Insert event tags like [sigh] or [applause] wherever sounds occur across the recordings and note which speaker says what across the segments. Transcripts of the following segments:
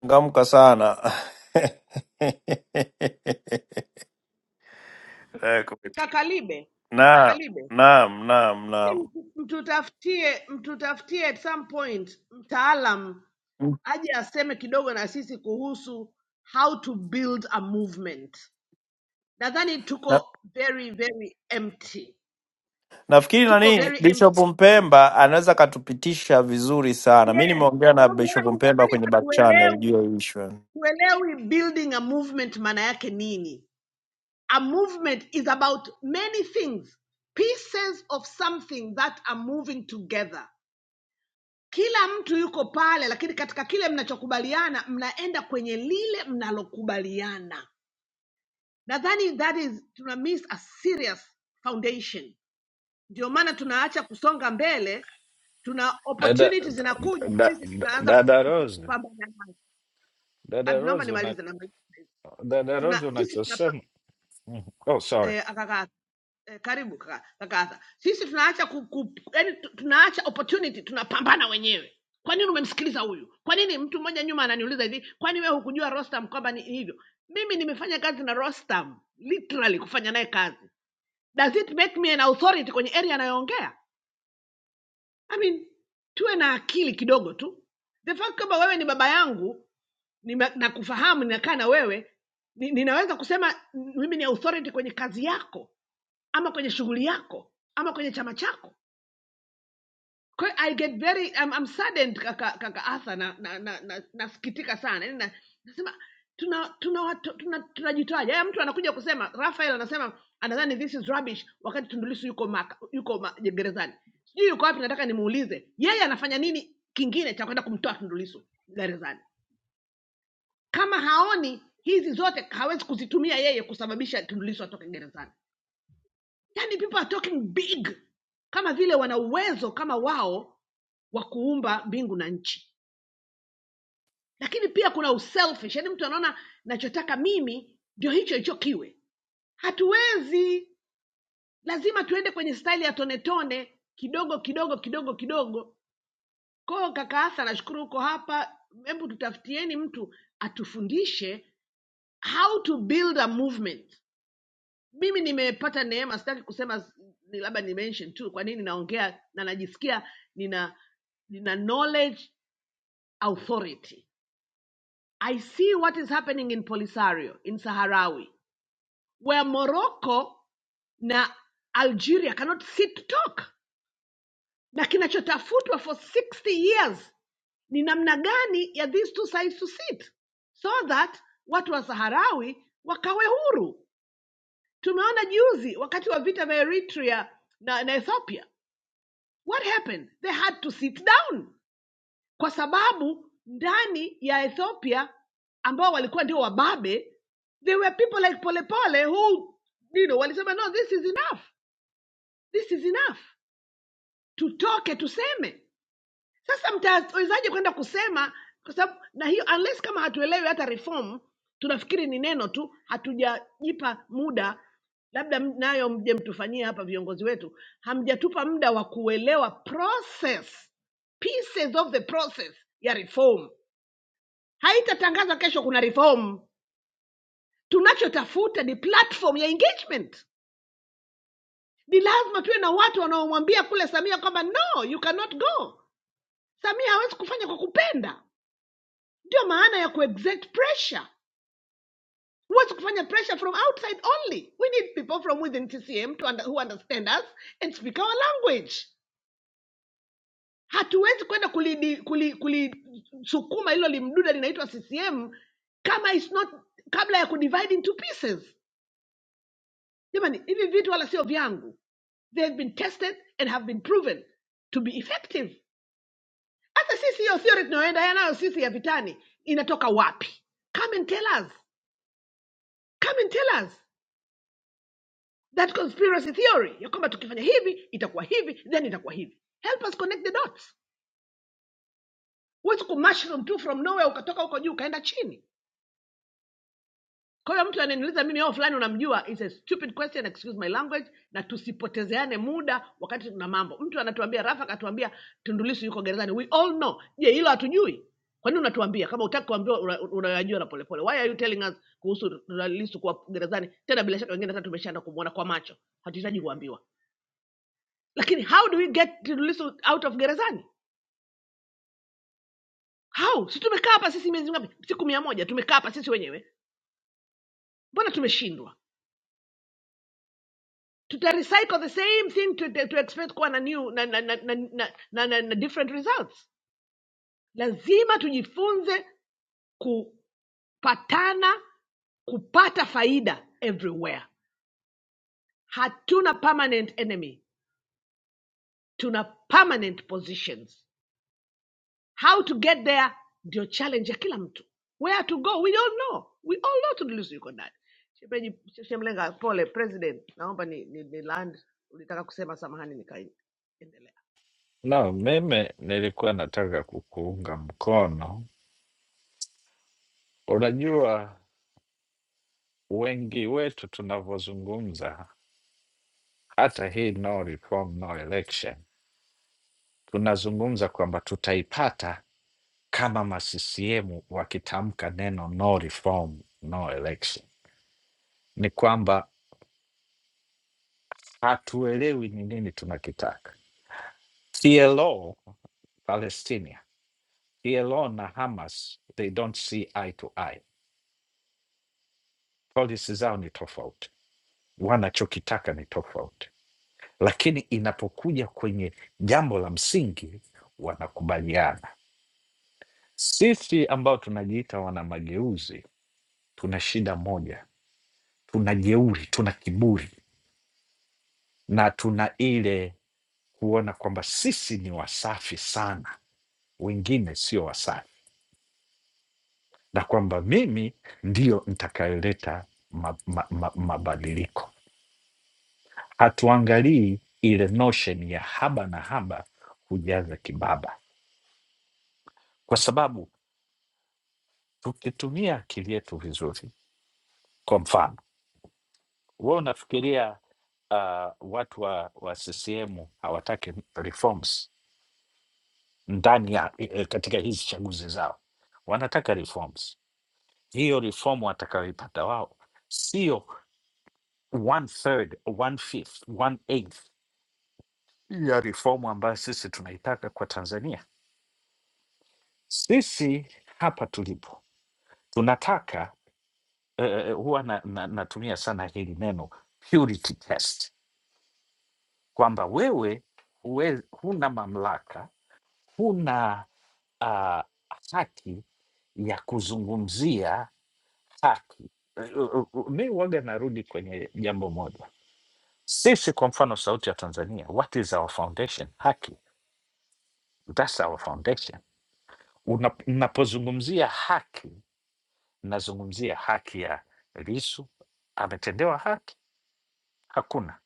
Speaker 1: changamka sana [laughs] Eh, kupi-
Speaker 2: Kaka Libe, kaka
Speaker 1: naam
Speaker 2: Libe,
Speaker 1: naam naam naam
Speaker 2: mtu- mtutafutie mtutafutie at some point mtaalam aje aseme kidogo na sisi kuhusu how to build a movement. Nadhani
Speaker 1: na,
Speaker 2: tuko very very empty,
Speaker 1: nafikiri
Speaker 2: tuko
Speaker 1: nani
Speaker 2: very
Speaker 1: Bishop
Speaker 2: empty
Speaker 1: Mpemba anaweza akatupitisha vizuri sana. Mi
Speaker 2: yes,
Speaker 1: nimeongea
Speaker 2: kwa
Speaker 1: na
Speaker 2: sababu
Speaker 1: Bishop
Speaker 2: watu
Speaker 1: Mpemba
Speaker 2: nadhani
Speaker 1: kwenye back channel
Speaker 2: hatuelewi
Speaker 1: juu ya hii issue.
Speaker 2: hatuelewi building a movement maana yake nini. A movement is about many things, pieces of something that are moving together. kila mtu yuko pale lakini katika kile mnachokubaliana mnaenda kwenye lile mnalokubaliana nadhani that is tuna miss a serious foundation ndio maana tunaacha kusonga mbele tuna
Speaker 3: Dada,
Speaker 2: opportunities zinakuja
Speaker 3: da,
Speaker 2: sisi
Speaker 3: da-
Speaker 2: tunaanza ku-
Speaker 3: dada
Speaker 2: ku-
Speaker 3: Rose,
Speaker 2: kupambana nazo Ah,
Speaker 3: dada
Speaker 2: naomba
Speaker 3: Rose, una,
Speaker 2: nimalize na maji.
Speaker 3: dada Rose
Speaker 2: tuna sisi tuna
Speaker 3: unachosema. Mhm. Oh, sorry.
Speaker 2: eh, eh, karibu kaka kaka Arthur. Sisi tunaacha ku, ku, yani tunaacha opportunity, tunapambana wenyewe. Kwa nini umemsikiliza huyu? Kwa nini mtu mmoja nyuma ananiuliza hivi, kwani wewe hukujua Rostam kwamba ni hivyo? Mimi nimefanya kazi na Rostam, literally kufanya naye kazi. Does it make me an authority kwenye area anayoongea? I mean, tuwe na akili kidogo tu. The fact kwamba wewe ni baba yangu, nime- nakufahamu, ninakaa na wewe, ni- ninaweza kusema mm, mimi ni authority kwenye kazi yako ama kwenye shughuli yako ama kwenye chama chako kwa hiyo i get very I'm, I'm saddened kaka kaka Arthur na na na, na, nasikitika sana yani na, nasema tuna tuna watu- tuna tunajitoaje haya mtu anakuja kusema Raphael anasema anadhani this is rubbish wakati Tundu Lissu yuko maka, yuko ma, gerezani sijui yuko wapi nataka nimuulize yeye anafanya nini kingine cha kwenda kumtoa Tundu Lissu gerezani kama haoni hizi zote hawezi kuzitumia yeye kusababisha Tundu Lissu atoke gerezani yani people are talking big kama vile wana uwezo kama wao wa kuumba mbingu na nchi lakini pia kuna uselfish yani mtu anaona nachotaka mimi ndio hicho hicho kiwe hatuwezi lazima tuende kwenye staili ya tone tone kidogo kidogo kidogo kidogo koo kaka hasa nashukuru huko hapa hebu tutafutieni mtu atufundishe how to build a movement mimi nimepata neema sitaki kusema s- ni labda ni mention tu kwa nini naongea na najisikia nina nina knowledge authority i see what is happening in polisario in saharawi where morocco na algeria cannot sit to talk na kinachotafutwa for 60 years ni namna gani ya these two sides to sit so that watu wa saharawi wakawe huru tumeona juzi wakati wa vita vya eritrea na, na ethiopia what happened they had to sit down kwa sababu ndani ya ethiopia ambao walikuwa ndio wababe they were people like polepole who you know, walisema no this is enough this is enough tutoke tuseme Sasa mtawezaje kwenda kusema kwa sababu na hiyo unless kama hatuelewi hata reform, tunafikiri ni neno tu, hatujajipa muda, labda m- nayo mje mtufanyie hapa, viongozi wetu, hamjatupa muda wa kuelewa process, pieces of the process ya reform. Haitatangaza kesho kuna reform. Tunachotafuta ni platform ya engagement. Ni lazima tuwe na watu wanaomwambia kule Samia kwamba no, you cannot go. Samia hawezi kufanya kwa kupenda ndio maana ya kuexert pressure huwezi kufanya pressure from outside only we need people from within tcm to under, who understand us and speak our language hatuwezi kwenda kulisukuma kuli, kuli kulisukuma hilo limduda linaitwa ccm kama is not kabla ya kudivide into pieces jamani hivi vitu wala sio vyangu they have been tested and have been proven to be effective hata sisi hiyo theory tunayoenda nayo sisi ya vitani inatoka wapi come and tell us come and tell us that conspiracy theory ya kwamba tukifanya hivi itakuwa hivi then itakuwa hivi help us connect the dots huwezi kumashroom tu from nowhere ukatoka huko juu ukaenda chini kwa hiyo mtu ananiuliza mimi ao fulani unamjua is a stupid question excuse my language na tusipotezeane muda wakati tuna mambo mtu anatuambia rafa akatuambia tundulisu yuko gerezani we all know je hilo hatujui kwa nini unatuambia kama utaki kuambiwa una- unayajua na polepole why are you telling us kuhusu lisu kuwa gerezani tena bila shaka wengine hata tumeshaenda kumwona kwa macho hatuhitaji kuambiwa lakini how do we get Lissu out of gerezani how si tumekaa hapa sisi miezi ngapi siku mia moja tumekaa hapa sisi wenyewe mbona tumeshindwa tuta recycle the same thing to, to, to expect kuwa na new na, na, na, na, na, na, na, na different results lazima tujifunze kupatana kupata faida everywhere hatuna permanent enemy tuna permanent positions How to get there ndio challenge ya kila mtu. Where to go we all know, we all know tulilisi yuko ndani. Shemeji Shemlenga, pole president, naomba ni, ni, ni land ulitaka kusema, samahani, nikaendelea.
Speaker 3: No, mimi nilikuwa nataka kukuunga mkono. Unajua wengi wetu tunavyozungumza, hata hii no reform, no election, tunazungumza kwamba tutaipata kama ma CCM wakitamka neno no reform, no election. Ni kwamba hatuelewi ni nini tunakitaka. PLO Palestina Elon na Hamas they don't see eye to eye, policy zao ni tofauti, wanachokitaka ni tofauti, lakini inapokuja kwenye jambo la msingi wanakubaliana. Sisi ambao tunajiita wana mageuzi tuna shida moja, tuna jeuri, tuna kiburi na tuna ile kuona kwamba sisi ni wasafi sana, wengine sio wasafi, na kwamba mimi ndiyo nitakayeleta mabadiliko ma, ma, ma mabadiliko. hatuangalii ile notion ya haba na haba hujaza kibaba, kwa sababu tukitumia akili yetu vizuri, kwa mfano we unafikiria uh, watu wa, wa CCM hawataki reforms ndani ya eh, katika hizi chaguzi zao, wanataka reforms. Hiyo reform watakayoipata wao sio one third, one fifth, one eighth ya reform ambayo sisi tunaitaka kwa Tanzania. Sisi hapa tulipo tunataka eh, eh, eh, huwa na, na, natumia sana hili neno purity test, kwamba wewe huwe, huna mamlaka, huna uh, haki ya kuzungumzia haki. Eh, u- u- Mi waga narudi kwenye jambo moja, sisi kwa mfano Sauti ya Tanzania, what is our foundation? Haki, that's our foundation. Una- Napozungumzia haki, nazungumzia haki ya Lisu, ametendewa haki? Hakuna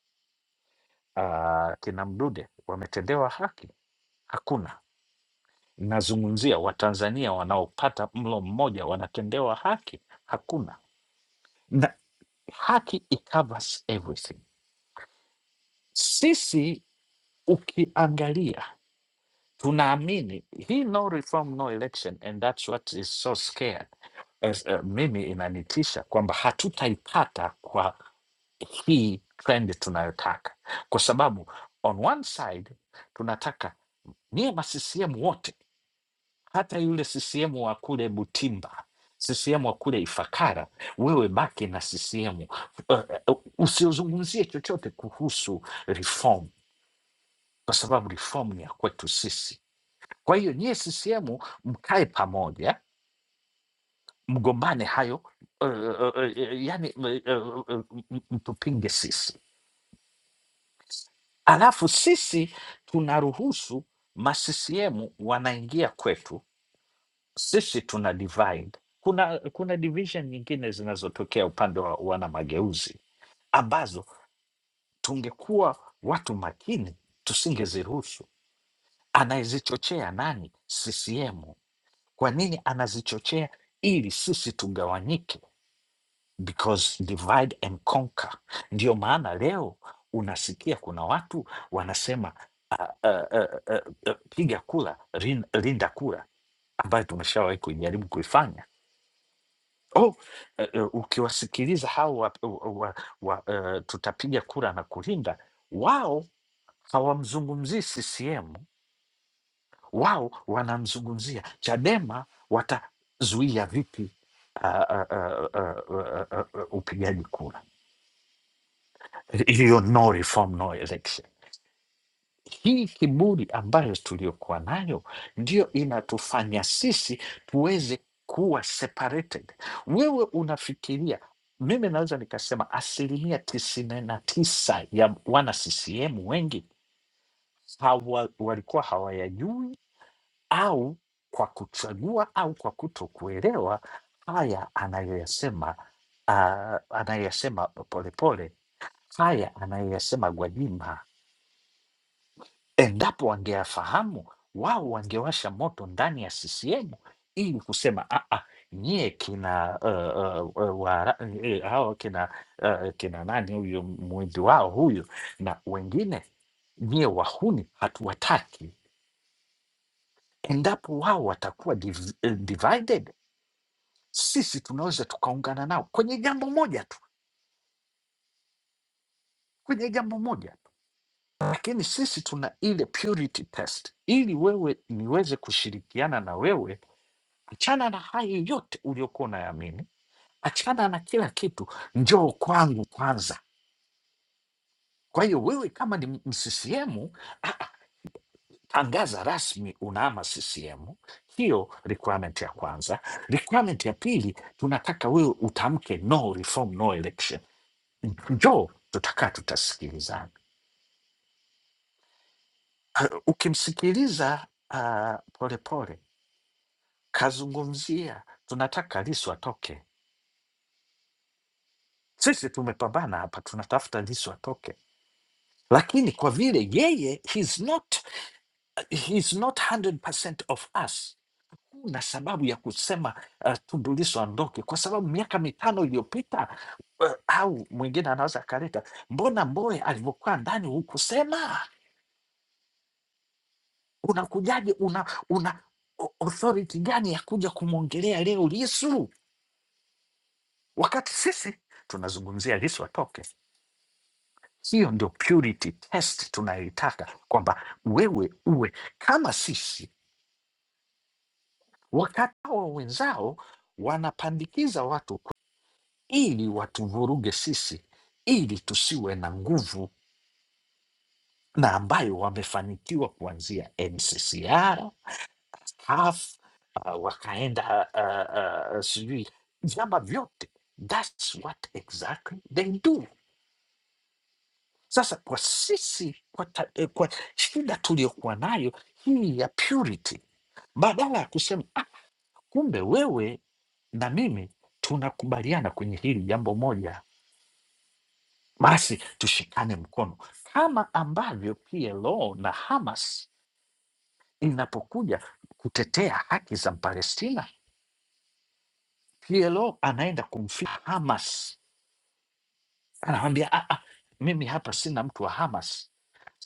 Speaker 3: uh, kina Mdude wametendewa haki? Hakuna. Nazungumzia Watanzania wanaopata mlo mmoja wanatendewa haki? Hakuna. Na haki it covers everything. Sisi ukiangalia tunaamini hii no reform no election and that's what is so scared As, uh, mimi inanitisha kwamba hatutaipata kwa hii trend tunayotaka kwa sababu on one side tunataka niye ma CCM wote, hata yule CCM wa kule Butimba, CCM wa kule Ifakara, wewe baki na CCM, uh, uh, usiozungumzie chochote kuhusu reform, kwa sababu reform ni ya kwetu sisi kwa hiyo nyie CCM mkae pamoja, mgombane hayo uh, uh, uh, yani uh, uh, uh, mtupinge sisi, alafu sisi tunaruhusu maccm wanaingia kwetu, sisi tuna divide. Kuna, kuna division nyingine zinazotokea upande wa wana mageuzi ambazo tungekuwa watu makini tusingeziruhusu. Anayezichochea nani? CCM Kwa nini anazichochea ili sisi tugawanyike? Because divide and conquer. Ndio maana leo unasikia kuna watu wanasema uh, uh, uh, uh, uh, piga kura rin- linda kura, ambayo tumeshawahi kujaribu kuifanya. Oh, uh, uh, ukiwasikiliza hao wa, wa, wa, uh, tutapiga kura na kulinda, wao hawamzungumzii CCM wao wanamzungumzia Chadema watazuia vipi ah, ah, ah, ah, ah, ah, ah, upigaji kura, hiyo no reform no election. Hii kiburi ambayo tuliyokuwa nayo ndio inatufanya sisi tuweze kuwa separated. Wewe unafikiria mimi naweza nikasema asilimia tisini na tisa ya wana CCM wengi hawa, walikuwa hawayajui au kwa kuchagua au kwa kutokuelewa haya anayoyasema ah, anayoyasema Polepole, haya anayoyasema Gwajima. Endapo wangeyafahamu wao wangewasha moto ndani ya CCM ili kusema "Ah, ah, nyie kina uh, uh, uh, wara, eh, eh, hao kina uh, kina nani huyo mwizi wao huyo na wengine, nyie wahuni hatuwataki. Endapo wao watakuwa div, eh, divided sisi tunaweza tukaungana nao kwenye jambo moja tu, kwenye jambo moja tu, lakini sisi tuna ile purity test. Ili wewe niweze kushirikiana na wewe, achana na hayo yote uliokuwa unayaamini, achana na kila kitu, njoo kwangu kwanza. Kwa hiyo wewe kama ni mccm tangaza rasmi unaama CCM. Hiyo requirement ya kwanza. Requirement ya pili, tunataka wewe utamke no reform, no election. Njoo tutakaa tutasikilizana. Ah, Ukimsikiliza ah, polepole kazungumzia, tunataka Lissu atoke. Sisi tumepambana hapa, tunatafuta Lissu atoke, lakini kwa vile yeye he's not, he's not 100% of us na sababu ya kusema uh, Tundu Lissu aondoke kwa sababu miaka mitano iliyopita uh, au mwingine anaweza akaleta, mbona Mbowe alivyokuwa ndani hukusema? Unakujaje? Una, una o- authority gani ya kuja kumwongelea leo Lisu wakati sisi tunazungumzia Lisu atoke? Hiyo ndio purity test tunayoitaka, kwamba wewe uwe kama sisi, wakati hawa wenzao wanapandikiza watu ku- ili watuvuruge sisi, ili tusiwe na nguvu na ambayo wamefanikiwa kuanzia NCCR staff uh, wakaenda uh, uh, sijui vyama vyote that's what exactly they do sasa kwa sisi kwa, ta, eh, kwa shida tuliyokuwa nayo hii ya purity badala ya kusema ah, kumbe wewe na mimi tunakubaliana kwenye hili jambo moja basi tushikane mkono kama ambavyo PLO na Hamas inapokuja kutetea haki za Palestina PLO anaenda kumfia Hamas, anamwambia "Ah, ah, mimi hapa sina mtu wa Hamas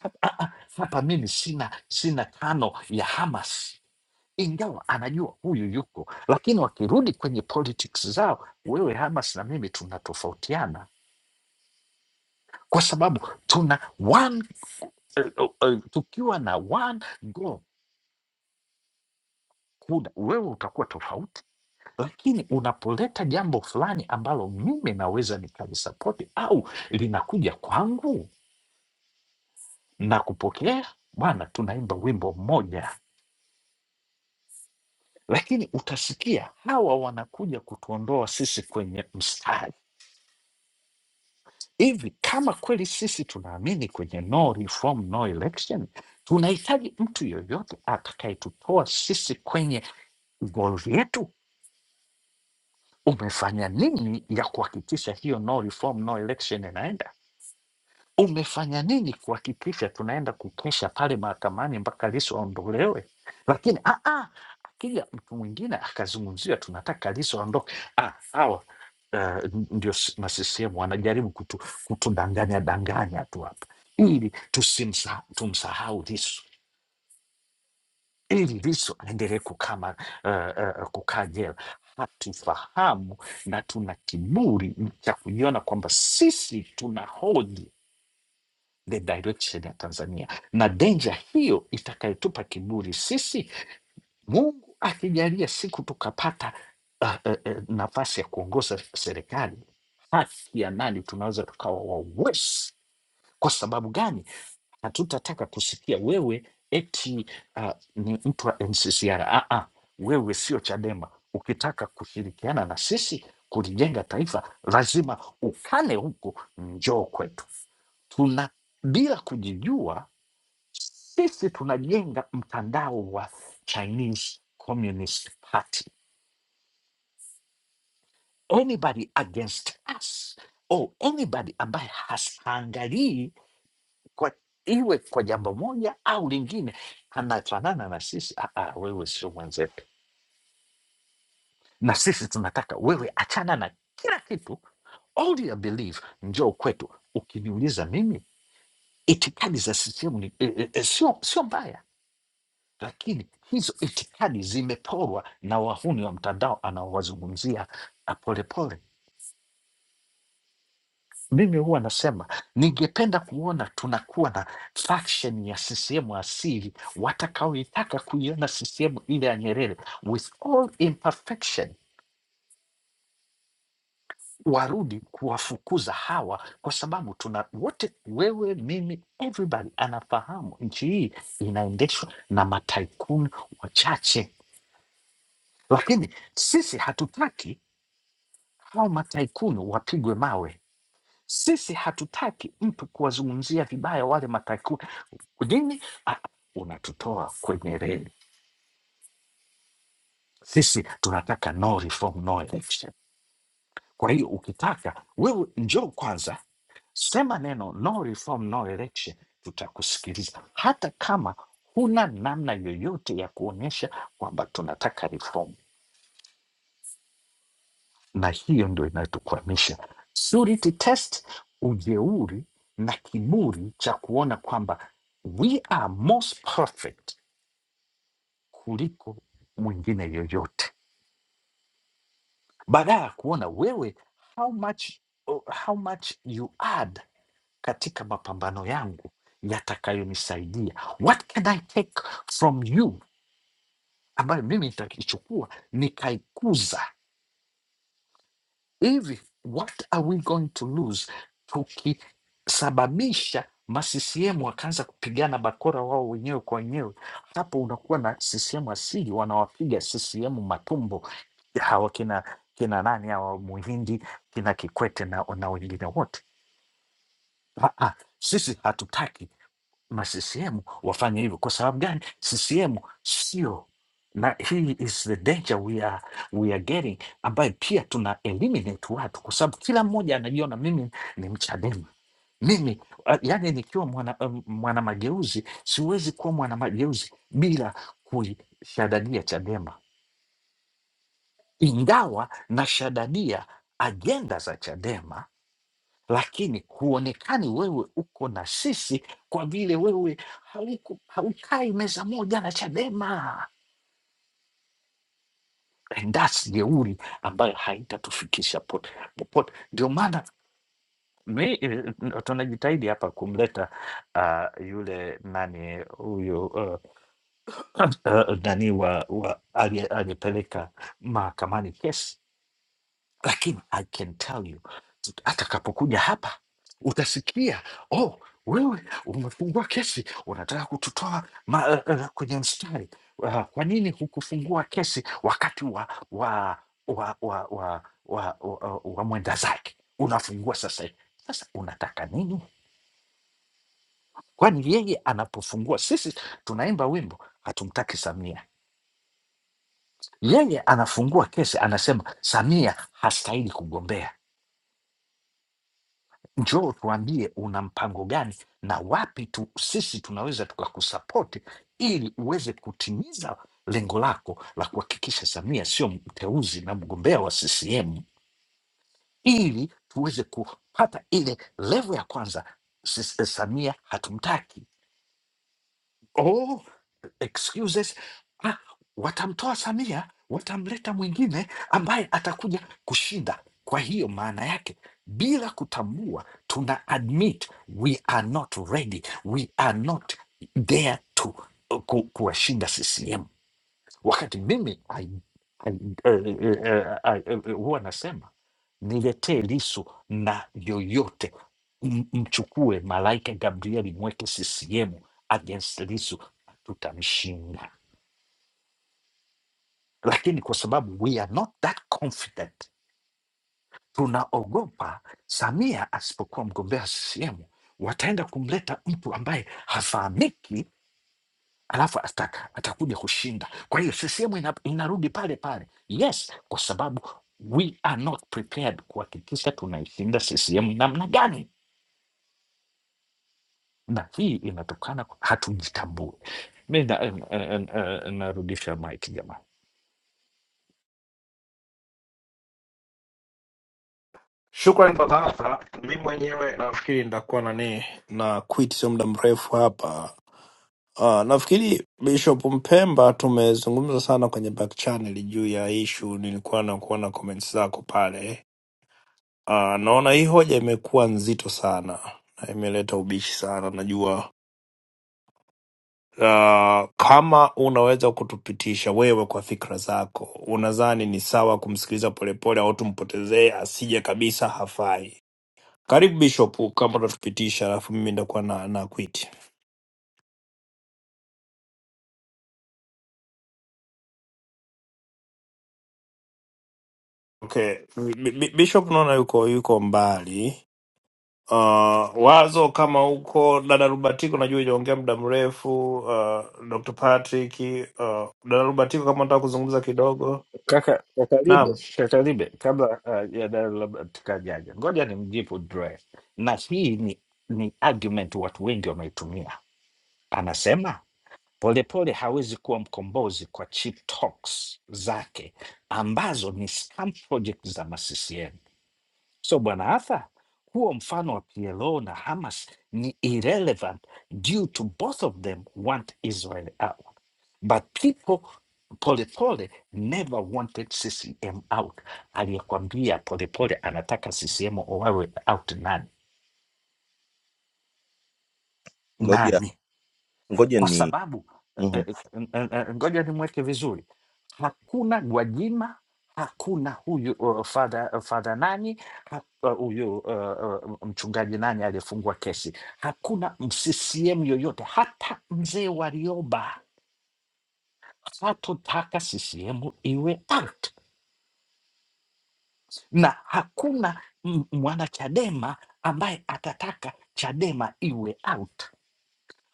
Speaker 3: hapa, ah, ah, hapa mimi sina sina tano ya Hamas, ingawa anajua huyu yuko, lakini wakirudi kwenye politics zao, wewe Hamas na mimi tunatofautiana kwa sababu tuna one, eh, eh, eh, tukiwa na one goal, kuna wewe utakuwa tofauti lakini unapoleta jambo fulani ambalo mimi naweza nikalisapoti au linakuja kwangu na kupokea, bwana, tunaimba wimbo mmoja, lakini utasikia hawa wanakuja kutuondoa sisi kwenye mstari. Hivi kama kweli sisi tunaamini kwenye no reform, no election, tunahitaji mtu yoyote atakayetutoa sisi kwenye goal yetu. Umefanya nini ya kuhakikisha hiyo no reform, no election inaenda? Umefanya nini kuhakikisha tunaenda kukesha pale mahakamani mpaka Lissu aondolewe? Lakini ah, ah, akija mtu mwingine akazungumziwa, tunataka Lissu aondoke. Ah, hawa uh, ndio s- na CCM wanajaribu kutu, kutudanganya danganya tu hapa ili tusimsa, tumsahau Lissu ili Lissu aendelee kukama uh, uh, kukaa jela. Hatufahamu na tuna kiburi cha kujiona kwamba sisi tuna hoji the direction ya Tanzania na denja hiyo itakayotupa kiburi sisi. Mungu akijalia siku tukapata uh, uh, uh, nafasi ya kuongoza serikali, haki ya nani tunaweza tukawa wawesi kwa sababu gani? hatutataka kusikia wewe eti uh, ni mtu wa NCCR. Ah, ah, wewe sio Chadema. Ukitaka kushirikiana na sisi kulijenga taifa, lazima ukane huko, njoo kwetu. Tuna bila kujijua, sisi tunajenga mtandao wa Chinese Communist Party. Anybody against us or anybody ambaye haangalii kwa iwe kwa jambo moja au lingine, anafanana na sisi. "Ah, ah, wewe sio mwenzetu, na sisi tunataka wewe, achana na kila kitu, all your belief, njoo kwetu. Ukiniuliza mimi, itikadi za CCM ni e, e, e, sio sio mbaya, lakini hizo itikadi zimeporwa na wahuni wa mtandao anaowazungumzia ah, Polepole. Mimi huwa nasema ningependa kuona tunakuwa na faction ya CCM asili watakaoitaka kuiona CCM ile ya Nyerere with all imperfection, warudi kuwafukuza hawa, kwa sababu tuna wote, wewe, mimi, everybody anafahamu nchi hii inaendeshwa na mataikuni wachache, lakini sisi hatutaki hao mataikuni wapigwe mawe Sisi hatutaki mtu kuwazungumzia vibaya wale mataku nini, ah, unatutoa kwenye reli. Sisi tunataka no reform, no election. Kwa hiyo ukitaka wewe, njoo kwanza, sema neno no reform, no election, tutakusikiliza hata kama huna namna yoyote ya kuonyesha kwamba tunataka reform. na hiyo ndio inatukwamisha. Purity test, ujeuri na kiburi cha kuona kwamba we are most perfect kuliko mwingine yoyote, badala ya kuona wewe how much, oh, how much you add katika mapambano yangu yatakayonisaidia. What can I take from you ambayo mimi nitaichukua nikaikuza hivi what are we going to lose tukisababisha maccm wakaanza kupigana bakora wao wenyewe kwa wenyewe hapo unakuwa na ccm asili wanawapiga ccm matumbo hawa kina kina nani hawa muhindi kina kikwete na, na wengine wote Ah, ah, sisi hatutaki ma CCM wafanye hivyo. Kwa sababu gani? CCM sio na hii is the danger we are, we are getting, ambayo pia tuna eliminate watu, kwa sababu kila mmoja anajiona mimi ni Mchadema mimi uh, yani nikiwa mwana, um, mwana mageuzi siwezi kuwa mwana mageuzi bila kuishadadia Chadema, ingawa nashadadia ajenda za Chadema lakini huonekani wewe uko na sisi kwa vile wewe hauku- haukai meza moja na Chadema. And that's jeuri ambayo haitatufikisha po- popote. Ndio maana mi- eh, tunajitahidi hapa kumleta uh, yule nani huyu uh, [clears throat] uh, [coughs] nani wa, wa aliye- aliyepeleka mahakamani kesi lakini I can tell you atakapokuja hapa utasikia oh, wewe umefungua kesi unataka kututoa ma, uh, uh, kwenye mstari uh, kwa nini hukufungua kesi wakati wa wa wa wa wa, wa, wa, wa mwenda zake unafungua sasa hivi. Sasa unataka nini? Kwani yeye anapofungua, sisi tunaimba wimbo hatumtaki Samia, yeye anafungua kesi anasema Samia hastahili kugombea njoo tuambie una mpango gani na wapi tu sisi tunaweza tukakusapoti ili uweze kutimiza lengo lako la kuhakikisha Samia sio mteuzi na mgombea wa CCM, ili tuweze kupata ile levo ya kwanza, sisi, eh, Samia hatumtaki excuses ah, watamtoa Samia watamleta mwingine ambaye atakuja kushinda. Kwa hiyo maana yake bila kutambua, tuna admit we are not ready, we are not there to ku- kuwashinda CCM wakati mimi I, I, eh, eh, eh, I, eh, eh, huwa nasema niletee Lisu na yoyote, M- mchukue malaika Gabrieli, mweke CCM against Lisu, tutamshinda. Lakini kwa sababu we are not that confident, tunaogopa Samia asipokuwa mgombea CCM wataenda kumleta mtu ambaye hafahamiki alafu ata, atakuja kushinda. Kwa hiyo CCM ina, inarudi pale pale, yes, kwa sababu we are not prepared kuhakikisha tunaishinda CCM namna gani, na hii inatokana kwa- hatujitambui. Mi na- eh, eh, eh, eh, narudisha mic jamaa.
Speaker 1: Shukrani kwa sasa. Mi mwenyewe nafikiri nitakuwa nani na quit sio muda mrefu hapa. Ah, nafikiri Bishop Mpemba tumezungumza sana kwenye back channel juu ya ishu, nilikuwa na kuona comments zako pale Uh, naona hii hoja imekuwa nzito sana na imeleta ubishi sana. Najua uh, kama unaweza kutupitisha wewe kwa fikra zako, unadhani ni sawa kumsikiliza Polepole au tumpotezee asije kabisa, hafai? Karibu Bishop, kama utatupitisha, alafu mimi nitakuwa na, na quit. Okay, Bi- Bi- Bishop naona yuko yuko mbali Uh, wazo kama huko dada Rubatiko najua ijaongea muda mrefu. Uh, Dr. Patrick, uh, dada Rubatiko kama nataka kuzungumza kidogo.
Speaker 3: Kaka kaka
Speaker 1: Naam.
Speaker 3: Libe, Kaka Libe, kabla uh, ya dada labda tukajaja, ngoja nimjibu Dre, na hii ni, ni argument watu wengi wameitumia. Anasema Polepole hawezi kuwa mkombozi kwa cheap talks zake ambazo ni scam project za maccm. So bwana Arthur, huo mfano wa PLO na Hamas ni irrelevant due to both of them want Israel out but people Polepole never wanted CCM out. Aliyekwambia Polepole anataka CCM owawe out nani?
Speaker 4: ngoja
Speaker 3: Nani?
Speaker 4: ngoja
Speaker 3: kwa
Speaker 4: ni
Speaker 3: sababu eh, eh,
Speaker 4: mm
Speaker 3: eh, eh, eh, ngoja nimweke vizuri, hakuna Gwajima, hakuna huyu uh, fadha uh, fadha nani ha- uh, huyu uh, uh, mchungaji nani aliyefungwa kesi, hakuna CCM yoyote, hata mzee Warioba hatotaka CCM iwe out, na hakuna m- mwanachadema ambaye atataka Chadema iwe out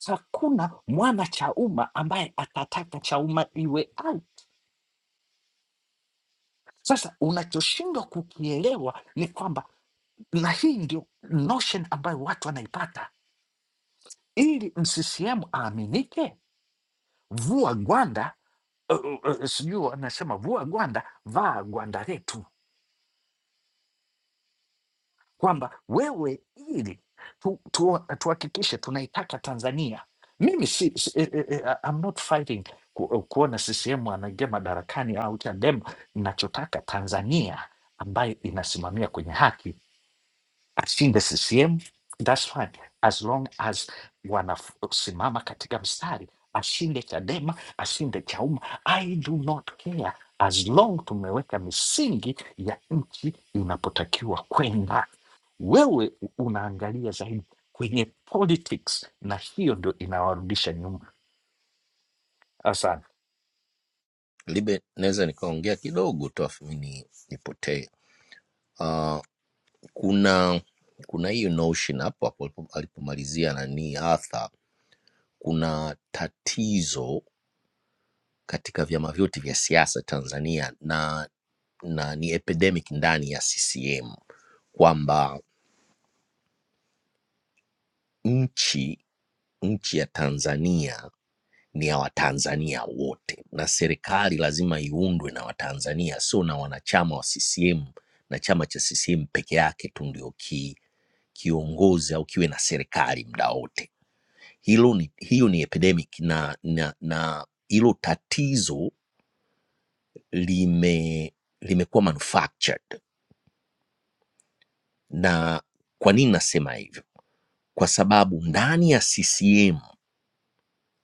Speaker 3: hakuna mwana Chauma ambaye atataka Chauma iwe out. Sasa unachoshindwa kukielewa ni kwamba na hii ndio notion ambayo watu wanaipata. Ili mCCM aaminike, vua gwanda, uh, uh, uh, sijui wanasema vua gwanda, vaa gwanda letu, kwamba wewe, ili tu, tu, tuhakikishe tunaitaka Tanzania. Mimi si, si, eh, eh, eh, I'm not fighting ku, eh, kuona CCM anaingia madarakani au Chadema. Ninachotaka Tanzania ambayo inasimamia kwenye haki I've seen the CCM, that's fine, as long as wanasimama katika mstari, ashinde Chadema, ashinde Chauma, I do not care, as long tumeweka misingi ya nchi inapotakiwa kwenda. Wewe unaangalia zaidi kwenye politics, na hiyo ndio inawarudisha nyuma. Asante.
Speaker 4: libe naweza nikaongea kidogo tu afu mi ni- nipotee uh, kuna kuna hiyo notion hapo hapo alipo- alipomalizia nani Arthur, kuna tatizo katika vyama vyote vya siasa Tanzania na na ni epidemic ndani ya CCM kwamba nchi nchi ya Tanzania ni ya Watanzania wote, na serikali lazima iundwe na Watanzania, sio na wanachama wa CCM na chama cha CCM peke yake tu ndio ki, kiongozi au kiwe na serikali muda wote. Hilo ni, hiyo ni epidemic na, na, na hilo tatizo lime limekuwa manufactured. Na kwa nini nasema hivyo? Kwa sababu ndani ya CCM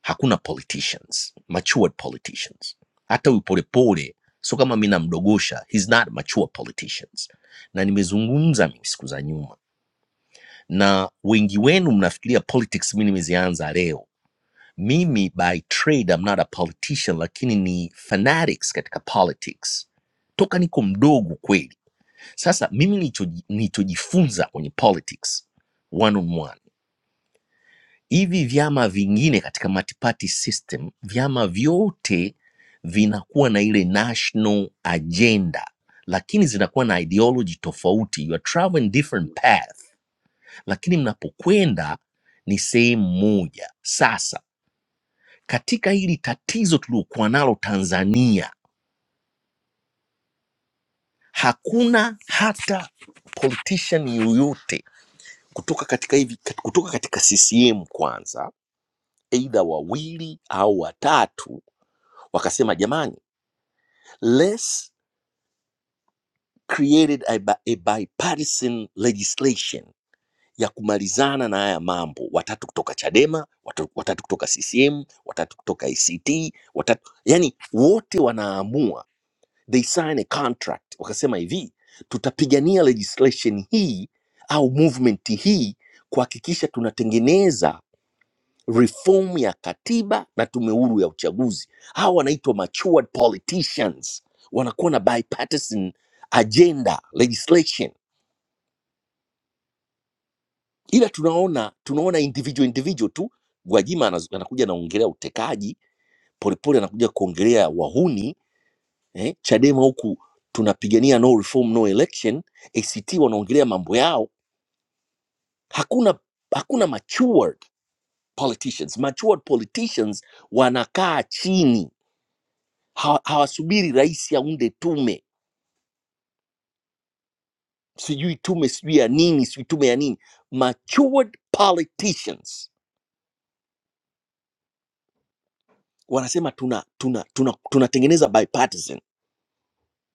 Speaker 4: hakuna politicians matured politicians hata huyu polepole sio kama mi namdogosha he's not mature politicians na nimezungumza mimi siku za nyuma na wengi wenu mnafikiria politics mi nimezianza leo mimi by trade I'm not a politician lakini ni fanatics katika politics toka niko mdogo kweli sasa mimi nilichoji- nilichojifunza kwenye politics one on one hivi vyama vingine katika multi-party system, vyama vyote vinakuwa na ile national agenda, lakini zinakuwa na ideology tofauti. You are traveling different path, lakini mnapokwenda ni sehemu moja. Sasa katika hili tatizo tuliokuwa nalo Tanzania, hakuna hata politician yoyote kutoka katika hivi kutoka katika CCM kwanza, aidha wawili au watatu wakasema jamani less created a, bi- a bipartisan legislation ya kumalizana na haya mambo watatu kutoka chadema watu, watatu kutoka ccm watatu kutoka act watatu yani wote wanaamua they sign a contract wakasema hivi tutapigania legislation hii au movement hii kuhakikisha tunatengeneza reform ya katiba na tume huru ya uchaguzi. Hawa wanaitwa matured politicians, wanakuwa na bipartisan agenda legislation, ila tunaona tunaona individual individual tu. Gwajima anaz- anakuja anaongelea utekaji, Polepole anakuja kuongelea wahuni eh, Chadema huku tunapigania no reform no election, ACT wanaongelea mambo yao. Hakuna hakuna matured politicians. Matured politicians wanakaa chini Hawa- hawasubiri rais aunde tume sijui tume sijui ya nini sijui tume ya nini matured politicians wanasema tuna tuna tuna tunatengeneza bipartisan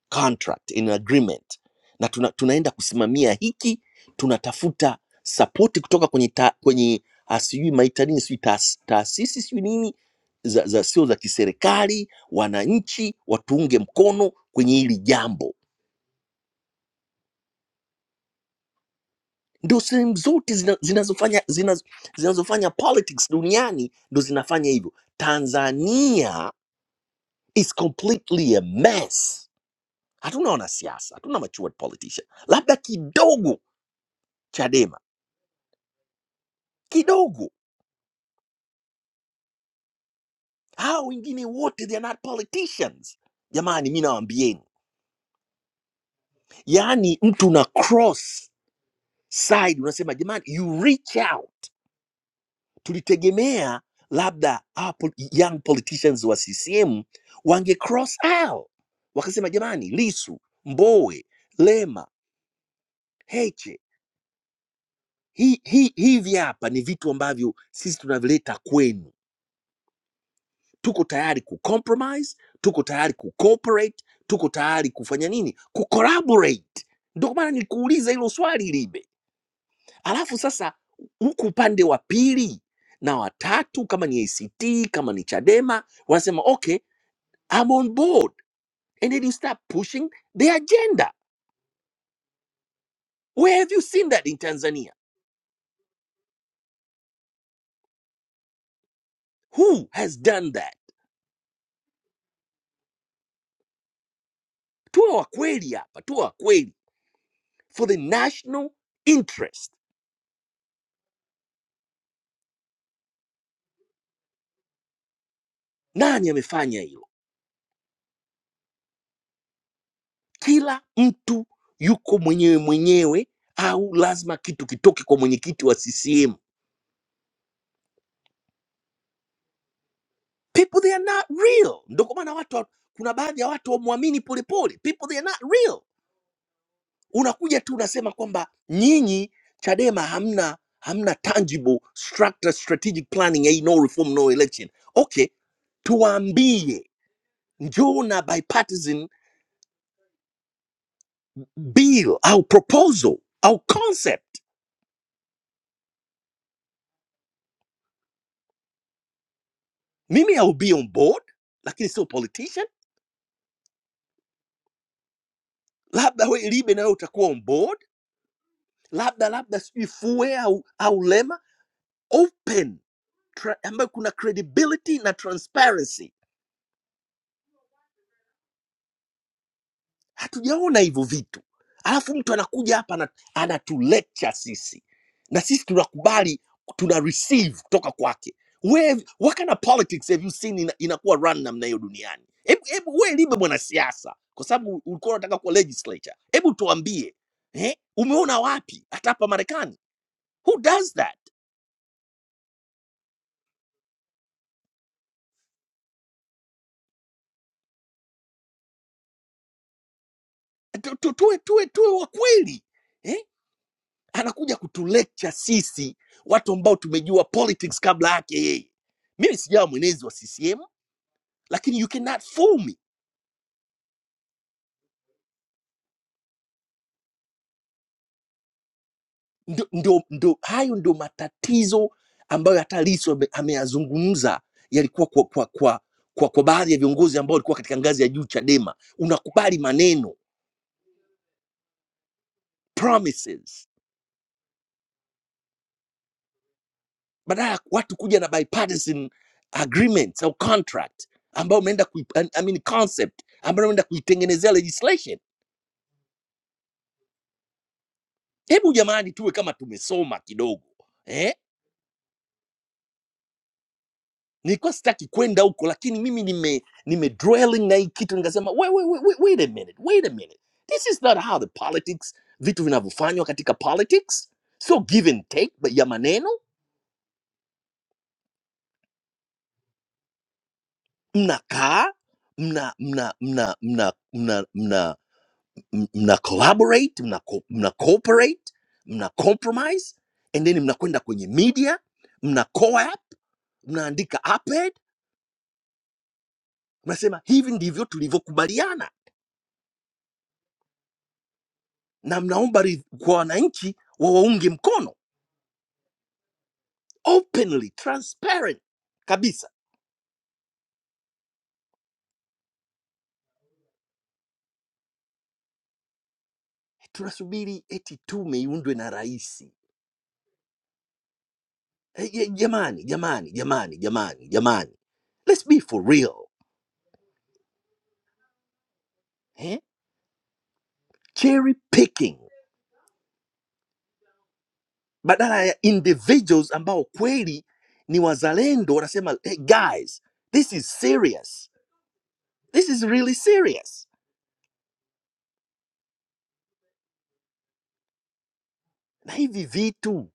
Speaker 4: contract in agreement na tuna, tunaenda kusimamia hiki tunatafuta sapoti kutoka kwenye ta, kwenye ah, sijui maitanini sijui taas- taasisi sijui nini za, za sio za kiserikali wananchi watuunge mkono kwenye hili jambo Ndio sehemu zote zina- zinazofanya zina- zinazofanya politics duniani ndo zinafanya hivyo. Tanzania is completely a mess. Hatuna wanasiasa, hatuna matured politician, labda kidogo Chadema kidogo. Hao wengine wote they are not politicians. Jamani, mi nawaambieni, yaani mtu una cross side unasema jamani, you reach out tulitegemea labda our pol- young politicians wa CCM wange cross out wakasema, jamani, Lisu, Mbowe, Lema, Heche, hi, hi, hivi hapa ni vitu ambavyo sisi tunavileta kwenu, tuko tayari ku compromise, tuko tayari ku cooperate, tuko tayari kufanya nini, ku collaborate. Ndio maana nilikuuliza hilo swali Libe. Alafu sasa huku upande wa pili na watatu, kama ni ACT, kama ni Chadema, wanasema okay I'm on board. And then you start pushing the agenda. Where have you seen that in Tanzania? Who has done that? Tuwe wakweli hapa, tuwe wakweli. For the national interest. Nani amefanya hilo? Kila mtu yuko mwenyewe mwenyewe au lazima kitu kitoke kwa mwenyekiti wa CCM. People they are not real. Ndio kwa maana watu wa- kuna baadhi ya watu wamwamini polepole. People they are not real. unakuja tu unasema kwamba nyinyi Chadema hamna hamna tangible structure, strategic planning, hey, no reform no election. Okay, tuwaambie njoo na bipartisan bill au proposal au concept. Mimi I'll be on board, lakini sio politician. Labda we Libe na wewe utakuwa on board, labda labda sijui Fue au, au Lema open tra- ambayo kuna credibility na transparency hatujaona hivyo vitu alafu mtu anakuja hapa ana- anatulecture sisi na sisi tunakubali tuna receive kutoka kwake Where, what kind of politics have you seen ina, inakuwa run namna hiyo duniani hebu hebu we libe mwanasiasa kwa sababu ulikuwa unataka kuwa legislature hebu tuambie eh, umeona wapi hata hapa marekani who does that Tu- tu- tuwe tuwe tuwe wa kweli eh? anakuja kutulecture sisi watu ambao tumejua politics kabla yake yeye mimi sijawa mwenezi wa ccm lakini you cannot fool me ndo, ndo, ndo, hayo ndio matatizo ambayo hata lisu ame- ameyazungumza yalikuwa kwa, kwa, kwa, kwa, kwa baadhi ya viongozi ambao walikuwa katika ngazi ya juu chadema unakubali maneno promises badala ya watu kuja na bipartisan agreements au contract ambayo umeenda kui, I mean concept ambayo umeenda kuitengenezea legislation hebu jamani tuwe kama tumesoma kidogo eh? nilikuwa sitaki kwenda huko lakini mimi nime, nime dwelling na hii kitu nikasema wait, wait, wait, wait wait a minute, wait a minute. this is not how the politics vitu vinavyofanywa katika politics sio give and take but ya maneno mnakaa mna mna mna mna mna mna m- mna collaborate mna, co- mna cooperate mna compromise and then mnakwenda kwenye media mna co-op mnaandika op Unasema hivi ndivyo tulivyokubaliana, na mnaomba ridh- kwa wananchi wawaunge mkono openly transparent kabisa. Tunasubiri eti tume iundwe na rais? Eh, eh, Jamani, jamani, jamani, jamani, jamani, let's be for real eh? Cherry picking badala ya individuals ambao kweli ni wazalendo wanasema hey guys, this is serious, this is really serious na hivi vitu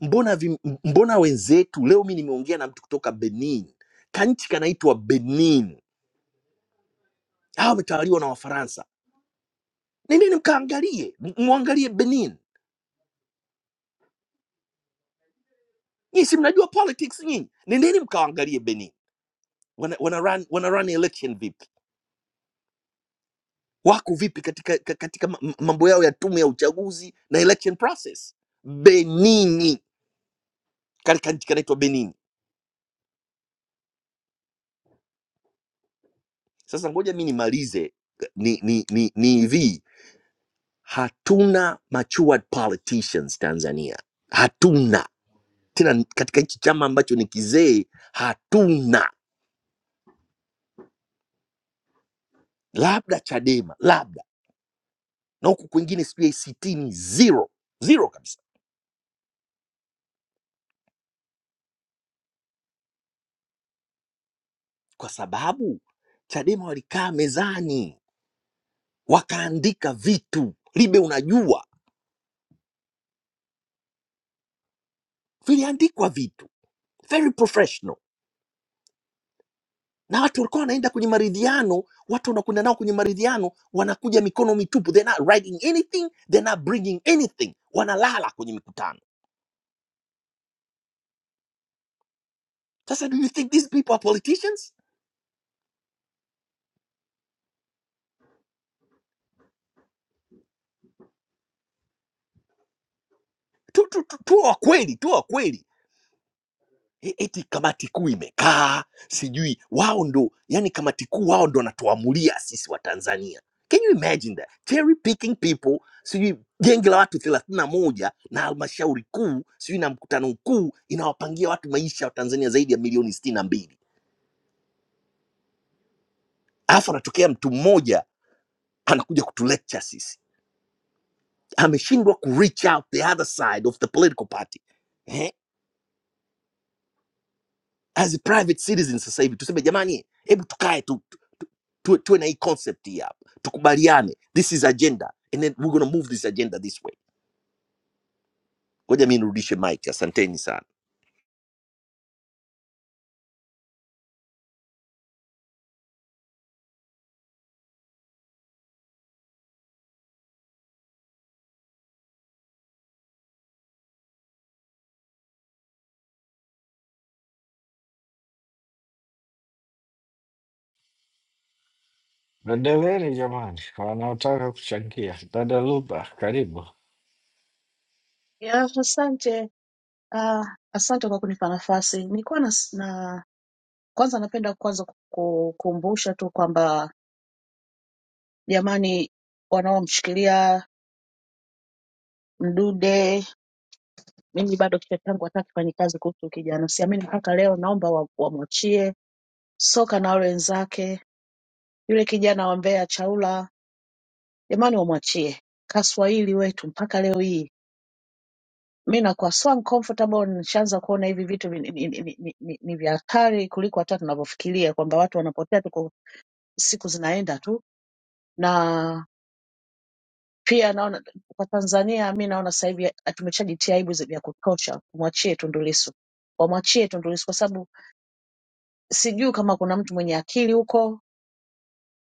Speaker 4: mbona, vi, mbona wenzetu leo, mi nimeongea na mtu kutoka Benin, kanchi kanaitwa Benin, hawa wametawaliwa na Wafaransa. Nendeni mkaangalie, m- mwangalie Benin. Nyinyi si mnajua politics nyinyi, nendeni mkaangalie Benin wana, wana, run, wana run election vipi, wako vipi katika, ka- katika ma- m- mambo yao ya tume ya uchaguzi na election process. Benini katika nchi kanaitwa Benin. Sasa ngoja mi nimalize ni, ni, ni, ni hivi Hatuna matured politicians Tanzania, hatuna tena. Katika hichi chama ambacho ni kizee, hatuna, labda Chadema, labda na huku kwingine sijui ACT ni zero zero kabisa, kwa sababu Chadema walikaa mezani wakaandika vitu libe, unajua viliandikwa vitu very professional na watu walikuwa wanaenda kwenye maridhiano, watu wanakwenda nao kwenye maridhiano, wanakuja mikono mitupu, they're not writing anything, they're not bringing anything, wanalala kwenye mikutano. Sasa do you think these people are politicians? Tu tu tu, tu wa kweli, tu wa kweli. E- eti kamati kuu imekaa sijui wao ndo yani kamati kuu wao ndo wanatuamulia sisi wa tanzania can you imagine that cherry picking people sijui genge la watu thelathini na moja na halmashauri kuu sijui na mkutano mkuu inawapangia watu maisha wa tanzania zaidi ya milioni sitini na mbili alafu anatokea mtu mmoja anakuja kutulecture sisi ameshindwa ku reach out the other side of the political party eh? as a private citizen sasa hivi tuseme jamani hebu tukae tu tuwe, tuwe na hii concept hii hapa tukubaliane this is agenda and then we're gonna move this agenda this way ngoja mi nirudishe mike asanteni sana
Speaker 3: Endeleeni jamani, wanaotaka kuchangia. Dada Luba, karibu.
Speaker 5: Ya, asante ah, asante kwa kunipa nafasi. Nilikuwa na, na kwanza napenda kwanza kukumbusha tu kwamba jamani, wanaomshikilia Mdude, mimi bado kichwa changu hataki kufanya kazi kuhusu kijana. Siamini mpaka leo, naomba wa- wamwachie Soka na wale wenzake, yule kijana wa Mbeya Chaula, jamani, wamwachie. Kaswahili wetu mpaka leo hii mi nakuwa so uncomfortable nishaanza kuona hivi vitu ni, ni, ni, ni, ni, ni vya hatari kuliko hata tunavyofikiria kwamba watu wanapotea tu kwa siku zinaenda tu na pia naona kwa Tanzania mi naona sasa hivi tumeshajitia aibu zi- vya kutosha kumwachie Tundu Lissu wamwachie Tundu Lissu kwa sababu sijui kama kuna mtu mwenye akili huko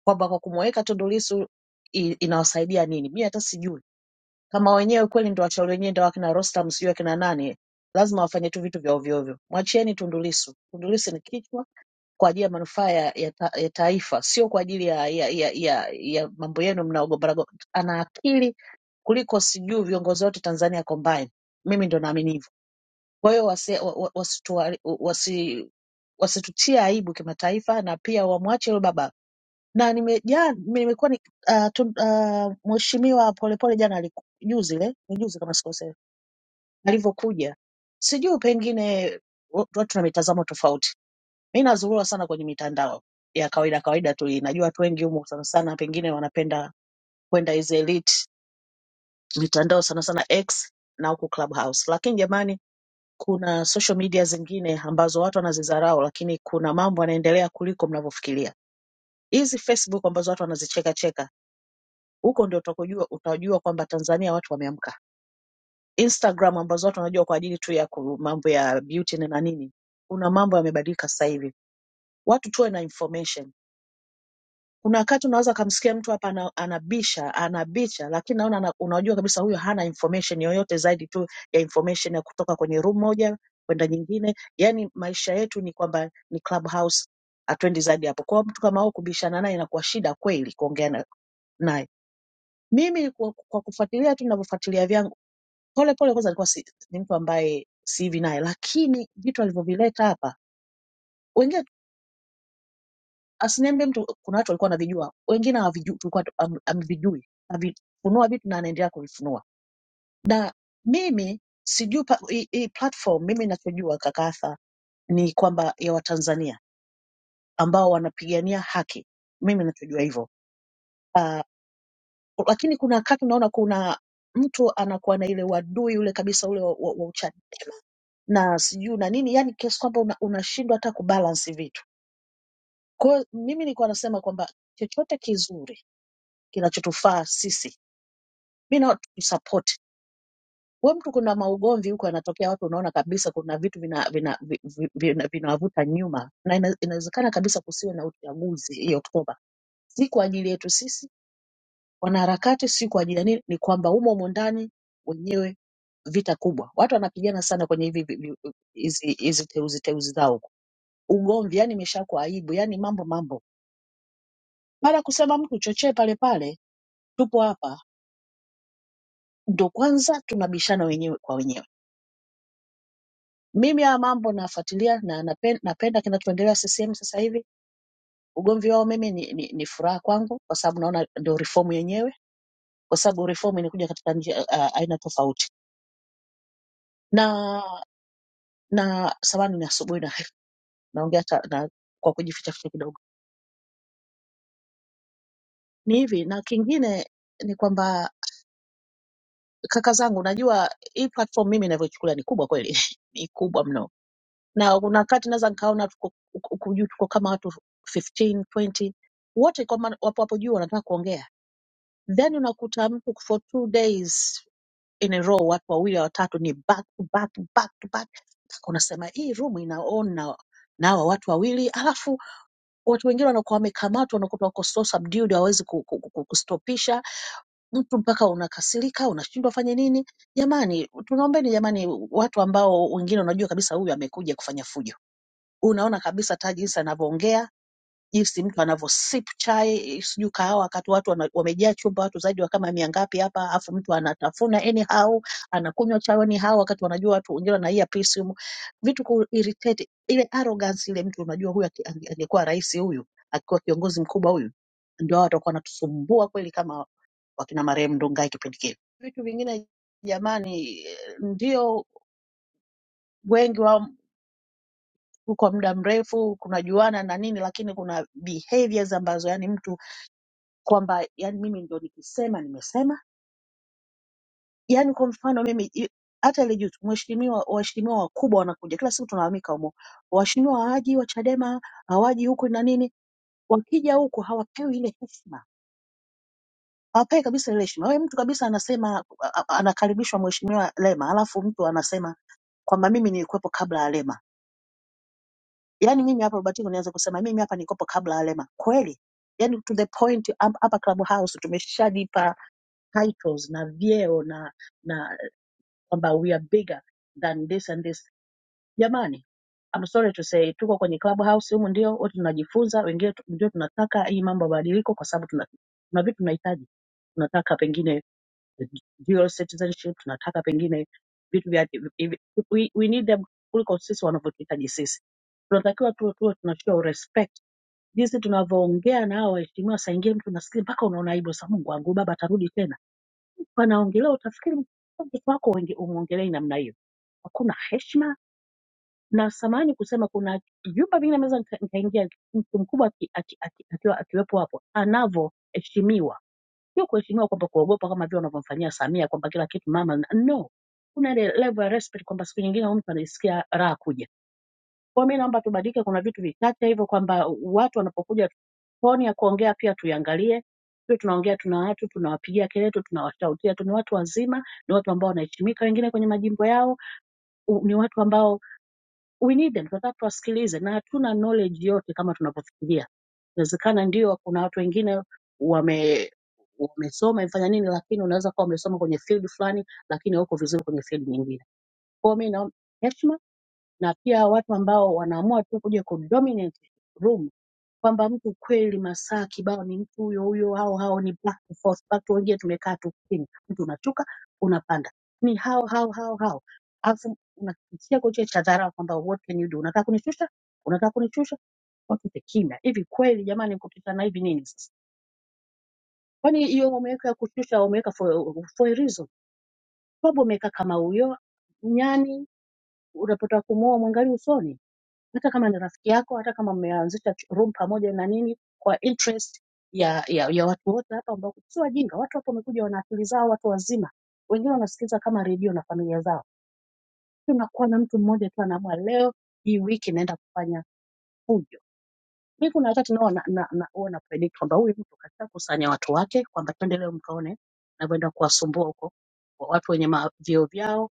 Speaker 5: kwamba kwa kumweka Tundu Lissu i- inawasaidia nini mi hata sijui Kama wenyewe kweli ndio wachawi wenyewe ndio wakina Rostam sijui akina nani, lazima wafanye tu vitu vya ovyo ovyo. Mwachieni Tundu Lissu. Tundu Lissu ni kichwa kwa ajili ya manufaa ya, ya, ta, ya taifa, sio kwa ajili ya, ya, ya, ya, ya mambo yenu mnaogombana. go- Ana akili kuliko sijui viongozi wote Tanzania combined. Mimi ndo naamini hivyo. Kwa hiyo wasitutia wasi, wa- wa- wasituwa- wasi, wasitutie aibu kimataifa, na pia wamwache yule baba na nimejaa nimekuwa ni uh, tu- uh, mheshimiwa Polepole jana aliku- juzi ile ni juzi kama sikosea, alivyokuja, sijui pengine watu watu na mitazamo tofauti. Mi nazurua sana kwenye mitandao ya kawaida kawaida tu, hii. najua watu wengi humo sana sana pengine wanapenda kwenda hizi elite mitandao sana sana X na huku Clubhouse, lakini jamani kuna social media zingine ambazo watu wanazidharau, lakini kuna mambo yanaendelea kuliko mnavyofikiria. Hizi Facebook ambazo watu wanazicheka cheka huko ndio utakojua utajua kwamba Tanzania watu wameamka. Instagram ambazo watu wanajua kwa ajili tu ya ku- mambo ya beauty na na nini, kuna mambo yamebadilika sasa hivi, watu tuwe na information. Kuna wakati unaweza kumsikia mtu hapa ana- anabisha anabicha, lakini naona ana- unajua kabisa huyo hana information yoyote zaidi tu ya information ya kutoka kwenye room moja kwenda nyingine. Yani maisha yetu ni kwamba ni clubhouse, hatuendi zaidi hapo. Kwa hiyo mtu kama huyo kubishana naye inakuwa shida kweli kuongea na- naye. Mimi kwa, kwa kufuatilia tu ninavyofuatilia vyangu pole pole, kwanza alikuwa si, ni mtu ambaye si hivi naye, lakini vitu alivyovileta hapa, wengine asiniambie mtu, kuna watu walikuwa wanavijua, wengine hawavijui, tulikuwa tu- am- amvijui, avifunua vitu na anaendelea kuvifunua. Na mimi sijui pa- hii hii platform, mimi ninachojua kakatha ni kwamba ya Watanzania ambao wanapigania haki, mimi ninachojua hivyo. Uh, lakini kuna wakati unaona kuna mtu anakuwa na ile uadui ule kabisa ule wa, wa, wa uchawi na sijui na nini, yani kiasi kwamba una- unashindwa hata kubalance vitu. Kwa hiyo mimi nilikuwa nasema kwamba chochote kizuri kinachotufaa sisi, mi na support wewe. Mtu kuna maugomvi huko yanatokea, watu unaona kabisa kuna vitu vinawavuta vina, vina, vi- vi- vina, vinawavuta nyuma, na ina- inawezekana kabisa kusiwe na uchaguzi hii Oktoba, si kwa ajili yetu sisi wanaharakati, si kwa ajili ya nini, ni kwamba humo humo ndani wenyewe vita kubwa, watu wanapigana sana kwenye hivi vi- vi- hizi hizi teuzi teuzi zao ugomvi, yani imeshakuwa aibu, yani mambo mambo. Baada ya kusema mtu chochee pale pale, tupo hapa, ndo kwanza tunabishana wenyewe kwa wenyewe. Mimi haya mambo nafuatilia na napenda, napenda kinachoendelea CCM sasa hivi. Ugomvi wao mimi ni, ni, ni furaha kwangu, kwa sababu naona ndio reform yenyewe, kwa sababu reform inakuja katika njia, uh, aina tofauti na na samani ni asubuhi na [laughs] naongea ta- na, kwa kujificha ficha kidogo. Ni hivi na kingine ni kwamba kaka zangu, najua hii platform mimi inavyochukulia ni kubwa kweli, [laughs] ni kubwa mno, na kuna wakati naweza nikaona tuko huku juu tuko kama watu 15, 20 wote kwa maana wapo hapo juu wanataka kuongea, then unakuta mtu for two days in a row, watu wawili au watatu ni back to back to back to back, mpaka unasema hii room ina on na na hawa watu wawili, alafu watu wengine wanakuwa wamekamatwa, wanakuta wako so subdued, hawawezi ku- ku- ku- kustopisha mtu mpaka unakasirika, unashindwa fanye nini. Jamani, tunaombeni jamani, watu ambao wengine unajua kabisa huyu amekuja kufanya fujo. Unaona kabisa hata jinsi anavyoongea, jinsi mtu anavyosip chai, sijui kahawa, wakati watu wana- wamejaa chumba, watu zaidi wa kama mia ngapi hapa, afu mtu anatafuna anyhow, anakunywa chai anyhow, wakati wanajua watu wengine wanaia pisi humu. Vitu ku irritate ile arrogance ile, mtu unajua huyu aki- ange- angekuwa rais huyu, akiwa kiongozi mkubwa huyu ndio hao watakuwa wanatusumbua kweli kama wakina marehemu Ndugai kipindi kile. Vitu vingine jamani, eh, ndio wengi wa kwa muda mrefu kunajuana na nini, lakini kuna behaviors ambazo yani mtu kwamba yani mimi ndio nikisema nimesema. Yani kwa mfano mimi i- hata ile juzi mheshimiwa, waheshimiwa wakubwa wanakuja kila siku tunalalamika humo, waheshimiwa hawaji wa Chadema hawaji huku na nini, wakija huku hawapewi ile heshima hawapewi kabisa ile heshima. Wewe mtu kabisa anasema a- a- anakaribishwa mheshimiwa Lema, alafu mtu anasema kwamba mimi nilikuwepo kabla ya Lema. Yaani mimi hapa Robertino naweza kusema mimi hapa nilikuwepo kabla ya Lema. Kweli? Yaani to the point hap- hapa Clubhouse tumeshajipa titles na vyeo na na kwamba we are bigger than this and this. Jamani, I'm sorry to say tuko kwenye Clubhouse humu ndio wote tunajifunza, wengine tu- ndio tunataka hii mambo ya badiliko kwa sababu tuna tuna vitu tunahitaji. Tunataka pengine dual citizenship tunataka pengine vitu vya hivi- we, we need them kuliko sisi wanavyotuhitaji sisi tunatakiwa tu tuwe tunachukua respect jinsi tunavyoongea na hao waheshimiwa saingie mtu nasikia mpaka unaona aibu sa mungu wangu baba atarudi tena panaongelea utafikiri mtoto wako wengi umwongelei namna hiyo hakuna heshima na samani kusema kuna vyumba vingine naweza nika- nikaingia mtu mkubwa aki- aki- aki- akiwa- akiwepo hapo anavyoheshimiwa Sio kuheshimiwa kwamba kuogopa kama vile wanavyomfanyia Samia kwamba kila kitu mama na- no. Kuna ile level ya respect kwamba siku nyingine huyu mtu anajisikia raha kuja. Kwa mimi naomba tubadilike, kuna vitu vichache hivyo kwamba watu wanapokuja toni ya kuongea pia tuiangalie. Sio tunaongea tuna watu tunawapigia kelele tu tunawashautia tu, ni watu wazima, ni watu ambao wanaheshimika wengine kwenye majimbo yao, u- ni watu ambao we need them, tunataka tuwasikilize, na hatuna knowledge yote kama tunavyofikiria. Inawezekana ndio kuna watu wengine wame wamesoma imefanya nini, lakini unaweza kuwa wamesoma kwenye field fulani, lakini hauko vizuri kwenye field nyingine. Kwa hiyo mimi naomba heshima na pia watu ambao wanaamua tu kuja kudominate room kwamba mtu kweli masaa kibao ni mtu huyo huyo, hao hao ni back and forth back to wengine tumekaa tu chini, mtu unashuka unapanda, ni hao hao hao hao, alafu unakitia kocha cha dharau kwamba what can you do, unataka kunishusha, unataka kunishusha, watu ni kimya. Hivi kweli jamani, kupitana hivi nini sasa? Kwani hiyo umeweka ya kushusha, umeweka for, for a reason, sababu umeweka kama huyo nyani unapotaka kumuoa mwangalie usoni hata kama ni rafiki yako, hata kama mmeanzisha ch- room pamoja na nini, kwa interest ya, ya, ya watu wote hapa ambao sio wajinga. Watu hapa wamekuja wana akili zao, watu wazima, wengine wanasikiliza kama redio na familia zao. Tunakuwa na mtu mmoja tu anaamua leo hii wiki naenda kufanya fujo. Mi kuna wakati nao na, na, na, huwa na predict kwamba huyu mtu kashakusanya watu wake kwamba twende leo mkaone navyoenda kuwasumbua huko watu wenye ma- vyeo vyao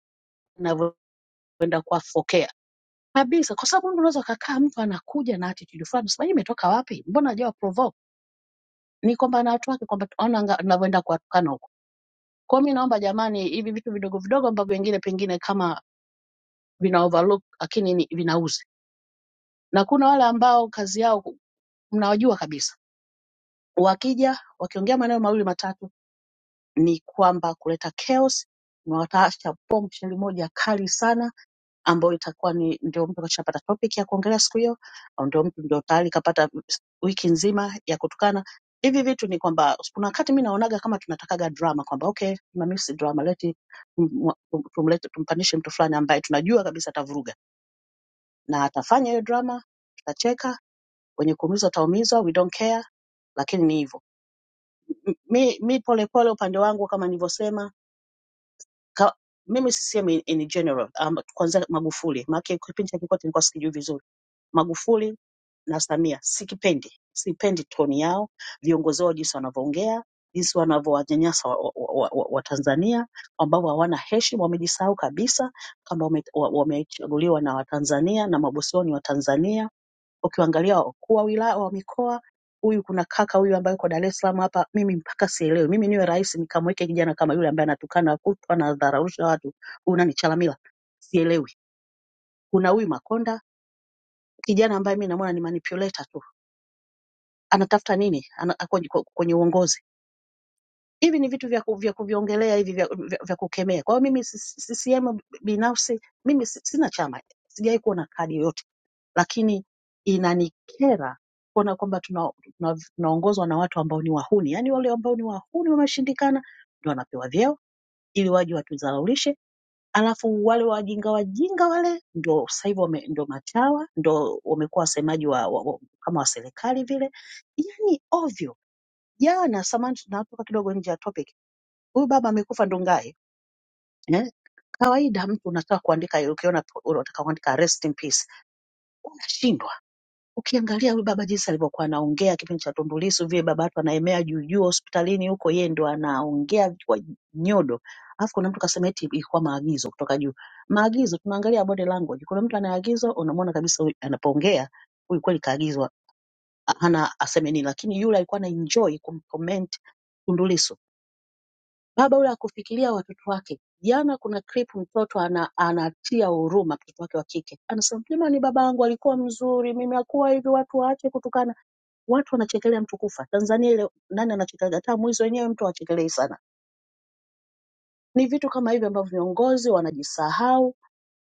Speaker 5: navyoenda kuwafokea Kabisa, kwa sababu mtu unaweza ukakaa, mtu anakuja na attitude fulani, sema hii imetoka wapi? Mbona hajawa provoke? Ni kwamba na watu wake, kwamba ona anga- anavyoenda kuwatukana huko. Kwa hiyo mi naomba jamani, hivi vitu vidogo vidogo ambavyo wengine pengine kama vina overlook, lakini ni vinauzi, na kuna wale ambao kazi yao mnawajua kabisa, wakija wakiongea maneno mawili matatu ni kwamba kuleta chaos, na wataacha bomu sheli moja kali sana ambayo itakuwa ni ndio mtu akishapata topic ya kuongelea siku hiyo, au ndio mtu ndio tayari kapata wiki nzima ya kutukana. Hivi vitu ni kwamba kuna wakati mimi naonaga kama tunatakaga drama kwamba okay, tunamisi drama, leti tum- tumlete tumpandishe mtu fulani ambaye tunajua kabisa atavuruga na atafanya hiyo drama, tutacheka, wenye kuumizwa wataumizwa, we don't care, lakini ni hivyo. M- Mi, mi polepole upande wangu kama nilivyosema ka, mimi sisemi in general um, kwanza Magufuli maana kipindi cha Kikwete nilikuwa sikijui vizuri Magufuli na Samia sikipendi, sipendi toni yao, viongozi wao jinsi wanavyoongea, jinsi wanavyowanyanyasa Watanzania wa, wa, wa, wa Watanzania, ambao hawana heshima, wamejisahau kabisa kwamba wame- wa- wamechaguliwa na Watanzania na mabosi wao ni Watanzania. Ukiangalia wakuu wa wilaya wa mikoa huyu kuna kaka huyu ambaye yuko Dar es Salaam hapa, mimi mpaka sielewi. Mimi niwe rais nikamweke kijana kama yule ambaye anatukana kutwa na dharaulisha watu, huyu nani Chalamila, sielewi. Kuna huyu Makonda kijana ambaye mimi namuona ni manipulator tu anatafuta nini ana, kwenye, kwenye uongozi. Hivi ni vitu vya, ku- vya kuviongelea hivi vya, vya, vya kukemea. Kwa hiyo mimi si- si- CCM binafsi mimi si- sina chama, sijawahi kuona kadi yoyote, lakini inanikera kuona kwamba tuna- tuna- tunaongozwa na watu ambao ni wahuni, yaani wale ambao ni wahuni wameshindikana ndio wanapewa vyeo ili waje watudhalaulishe, alafu wale wajinga wajinga wale ndio sasa hivi wame- ndio machawa, ndio wamekuwa wasemaji wa, wa, wa, kama wa serikali vile, yani ovyo Jana samani, tunatoka kidogo nje ya topic, huyu baba amekufa Ndungai eh? Kawaida mtu unataka kuandika, ukiona tu- unataka kuandika rest in peace unashindwa. Ukiangalia huyu baba jinsi alivyokuwa anaongea kipindi cha Tundu Lissu, vile baba watu anaemea juu juu hospitalini huko, yeye ndo anaongea kwa nyodo, alafu kuna mtu kasema eti ilikuwa maagizo kutoka juu. Maagizo tunaangalia body language, kuna mtu anaagizwa, unamwona kabisa huyu anapoongea huyu kweli kaagizwa, hana aseme nini, lakini yule alikuwa ana enjoy kumcomment Tundu Lissu Baba yule akufikiria watoto wake. Jana kuna clip mtoto ana, anatia huruma mtoto wake wa kike. Anasema jamani baba yangu alikuwa mzuri, mimi akuwa hivi watu waache kutukana. Watu wanachekelea mtu kufa. Tanzania ile nani anachekelea? Hata mwizi wenyewe mtu hachekelei sana. Ni vitu kama hivi ambavyo viongozi wanajisahau,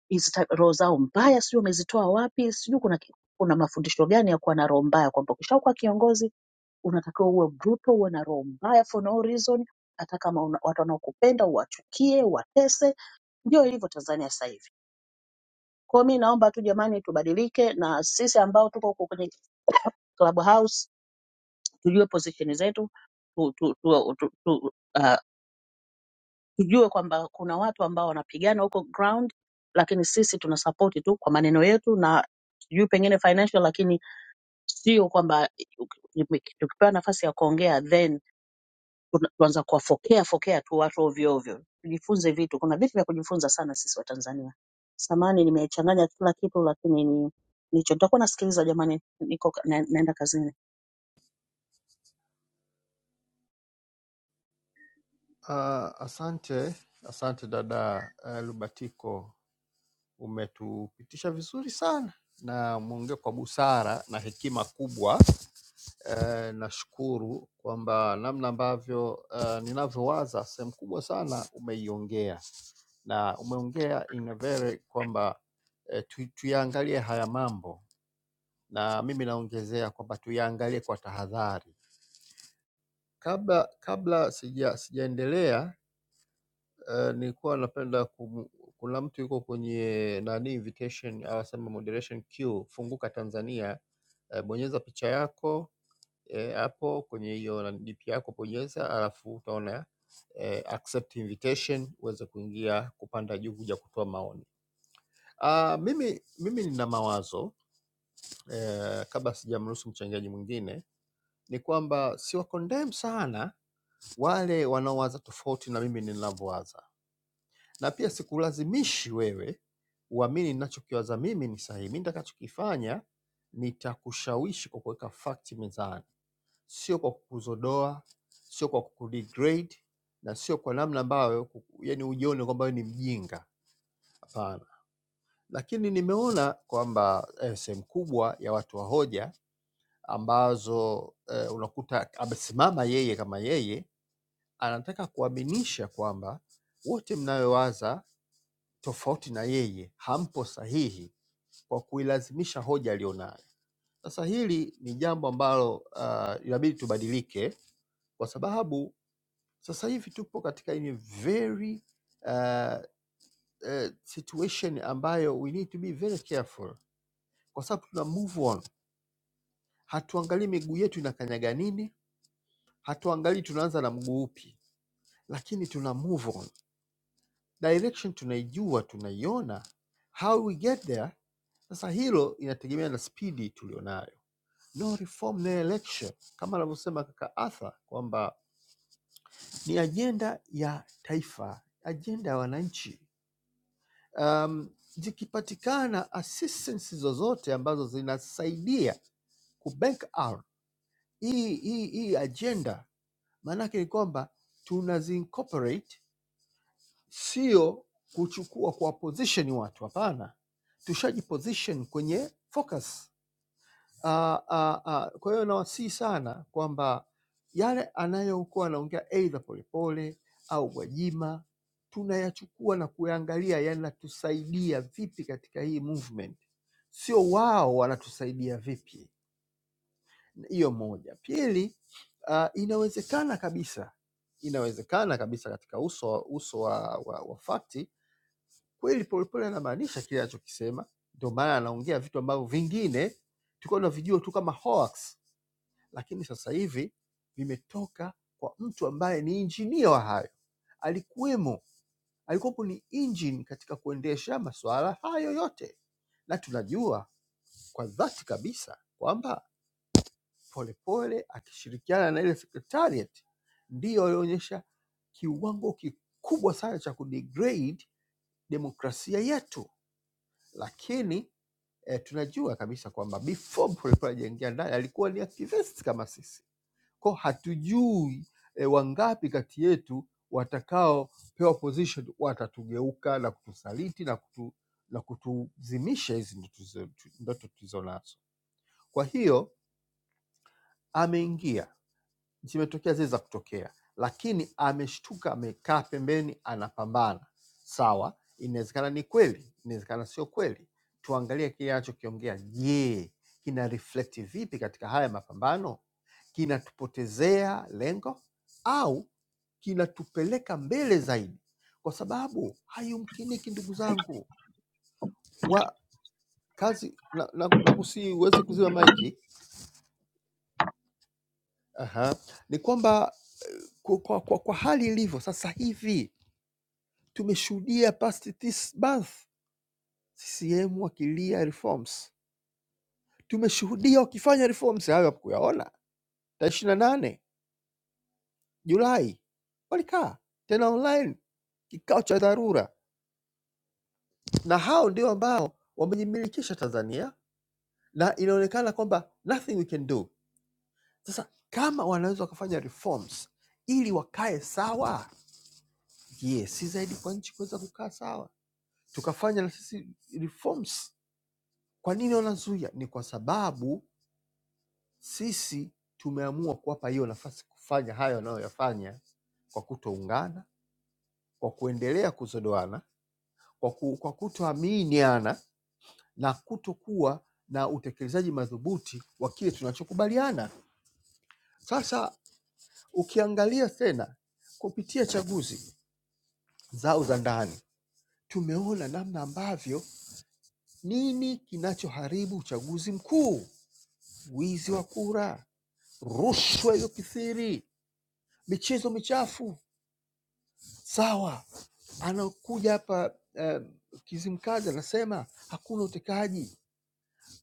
Speaker 5: hizi ta- roho zao mbaya sijui wamezitoa wapi, sijui kuna ki- kuna mafundisho gani ya kuwa na roho mbaya kwamba ukishakuwa kiongozi unatakiwa uwe brutal, uwe na roho mbaya for no reason, hata kama una, watu wanaokupenda uwachukie, uwatese ndio ilivyo Tanzania sasa hivi. Kwa hiyo mi naomba tu jamani, tubadilike na sisi ambao tuko huko kwenye Clubhouse tujue position zetu tu, tu, tu, tu, tu, uh, tujue kwamba kuna watu ambao wanapigana huko ground, lakini sisi tuna support tu kwa maneno yetu na sijui pengine financial, lakini sio kwamba tukipewa nafasi ya kuongea then tuna- tuanza kuwafokea fokea tu watu ovyo ovyo. Tujifunze vitu, kuna vitu vya kujifunza sana sisi Watanzania. Samani nimechanganya kila kitu, lakini ni nicho nitakuwa nasikiliza jamani, niko ka- na, naenda kazini.
Speaker 6: Ah, asante, asante dada eh, Lubatiko, umetupitisha vizuri sana na mwongee kwa busara na hekima kubwa. Eh, nashukuru kwamba namna ambavyo eh, ninavyowaza sehemu kubwa sana umeiongea na umeongea in a very kwamba eh, tu, tuyaangalie haya mambo, na mimi naongezea kwamba tuyaangalie kwa tahadhari. Kabla kabla sija sijaendelea Uh, nilikuwa napenda kum- kuna mtu yuko kwenye nani invitation au sema moderation queue funguka Tanzania eh, bonyeza picha yako eh, hapo kwenye hiyo nani DP yako bonyeza, alafu utaona eh, accept invitation uweze kuingia kupanda juu kuja kutoa maoni. Ah, mimi mimi nina mawazo eh, kabla sijamruhusu mchangiaji mwingine ni kwamba siwa condemn sana wale wanaowaza tofauti na mimi ninavyowaza na pia sikulazimishi wewe uamini ninachokiwaza mimi ni sahihi. Mimi nitakachokifanya nitakushawishi kwa kuweka fakti mezani, sio kwa kukuzodoa, sio kwa kukudegrade na sio kwa namna ambayo kuku- yani ujione kwamba wewe ni mjinga. Hapana, lakini nimeona kwamba eh, sehemu kubwa ya watu wa hoja ambazo eh, unakuta amesimama yeye kama yeye, anataka kuaminisha kwamba wote mnayowaza tofauti na yeye hampo sahihi kwa kuilazimisha hoja aliyonayo. Sasa hili ni jambo ambalo ah, inabidi tubadilike, kwa sababu sasa hivi tupo katika ini very uh, uh, situation ambayo we need to be very careful, kwa sababu tuna move on, hatuangalii miguu yetu inakanyaga nini, hatuangalii tunaanza na mguu upi, lakini tuna move on direction tunaijua tunaiona how we get there sasa hilo inategemea na spidi tulionayo no reform no election kama anavyosema kaka arthur kwamba ni ajenda ya taifa ajenda ya wananchi um, zikipatikana assistance zozote ambazo zinasaidia kubank out hii hii hii ajenda maanake ni kwamba tunazi incorporate sio kuchukua kwa position watu, hapana, tushajiposition kwenye focus. Ah, ah, ah, Kwa hiyo nawasihi sana kwamba yale anayokuwa anaongea aidha Polepole au Gwajima tunayachukua na kuyaangalia yanatusaidia vipi katika hii movement, sio wao wanatusaidia vipi. Hiyo moja. Pili, ah, inawezekana kabisa, inawezekana kabisa katika uso, uso wa, wa, wa fakti Kweli Polepole anamaanisha kile anachokisema, ndio maana anaongea vitu ambavyo vingine tulikuwa tunavijua tu kama hoax, lakini sasa hivi vimetoka kwa mtu ambaye ni injinia wa hayo, alikuwemo, alikuwepo ni engine katika kuendesha masuala hayo yote, na tunajua kwa dhati kabisa kwamba Polepole akishirikiana na ile secretariat ndiyo alionyesha kiwango kikubwa sana cha kudegrade demokrasia yetu, lakini eh, tunajua kabisa kwamba before alikuwa anajiingia ndani alikuwa ni activist kama sisi, kwa hatujui eh, wangapi kati yetu watakaopewa position watatugeuka na kutusaliti na kutu, na kutuzimisha hizi ndoto tulizo- tu- ndoto tulizo nazo. Kwa hiyo ameingia zimetokea zile za kutokea, lakini ameshtuka, amekaa pembeni, anapambana. Sawa, inawezekana ni kweli, inawezekana sio kweli. Tuangalie kile anachokiongea. Je, kina reflect vipi katika haya mapambano? Kinatupotezea lengo au kinatupeleka mbele zaidi? Kwa sababu hayumkiniki, ndugu zangu wa kazi, na, na, na kusi uweze kuzima maiki. Aha. Ni kwamba kwa, kwa, kwa, kwa hali ilivyo sasa hivi Tumeshuhudia past this month CCM wakilia reforms, tumeshuhudia wakifanya reforms. Hayo hakuyaona tarehe ishirini na nane Julai walikaa tena online kikao cha dharura, na hao ndio ambao wamejimilikisha Tanzania na inaonekana kwamba nothing we can do. Sasa kama wanaweza wakafanya reforms ili wakae sawa, je, si zaidi kwa nchi kuweza kukaa sawa, tukafanya na sisi reforms. Kwa nini wanazuia? Ni kwa sababu Sisi tumeamua kuwapa hiyo nafasi kufanya hayo wanayoyafanya kwa kutoungana, kwa kuendelea kuzodoana, kwa, ku, kwa kutoaminiana na kutokuwa na utekelezaji madhubuti wa kile tunachokubaliana. Sasa ukiangalia tena kupitia chaguzi zao za ndani, tumeona namna ambavyo nini kinachoharibu uchaguzi mkuu: wizi wa kura, rushwa iliyokithiri, michezo michafu sawa anakuja hapa eh, Kizimkazi anasema hakuna utekaji.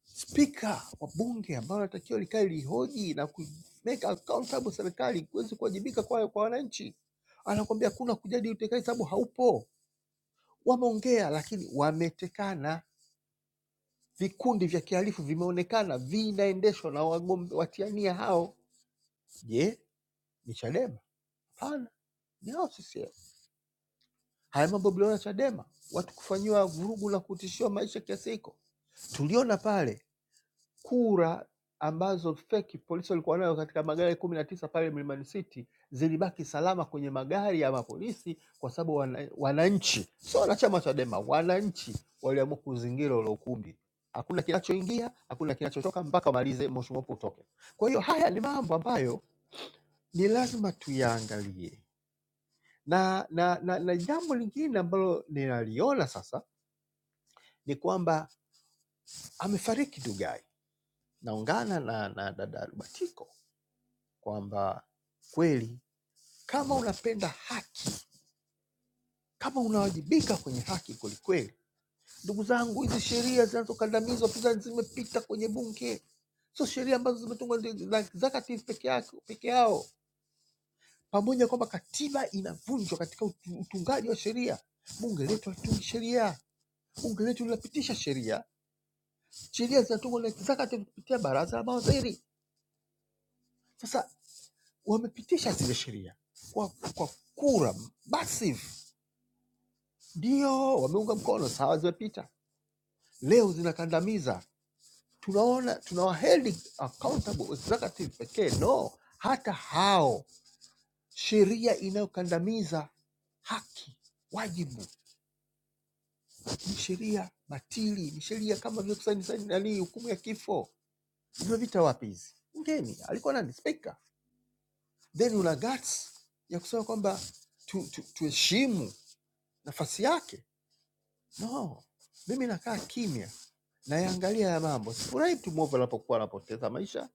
Speaker 6: Spika wa bunge ambalo natakiwa likae lihoji na ku make accountable serikali kuweze kuwajibika kwa, kwa wananchi, anakuambia hakuna kujadi utekaji sababu haupo. Wameongea lakini wametekana, vikundi vya kihalifu vimeonekana vinaendeshwa na wagombe watiania hao. Je, ni Chadema? Hapana, ni hao CCM. Haya mambo mliona Chadema, watu kufanyiwa vurugu na kutishiwa maisha kiasi hiko. Tuliona pale kura ambazo feki polisi walikuwa nayo katika magari kumi na tisa pale Mlimani City zilibaki salama kwenye magari ya mapolisi, kwa sababu wana, wananchi sio wanachama wa Chadema, wananchi waliamua kuzingira ule ukumbi. Hakuna kinachoingia, hakuna kinachotoka mpaka wamalize moshi mweupe utoke. Kwa hiyo haya ni mambo ambayo ni lazima tuyaangalie, na na, na, na jambo lingine ambalo ninaliona sasa ni kwamba amefariki Dugai. Naungana na, na dada Rubatiko kwamba kweli kama unapenda haki, kama unawajibika kwenye haki kwelikweli, ndugu zangu, hizi sheria zinazokandamiza wapinzani zimepita kwenye bunge, sio sheria ambazo zimetungwa ndi- za executive peke yake peke yao, pamoja na kwamba katiba inavunjwa katika utu- utungaji wa sheria. Bunge letu halitungi sheria, bunge letu linapitisha sheria, sheria zinatungwa na executive kupitia baraza la mawaziri. Sasa wamepitisha zile sheria kwa, kwa kura massive, ndio wameunga mkono, sawa, zimepita. Leo zinakandamiza, tunaona tunawaheld accountable executive pekee, no, hata hao. Sheria inayokandamiza haki, wajibu ni sheria batili, ni sheria kama vile kusaini saini nani, hukumu ya kifo. Zimepita wapi hizi? Mgeni alikuwa nani? Spika. Then una guts ya kusema kwamba tuheshimu tu, tu tuheshimu nafasi yake No, mimi nakaa kimya, nayaangalia ya mambo. Sifurahi mtu mwovu anapokuwa anapoteza maisha,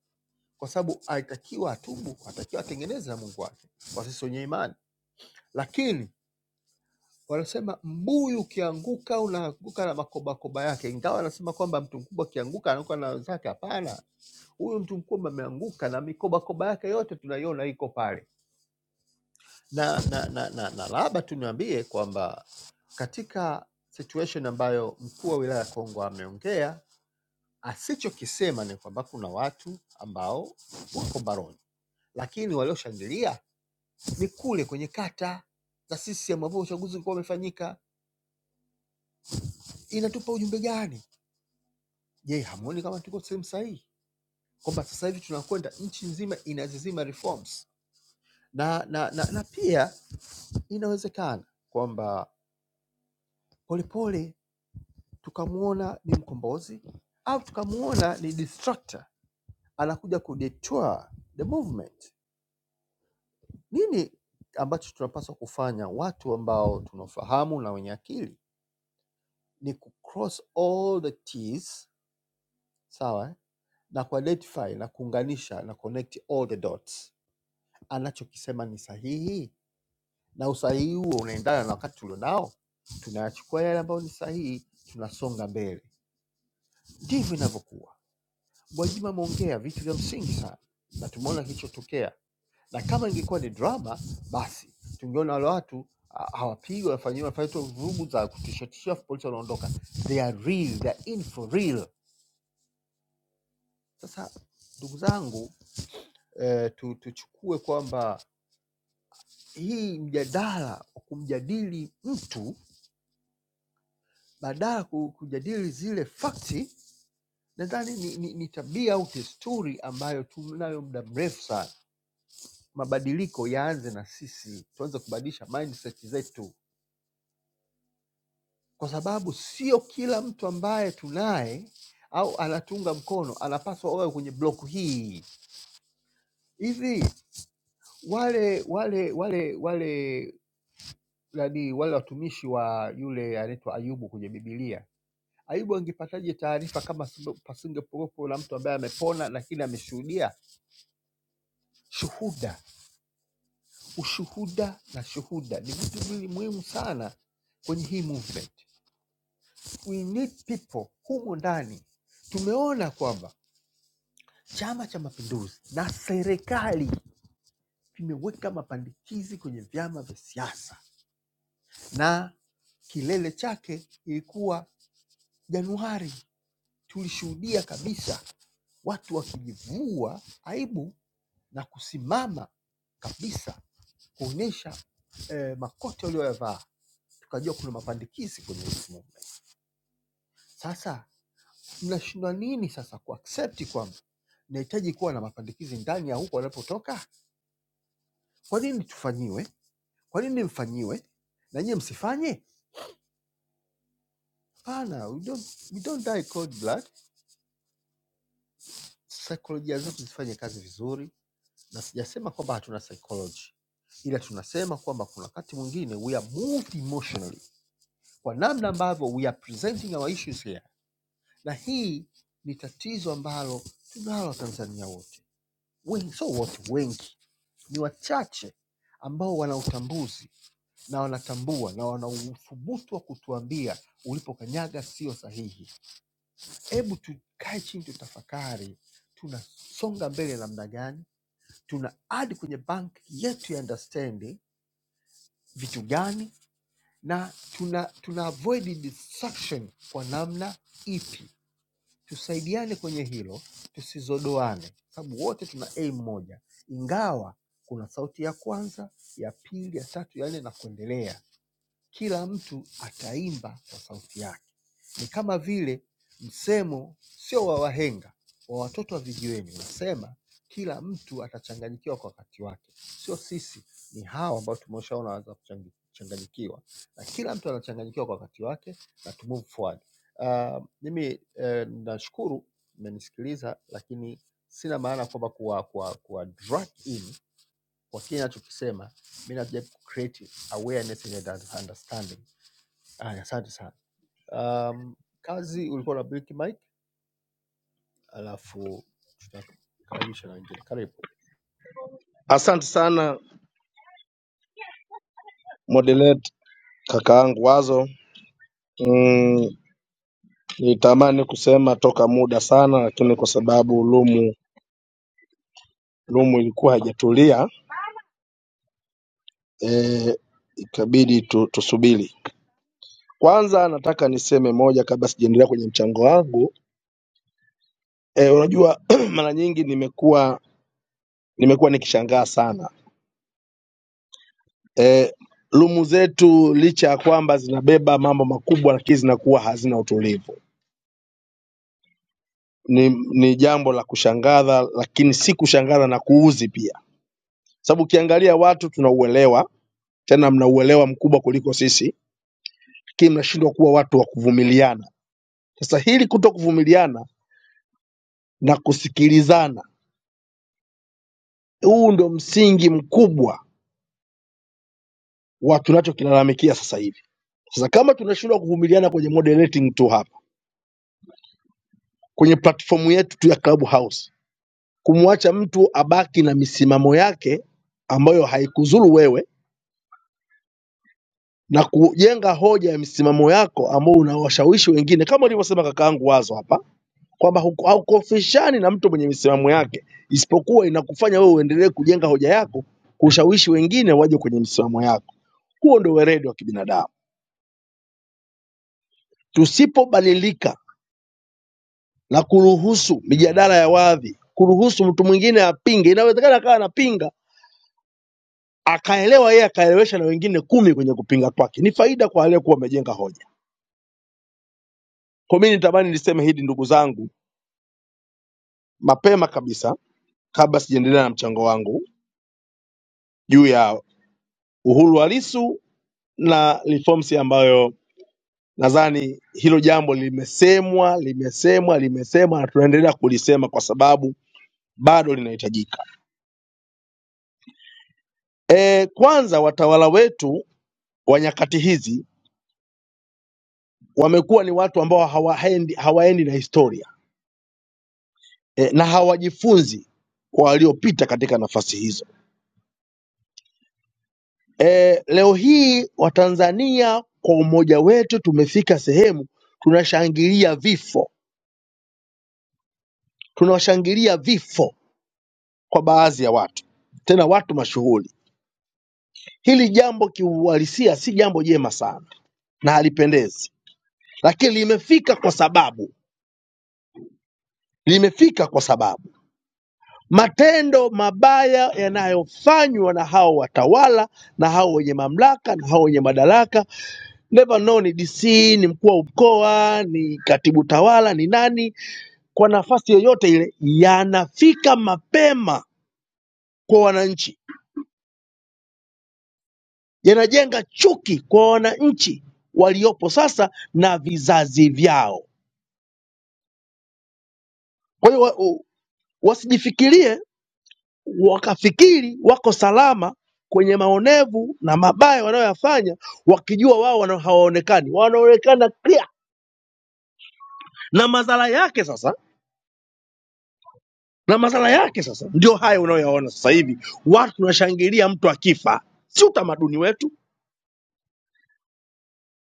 Speaker 6: kwa sababu alitakiwa atubu, atakiwa atengeneze na Mungu wake, kwa sisi wenye imani. Lakini wanasema mbuyu ukianguka unaanguka na makobakoba yake, ingawa anasema kwamba mtu mkubwa akianguka anaanguka na wenzake. Hapana, huyu mtu mkubwa ameanguka na mikobakoba yake yote tunaiona iko pale, na, na, na, na, na labda tu niambie kwamba katika situation ambayo mkuu wa wilaya ya Kongwa ameongea Asichokisema ni kwamba kuna watu ambao wako baroni, lakini walioshangilia ni kule kwenye kata za CCM ambao uchaguzi ulikuwa umefanyika. Inatupa ujumbe gani? Je, hamuoni kama tuko sehemu sahihi, kwamba sasa hivi tunakwenda nchi nzima inazizima reforms na, na, na, na pia inawezekana kwamba polepole tukamwona ni mkombozi au tukamwona ni destructor, anakuja kudetour the movement Nini ambacho tunapaswa kufanya watu ambao tunafahamu na wenye akili ni kucross all the t's sawa eh, na kuidentify na kuunganisha na connect all the dots. Anachokisema ni sahihi na usahihi huo unaendana na wakati tulionao, tunayachukua yale ambayo ni sahihi, tunasonga mbele. Ndivyo inavyokuwa. Gwajima ameongea vitu vya msingi sana na tumeona kilichotokea, na kama ingekuwa ni drama, basi tungeona wale watu ah, hawapigwi, wanafanyiwa wanafanyiwa tu vurugu za kutishatisha, afu polisi wanaondoka. They are real, they are in for real. Sasa ndugu zangu eh, tu, tuchukue kwamba hii mjadala wa kumjadili mtu badala ku- kujadili zile fakti, nadhani ni, ni, ni tabia au desturi ambayo tunayo muda mrefu sana mabadiliko yaanze na sisi, tuanze kubadilisha mindset zetu, kwa sababu sio kila mtu ambaye tunaye au anatunga mkono anapaswa awe kwenye block hii. Hivi wale wale wale wale nani, wale watumishi wa yule anaitwa Ayubu kwenye Biblia, Ayubu angepataje taarifa kama singe- pasingepokuwepo na mtu ambaye amepona lakini ameshuhudia? Shuhuda, ushuhuda na shuhuda ni vitu viwili muhimu sana kwenye hii movement. we need people humu ndani. Tumeona kwamba Chama cha Mapinduzi na serikali vimeweka mapandikizi kwenye vyama vya siasa, na kilele chake ilikuwa Januari. Tulishuhudia kabisa watu wakijivua aibu na kusimama kabisa kuonyesha eh, makoti walioyavaa, tukajua kuna mapandikizi kwenye hii movement. Sasa mnashindwa nini sasa kuaccept kwamba nahitaji kuwa na mapandikizi ndani ya huko wanapotoka? Kwa nini tufanyiwe? Kwa nini mfanyiwe na nyie msifanye? Hapana, we don't, we don't die cold blood. Saikolojia zetu zifanye kazi vizuri, na sijasema kwamba hatuna psychology, ila tunasema kwamba kuna wakati mwingine we are moved emotionally kwa namna ambavyo we are presenting our issues here, na hii ni tatizo ambalo tunalo Tanzania wote wengi, sio wote, wengi ni wachache ambao wana utambuzi na wanatambua na wana uthubutu wa kutuambia ulipokanyaga sio sahihi. Hebu tukae chini, tutafakari tunasonga mbele namna gani, tuna add kwenye bank yetu ya understanding vitu gani, na tuna, tuna avoid distraction kwa namna ipi tusaidiane kwenye hilo, tusizodoane, sababu wote tuna aim moja, ingawa kuna sauti ya kwanza, ya pili, ya tatu, ya nne na kuendelea kila mtu ataimba kwa sauti yake. Ni kama vile msemo sio wa wahenga, wa watoto wa vijiweni unasema kila mtu atachanganyikiwa kwa wakati wake. Sio sisi, ni hawa ambao tumeshaona wanaweza kuchangi- kuchanganyikiwa, na kila mtu anachanganyikiwa kwa wakati wake na to move forward. Uh, mimi eh, nashukuru mmenisikiliza, lakini sina maana kwamba kuwa, kuwa, kuwa drag in kwa kile nachokisema mi najaribu ku create awareness and understanding Haya, asante sana. Um, kazi ulikuwa na blink mic, alafu tutakaribisha na wengine. Karibu.
Speaker 7: Asante sana moderate kakaangu Wazo. Mm, nitamani kusema toka muda sana, lakini kwa sababu lumu lumu ilikuwa haijatulia e, ikabidi tu, tusubiri. Kwanza nataka niseme moja kabla sijaendelea kwenye mchango wangu e, unajua [clears throat] mara nyingi nimekuwa nimekuwa nikishangaa sana e, lumu zetu licha ya kwamba zinabeba mambo makubwa, lakini zinakuwa hazina utulivu ni, ni jambo la kushangaza, lakini si kushangaza na kuuzi pia, sababu ukiangalia watu tunauelewa, tena mnauelewa mkubwa kuliko sisi, lakini mnashindwa kuwa watu wa kuvumiliana. Sasa hili kuto kuvumiliana na kusikilizana, huu ndio msingi mkubwa wa tunachokilalamikia sasa hivi. Sasa kama tunashindwa kuvumiliana kwenye moderating tu hapa kwenye platformu yetu tu ya Clubhouse, kumwacha mtu abaki na misimamo yake ambayo haikuzuru wewe na kujenga hoja ya misimamo yako ambao unawashawishi wengine, kama ulivyosema kakaangu Wazo hapa kwamba huku- haukofishani na mtu mwenye misimamo yake, isipokuwa inakufanya wewe uendelee kujenga hoja yako, kushawishi wengine waje kwenye misimamo yako. Huo ndio weredi wa kibinadamu. Tusipobadilika na kuruhusu mijadala ya wadhi, kuruhusu mtu mwingine apinge, inawezekana akawa anapinga akaelewa yeye akaelewesha na wengine kumi kwenye kupinga kwake, ni faida kwa aliyekuwa amejenga hoja. Kwa mimi nitamani niseme hili, ndugu zangu, mapema kabisa kabla sijaendelea na mchango wangu juu ya uhuru wa Lissu na reforms ambayo nadhani hilo jambo limesemwa limesemwa limesemwa na tunaendelea kulisema kwa sababu bado linahitajika. E, kwanza watawala wetu wa nyakati hizi wamekuwa ni watu ambao hawaendi, hawaendi na historia e, na hawajifunzi kwa waliopita katika nafasi hizo. E, leo hii Watanzania kwa umoja wetu tumefika sehemu tunashangilia vifo tunawashangilia vifo kwa baadhi ya watu, tena watu mashuhuri. Hili jambo kiuhalisia si jambo jema sana na halipendezi, lakini limefika kwa sababu limefika kwa sababu matendo mabaya yanayofanywa na hao watawala na hao wenye mamlaka na hao wenye madaraka, never know ni DC, ni mkuu wa mkoa, ni katibu tawala, ni nani, kwa nafasi yoyote ile, yanafika mapema kwa wananchi yanajenga chuki kwa wananchi waliopo sasa na vizazi vyao. Kwa hiyo wa- u- wasijifikirie wakafikiri wako salama kwenye maonevu na mabaya wanayoyafanya, wakijua wao wana- hawaonekani, wanaonekana clear, na madhara yake sasa na madhara yake sasa ndio haya unayoyaona sasa hivi, watu tunashangilia mtu akifa, si utamaduni wetu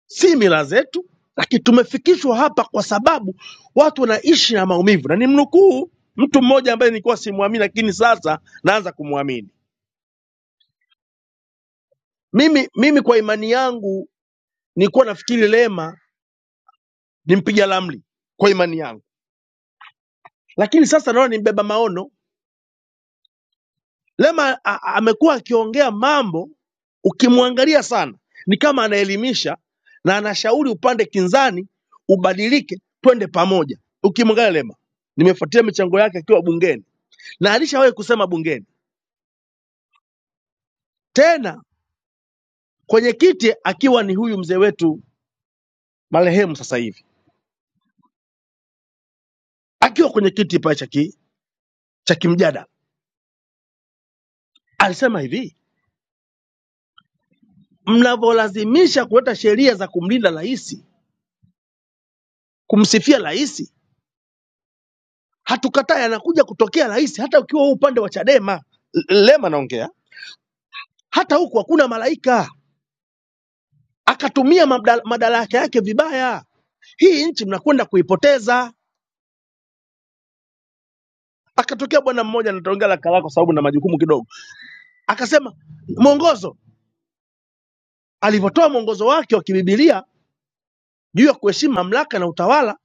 Speaker 7: si mila zetu, lakini tumefikishwa hapa kwa sababu watu wanaishi na maumivu, na nimnukuu mtu mmoja ambaye nilikuwa simwamini, lakini sasa naanza kumwamini. Mimi, mimi kwa imani yangu nilikuwa nafikiri Lema ni mpiga ramli kwa imani yangu, lakini sasa naona ni mbeba maono. Lema a- a- amekuwa akiongea mambo, ukimwangalia sana ni kama anaelimisha na anashauri upande kinzani ubadilike, twende pamoja. Ukimwangalia Lema, nimefuatia michango yake akiwa bungeni na alishawahi kusema bungeni tena kwenye kiti, akiwa ni huyu mzee wetu marehemu sasa hivi, akiwa kwenye kiti pale cha ki- cha kimjadala alisema hivi, mnavyolazimisha kuleta sheria za kumlinda rais, kumsifia rais, hatukatai, anakuja kutokea rais, hata ukiwa huu upande wa Chadema L- Lema naongea, hata huku hakuna malaika, akatumia mabda- madaraka yake vibaya. Hii nchi mnakwenda kuipoteza. Akatokea bwana mmoja, nitaongea la kwa sababu na majukumu kidogo, akasema mwongozo alivyotoa mwongozo wake wa kibibilia juu ya kuheshimu mamlaka na utawala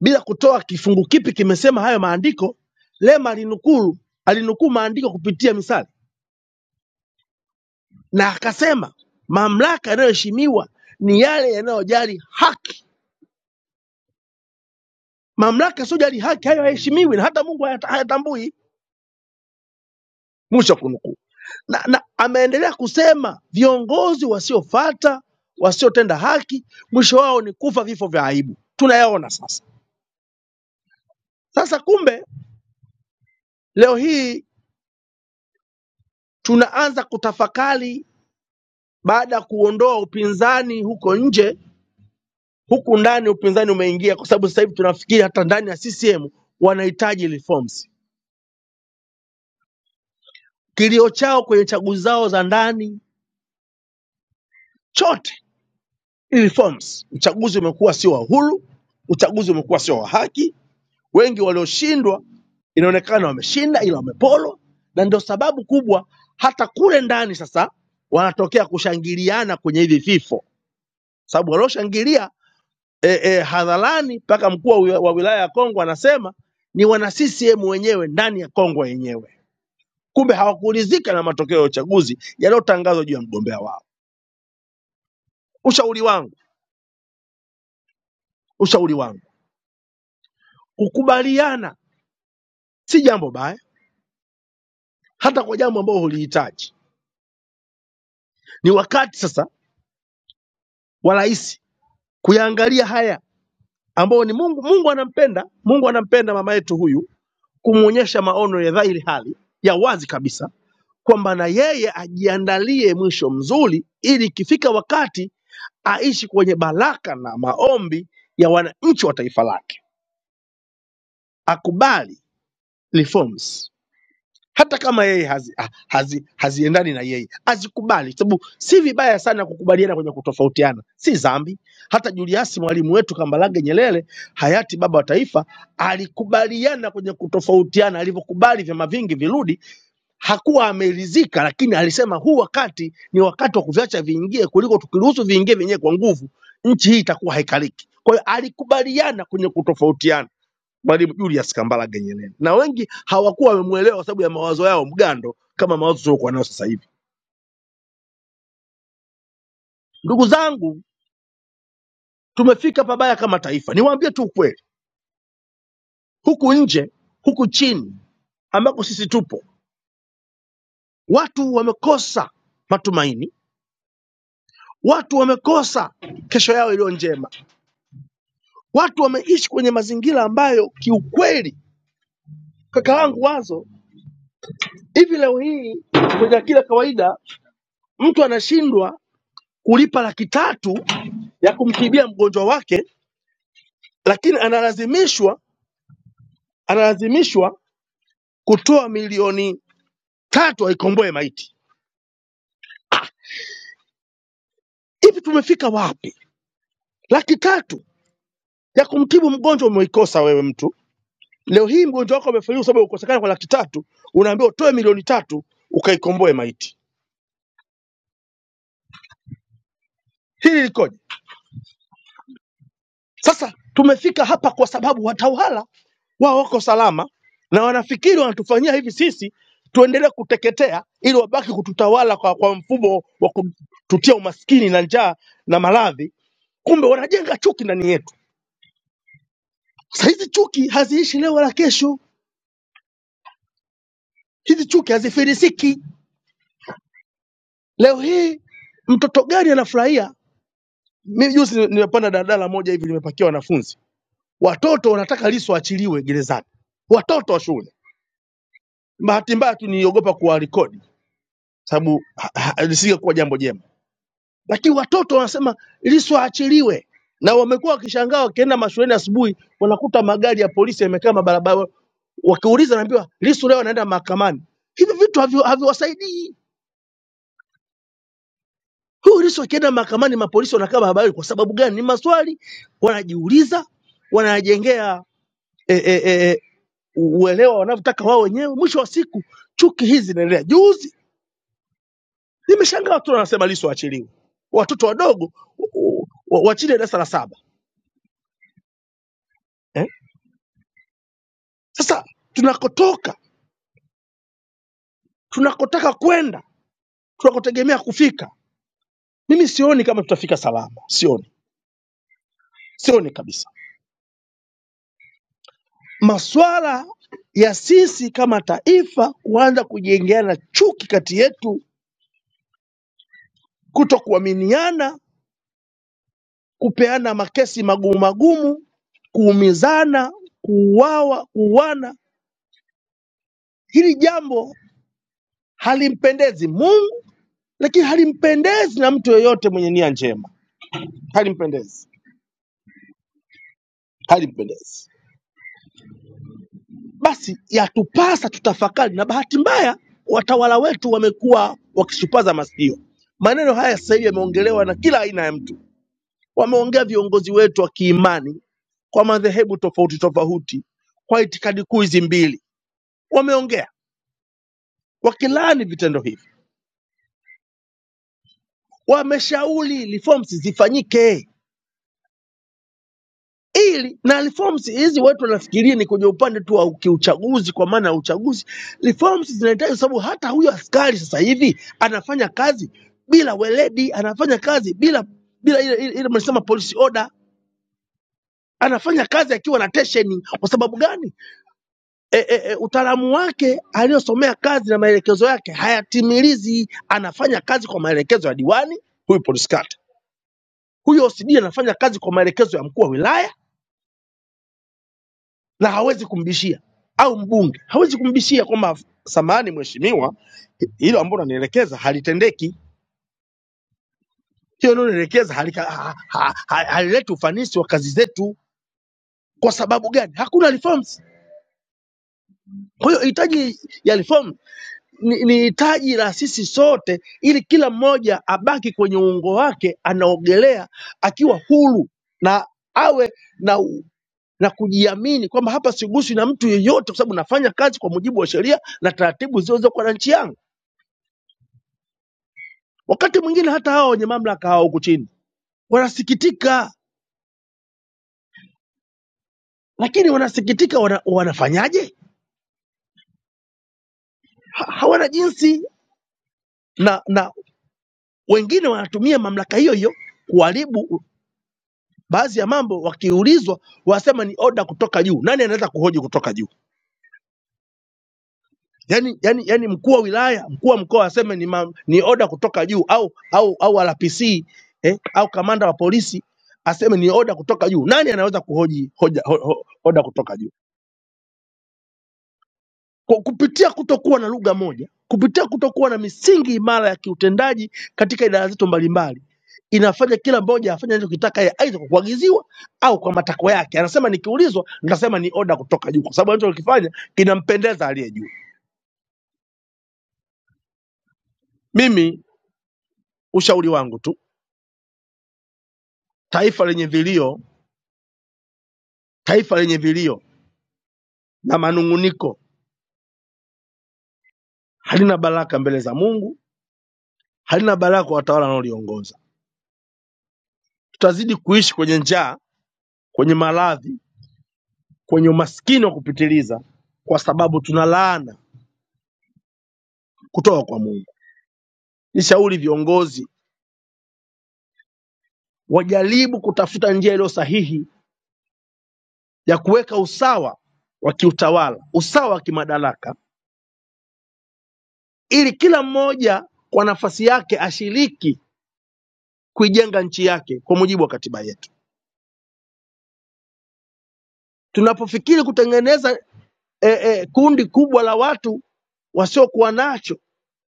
Speaker 7: bila kutoa kifungu kipi kimesema hayo maandiko. Lema alinukuu alinukuu maandiko kupitia misali na akasema mamlaka yanayoheshimiwa ni yale yanayojali haki. Mamlaka yasiyojali haki hayo hayaheshimiwi na hata Mungu hayata- hayatambui. Mwisho wa kunukuu. Na, na ameendelea kusema viongozi wasiofata, wasiotenda haki, mwisho wao ni kufa vifo vya aibu. Tunayaona sasa. Sasa kumbe leo hii tunaanza kutafakari baada ya kuondoa upinzani huko nje, huku ndani upinzani umeingia, kwa sababu sasa hivi tunafikiri hata ndani ya CCM wanahitaji reforms. Kilio chao kwenye chaguzi zao za ndani chote ni reforms. Uchaguzi umekuwa sio wa huru, uchaguzi umekuwa sio wa haki. Wengi walioshindwa inaonekana wameshinda ila wameporwa, na ndio sababu kubwa hata kule ndani sasa wanatokea kushangiliana kwenye hivi vifo, sababu walioshangilia e, e, hadharani mpaka mkuu wa wi- wa wilaya ya Kongwa anasema ni wana CCM wenyewe ndani ya Kongwa yenyewe. Kumbe hawakuridhika na matokeo ya uchaguzi yaliyotangazwa juu ya mgombea wao. Ushauri wangu, ushauri wangu, kukubaliana si jambo baya, hata kwa jambo ambalo hulihitaji. Ni wakati sasa wa rais kuyaangalia haya ambayo ni Mungu. Mungu anampenda, Mungu anampenda mama yetu huyu, kumwonyesha maono ya dhahiri hali ya wazi kabisa kwamba na yeye ajiandalie mwisho mzuri, ili ikifika wakati aishi kwenye baraka na maombi ya wananchi wa taifa lake, akubali reforms hata kama yeye hazi, ha- hazi, haziendani na yeye azikubali, sababu si vibaya sana kukubaliana kwenye kutofautiana, si dhambi. Hata Julius mwalimu wetu Kambarage Nyerere, hayati baba wa taifa, alikubaliana kwenye kutofautiana. Alivyokubali vyama vingi virudi, hakuwa ameridhika, lakini alisema huu wakati ni wakati wa kuviacha viingie, kuliko tukiruhusu viingie vyenyewe kwa nguvu, nchi hii itakuwa haikaliki. Kwa hiyo alikubaliana kwenye kutofautiana, Mwalimu Julius Kambarage Nyerere, na wengi hawakuwa wamemwelewa kwa sababu ya mawazo yao mgando kama mawazo tuliokuwa nayo sasa hivi. Ndugu zangu, tumefika pabaya kama taifa. Niwaambie tu ukweli, huku nje, huku chini ambako sisi tupo, watu wamekosa matumaini, watu wamekosa kesho yao iliyo njema Watu wameishi kwenye mazingira ambayo kiukweli, kaka yangu Wazo, hivi leo hii kwenye akili ya kawaida mtu anashindwa kulipa laki tatu ya kumtibia mgonjwa wake, lakini analazimishwa analazimishwa kutoa milioni tatu aikomboe maiti. Hivi tumefika wapi? Laki tatu ya kumtibu mgonjwa umeikosa wewe mtu. Leo hii mgonjwa wako amefariki kwa sababu ya kukosekana kwa laki tatu, unaambiwa utoe milioni tatu ukaikomboe maiti. Hili likoje? Sasa tumefika hapa kwa sababu watawala wao wako salama na wanafikiri wanatufanyia hivi sisi tuendelee kuteketea ili wabaki kututawala kwa, kwa mfumo wa kututia umaskini na njaa na maradhi. Kumbe wanajenga chuki ndani yetu. Sasa hizi chuki haziishi leo wala kesho, hizi chuki hazifilisiki. Leo hii mtoto gani anafurahia? Mimi juzi ni- nimepanda daladala moja hivi, limepakia wanafunzi, watoto wanataka Lissu aachiliwe gerezani, watoto wa shule Bahati mbaya tu niliogopa kuwarekodi sababu ha- ha- lisingekuwa jambo jema, lakini watoto wanasema Lissu aachiliwe, na wamekuwa wakishangaa wakienda mashuleni asubuhi, wanakuta magari ya polisi yamekaa mabarabara, wakiuliza naambiwa Lissu leo anaenda mahakamani. Hivi vitu havi- haviwasaidii. Huyu Lissu akienda mahakamani, mapolisi wanakaa barabarani kwa sababu gani? Ni maswali wanajiuliza, wanajengea e, e, e, e, uelewa wanavyotaka wao wenyewe. Mwisho wa siku chuki hizi zinaendelea. Juzi Nimeshangaa watu wanasema Lissu aachiliwe, watoto wadogo wa- wa- wa chini ya darasa la saba eh? Sasa tunakotoka, tunakotaka kwenda, tunakotegemea kufika, mimi sioni kama tutafika salama, sioni, sioni kabisa. Maswala ya sisi kama taifa kuanza kujengeana chuki kati yetu, kuto kuaminiana, kupeana makesi magumu magumu, kuumizana, kuuawa, kuuana, hili jambo halimpendezi Mungu lakini halimpendezi na mtu yeyote mwenye nia njema, halimpendezi, halimpendezi. Basi yatupasa tutafakari, na bahati mbaya watawala wetu wamekuwa wakishupaza masikio. Maneno haya sasa hivi yameongelewa na kila aina ya mtu, wameongea viongozi wetu wa kiimani kwa madhehebu tofauti tofauti, kwa itikadi kuu hizi mbili, wameongea wakilaani vitendo hivi, wameshauri reforms zifanyike ili na reforms hizi watu wanafikiria ni kwenye upande tu wa kiuchaguzi, kwa maana ya uchaguzi. Reforms zinahitaji sababu, hata huyu askari sasa hivi anafanya kazi bila weledi, anafanya kazi bila bila ile ile ile mnasema policy order, anafanya kazi akiwa na tension. Kwa sababu gani? E, e, e, utaalamu wake aliyosomea kazi na maelekezo yake hayatimilizi. Anafanya kazi kwa maelekezo ya diwani huyu polisi kata, huyu OCD anafanya kazi kwa maelekezo ya mkuu wa wilaya na hawezi kumbishia, au mbunge hawezi kumbishia kwamba samahani mheshimiwa, hilo ambalo unanielekeza halitendeki, hiyo unaonielekeza halileti ha, ha, ha, halileti ufanisi wa kazi zetu. Kwa sababu gani? Hakuna reforms. Kwa hiyo hitaji ya reform ni ni hitaji la sisi sote, ili kila mmoja abaki kwenye uungo wake, anaogelea akiwa huru na awe na u- na kujiamini kwamba hapa siguswi na mtu yeyote, kwa sababu nafanya kazi kwa mujibu wa sheria na taratibu zilizokuwa na nchi yangu. Wakati mwingine hata hawa wenye mamlaka hawa huku chini wanasikitika, lakini wanasikitika wana, wanafanyaje? Ha, hawana jinsi, na na wengine wanatumia mamlaka hiyo hiyo kuharibu baadhi ya mambo. Wakiulizwa wasema ni oda kutoka juu. Nani anaweza kuhoji kutoka juu? Yani, yani, yani mkuu wa wilaya, mkuu wa mkoa aseme ni, mam, ni oda kutoka juu au au au RPC eh, au kamanda wa polisi aseme ni oda kutoka juu. Nani anaweza kuhoji hoja, ho, ho, oda kutoka juu? Kwa kupitia kutokuwa na lugha moja, kupitia kutokuwa na misingi imara ya kiutendaji katika idara zetu mbalimbali, inafanya kila mmoja afanye anachokitaka yeye, aidha kwa kuagiziwa au kwa matakwa yake. Anasema nikiulizwa, nitasema ni oda kutoka juu, kwa sababu anachokifanya kinampendeza aliye juu. Mimi ushauri wangu tu, taifa lenye vilio, taifa lenye vilio na manung'uniko halina baraka mbele za Mungu, halina baraka kwa watawala wanaoliongoza. Tutazidi kuishi kwenye njaa, kwenye maradhi kwenye umaskini wa kupitiliza, kwa sababu tuna laana kutoka kwa Mungu. Nishauri viongozi wajaribu kutafuta njia iliyo sahihi ya kuweka usawa wa kiutawala, usawa wa kimadaraka, ili kila mmoja kwa nafasi yake ashiriki kuijenga nchi yake kwa mujibu wa katiba yetu. Tunapofikiri kutengeneza e, e, kundi kubwa la watu wasiokuwa nacho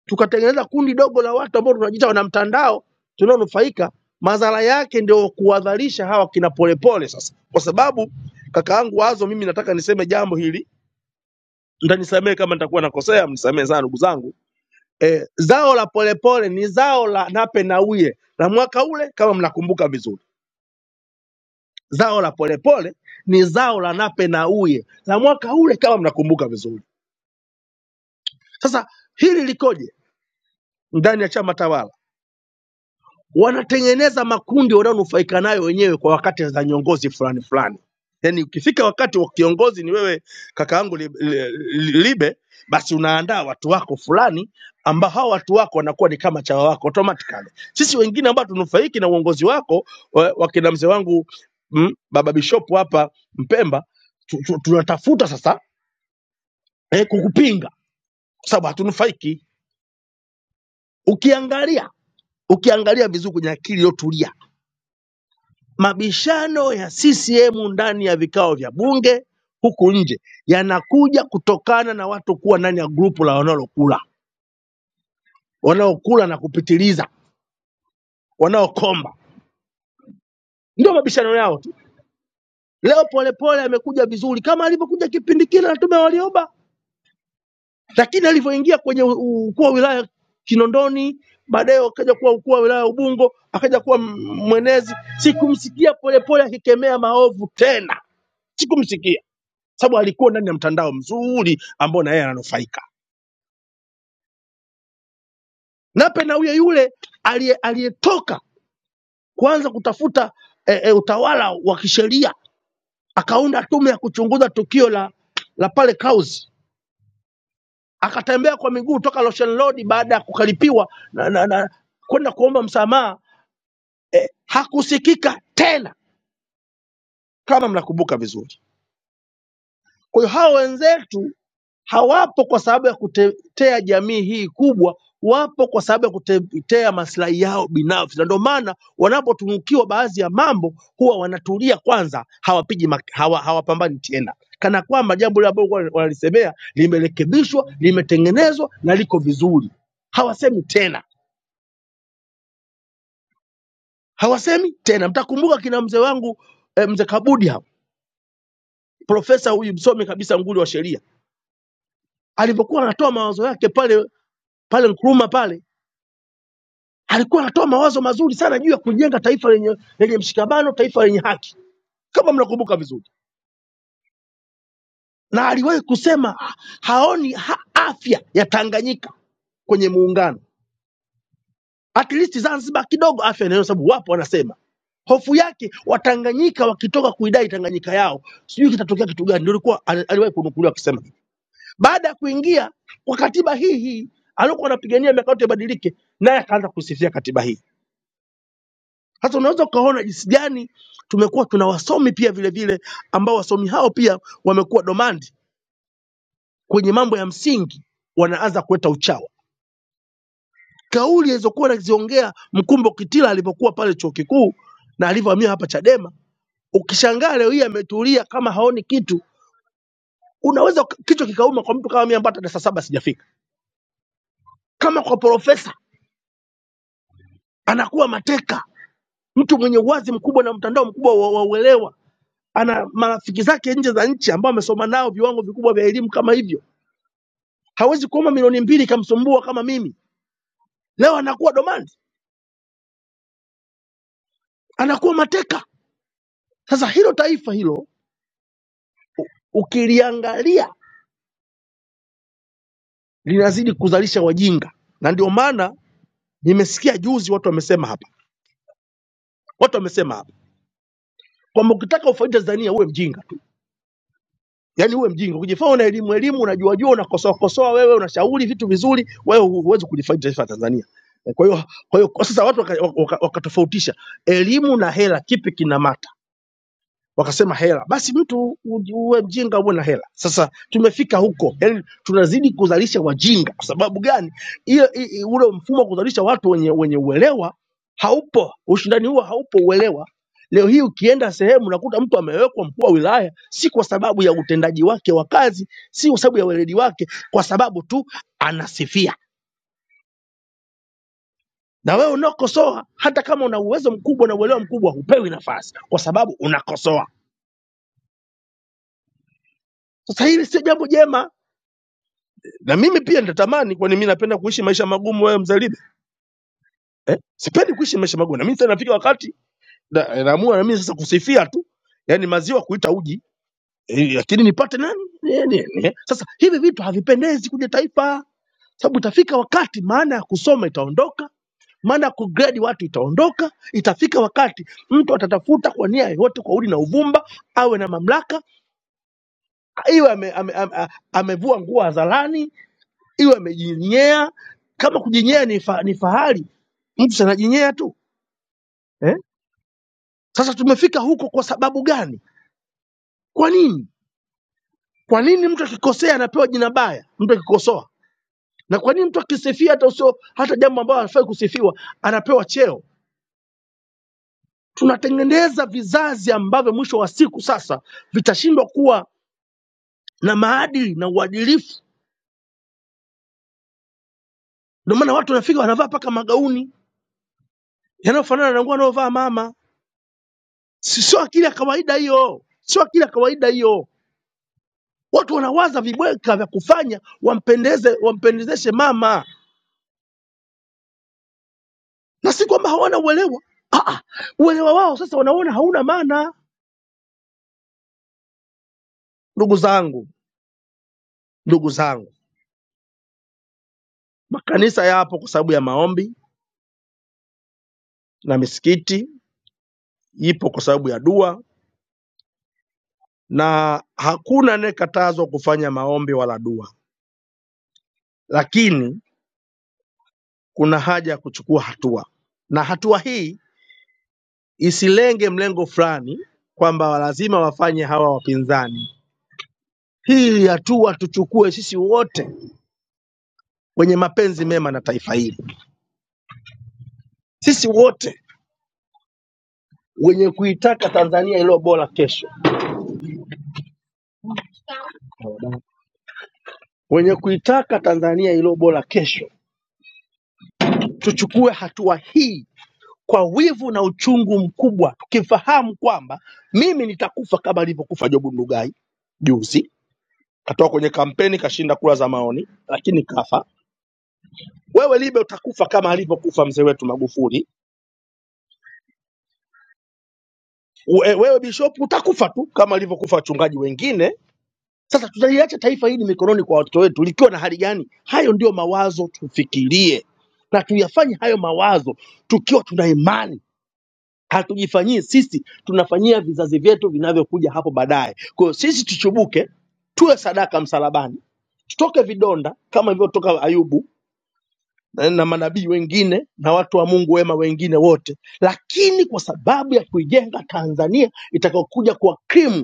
Speaker 7: tukatengeneza kundi dogo la watu ambao tunajiita wana mtandao tunaonufaika, madhara yake ndio kuwadharisha hawa kina Polepole. Sasa kwa sababu kakaangu Wazo, mimi nataka niseme jambo hili, mtanisamehe kama nitakuwa nakosea, mnisamehe sana ndugu zangu. E, zao la Polepole ni zao la Nape Nnauye la mwaka ule, kama mnakumbuka vizuri. Zao la Polepole ni zao la Nape Nnauye la mwaka ule, kama mnakumbuka vizuri. Sasa hili likoje ndani ya chama tawala? wanatengeneza makundi wanaonufaika nayo wenyewe kwa wakati za nyongozi fulani fulani. Yaani ukifika wakati wa kiongozi ni wewe kaka yangu Libe, Libe, basi unaandaa watu wako fulani ambao hao watu wako wanakuwa ni kama chawa wako automatically. Sisi wengine ambao tunufaiki na uongozi wako wa- wakina mzee wangu mm, baba Bishop hapa Mpemba tu- tu- tunatafuta sasa eh, kukupinga kwa sababu hatunufaiki. Ukiangalia ukiangalia vizuri kwenye akili iliyotulia Mabishano ya CCM ndani ya vikao vya bunge huku nje yanakuja kutokana na watu kuwa ndani ya grupu la wanaolokula, wanaokula na kupitiliza, wanaokomba, ndio mabishano yao tu. Leo Polepole amekuja vizuri kama alivyokuja kipindi kile na Tume ya Warioba, lakini alivyoingia kwenye u- u- ukuu wa wilaya Kinondoni, baadaye akaja kuwa ukuu wa wilaya Ubungo, akaja kuwa m- mwenezi, sikumsikia Polepole akikemea maovu tena, sikumsikia. sababu alikuwa ndani ya mtandao mzuri ambao na yeye ananufaika. Nape na huyo yule aliye- aliyetoka kuanza kutafuta e, e, utawala wa kisheria akaunda tume ya kuchunguza tukio la la pale Clouds, akatembea kwa miguu toka Ocean Road baada ya kukaripiwa na, na, na kwenda kuomba msamaha, hakusikika tena, kama mnakumbuka vizuri. Kwa hiyo hao wenzetu Hawapo kwa sababu ya kutetea jamii hii kubwa, wapo kwa sababu ya kutetea maslahi yao binafsi, na ndio maana wanapotunukiwa baadhi ya mambo huwa wanatulia kwanza, hawapigi mak- hawa, hawapambani tena, kana kwamba jambo lile ambalo walikuwa wanalisemea limerekebishwa, limetengenezwa na liko vizuri. Hawasemi tena, hawasemi tena. Mtakumbuka kina mzee wangu eh, mzee Kabudi hapo, profesa huyu msomi kabisa nguli wa sheria, alivyokuwa anatoa mawazo yake pale pale Nkrumah pale alikuwa anatoa mawazo mazuri sana juu ya kujenga taifa lenye, lenye mshikamano, taifa lenye haki, kama mnakumbuka vizuri, na aliwahi kusema ha, haoni ha, afya ya Tanganyika kwenye muungano, at least Zanzibar kidogo afya inayo, sababu wapo wanasema hofu yake Watanganyika wakitoka kuidai Tanganyika yao, sijui kitatokea kitu gani. Ndio ilikuwa ali- aliwahi kunukuliwa akisema. Baada ya kuingia kwa katiba hii hii aliyokuwa anapigania miaka yote ibadilike, naye akaanza kusifia katiba hii Sasa unaweza ukaona jinsi gani tumekuwa tuna wasomi pia vile vile ambao wasomi hao pia wamekuwa domandi kwenye mambo ya msingi, wanaanza kuleta uchawi. Kauli alizokuwa anaziongea Mkumbo Kitila alipokuwa pale chuo kikuu na alivyohamia hapa Chadema, ukishangaa leo hii ametulia kama haoni kitu. Unaweza uka- kichwa kikauma kwa mtu kama mimi ambaye hata darasa saba sijafika, kama kwa profesa anakuwa mateka, mtu mwenye uwazi mkubwa na mtandao mkubwa wa wa uelewa ana marafiki zake nje za nchi ambao amesoma nao viwango vikubwa vya elimu kama hivyo hawezi kuomba milioni mbili ikamsumbua kama mimi. Leo anakuwa domandi, anakuwa mateka. Sasa hilo taifa hilo ukiliangalia linazidi kuzalisha wajinga, na ndio maana nimesikia juzi watu wamesema hapa, watu wamesema hapa kwamba ukitaka ufaidi Tanzania uwe mjinga tu, yaani uwe mjinga, ukijifanya una elimu elimu, unajua jua, unakosoa kosoa, wewe unashauri vitu vizuri, wewe hu- huwezi kulifaidi taifa la Tanzania. Kwa hiyo kwa hiyo kwa sasa watu wakatofautisha waka, waka wakatofautisha elimu na hela, kipi kina maana? wakasema hela. Basi mtu u- uwe mjinga uwe na hela. Sasa tumefika huko, yani tunazidi kuzalisha wajinga. Kwa sababu gani? Hiyo i- i- ule mfumo wa kuzalisha watu wenye wenye uelewa haupo, ushindani huo haupo, uelewa Leo hii ukienda sehemu unakuta mtu amewekwa mkuu wa wilaya, si kwa sababu ya utendaji wake wa kazi, si kwa sababu ya weledi wake, kwa sababu tu anasifia. Na wewe unaokosoa, hata kama una uwezo mkubwa na uelewa mkubwa, hupewi nafasi kwa sababu unakosoa. Sasa hili si jambo jema na mimi pia nitatamani, kwani mimi napenda kuishi maisha magumu, wewe mzalimu eh? Sipendi kuishi maisha magumu. Na mimi sasa nafika wakati na- eh, naamua na mimi sasa kusifia tu, yani maziwa kuita uji eh, lakini e, nipate nani Eh, ni- ni- eh. Sasa hivi vitu havipendezi kwenye taifa, sababu itafika wakati maana ya kusoma itaondoka, maana ya kugrade watu itaondoka. Itafika wakati mtu atatafuta kwa nia yoyote, kwa udi na uvumba, awe na mamlaka, iwe amevua ame, ame, ame, amevua nguo hadharani iwe amejinyea. Kama kujinyea ni, fa, ni fahari, mtu si anajinyea tu eh? Sasa tumefika huko kwa sababu gani? Kwa nini? Kwa nini mtu akikosea anapewa jina baya, mtu akikosoa? Na kwa nini mtu akisifia hata usio hata jambo ambalo anafai kusifiwa anapewa cheo? Tunatengeneza vizazi ambavyo mwisho wa siku sasa vitashindwa kuwa na maadili na uadilifu. Ndio maana watu wanafika wanavaa mpaka magauni yanayofanana na nguo anayovaa mama. Si- Sio akili ya kawaida hiyo, sio akili ya kawaida hiyo. Watu wanawaza vibweka vya kufanya wampendeze, wampendezeshe mama, na si kwamba hawana uelewa. Ah, ah, uelewa wao sasa wanaona hauna maana. Ndugu zangu, ndugu zangu, makanisa yapo kwa sababu ya maombi na misikiti ipo kwa sababu ya dua, na hakuna anayekatazwa kufanya maombi wala dua, lakini kuna haja ya kuchukua hatua, na hatua hii isilenge mlengo fulani kwamba lazima wafanye hawa wapinzani Hii hatua tuchukue sisi wote wenye mapenzi mema na taifa hili, sisi wote wenye kuitaka Tanzania iliyo bora kesho, wenye kuitaka Tanzania iliyo bora kesho, tuchukue hatua hii kwa wivu na uchungu mkubwa, tukifahamu kwamba mimi nitakufa kama alivyokufa Jobu Ndugai juzi, katoka kwenye kampeni kashinda kura za maoni, lakini kafa. Wewe Libe utakufa kama alivyokufa mzee wetu Magufuli. Uwe- Wewe Bishop utakufa tu kama alivyokufa wachungaji wengine Sasa tutaliacha taifa hili mikononi kwa watoto wetu likiwa na hali gani? Hayo ndiyo mawazo tufikirie na tuyafanye hayo mawazo tukiwa tuna imani, hatujifanyii sisi, tunafanyia vizazi vyetu vinavyokuja hapo baadaye. Kwa hiyo sisi tuchubuke, tuwe sadaka msalabani, tutoke vidonda kama ilivyotoka Ayubu na na manabii wengine na watu wa Mungu wema wengine wote, lakini kwa sababu ya kuijenga Tanzania itakayokuja kwa krimu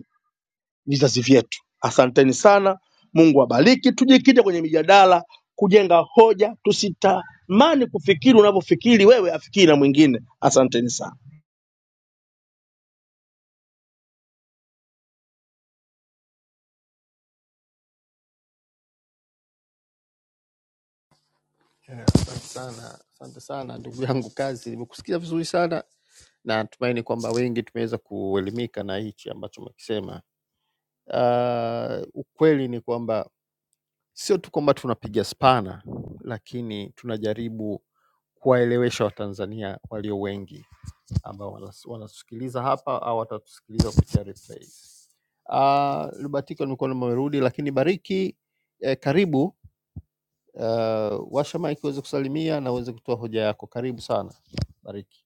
Speaker 7: vizazi vyetu. Asanteni sana, Mungu awabariki. Tujikite kwenye mijadala, kujenga hoja, tusitamani kufikiri unavyofikiri wewe, afikiri na mwingine. Asanteni sana.
Speaker 6: Yeah, asante sana, asante sana ndugu yangu Kazi, nimekusikia vizuri sana na natumaini kwamba wengi tumeweza kuelimika na hichi ambacho umekisema. Uh, ukweli ni kwamba sio tu kwamba tunapiga spana, lakini tunajaribu kuwaelewesha Watanzania walio wengi ambao wanas- wanatusikiliza hapa au watatusikiliza kupitia replays. Uh, Lubatiko nimekuwa nimerudi, lakini Bariki eh, karibu uh, washa mic uweze kusalimia na uweze kutoa hoja yako. Karibu sana Bariki.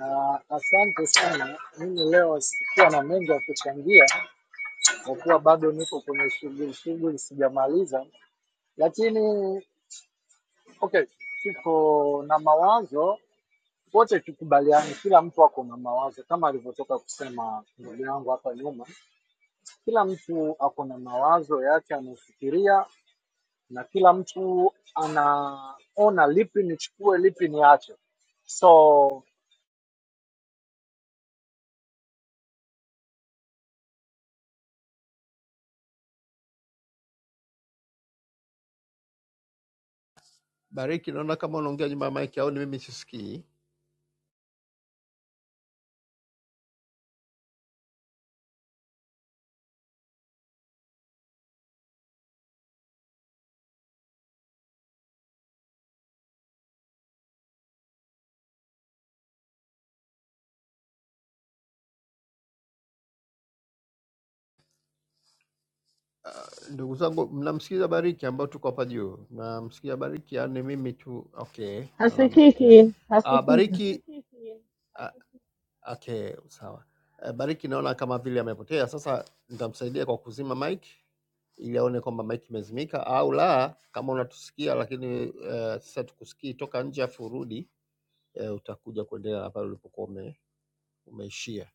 Speaker 8: Ah, Asante sana. Mimi leo sikuwa na mengi ya kuchangia kwa kuwa bado niko kwenye shughuli shughuli sijamaliza, lakini okay, tuko na mawazo wote, tukubaliane, kila mtu ako na mawazo kama alivyotoka kusema ndugu yangu hapa nyuma. Kila mtu ako na mawazo yake anafikiria, na kila mtu anaona lipi nichukue, lipi niache so
Speaker 6: Bariki, naona kama unaongea nyuma ya mic au ni mimi sisikii. Ndugu zangu, mnamsikiza Bariki ambao tuko hapa juu? Mnamsikiza Bariki au ni mimi tu? Okay, naona amepotea. Uh, Bariki uh, okay, sawa. Uh, Bariki naona kama vile amepotea. Sasa nitamsaidia kwa kuzima mic ili aone kwamba mic imezimika au la, kama unatusikia lakini uh, sasa tukusikii, toka nje afu urudi uh, utakuja kuendelea na pale ulipokuwa ume, umeishia.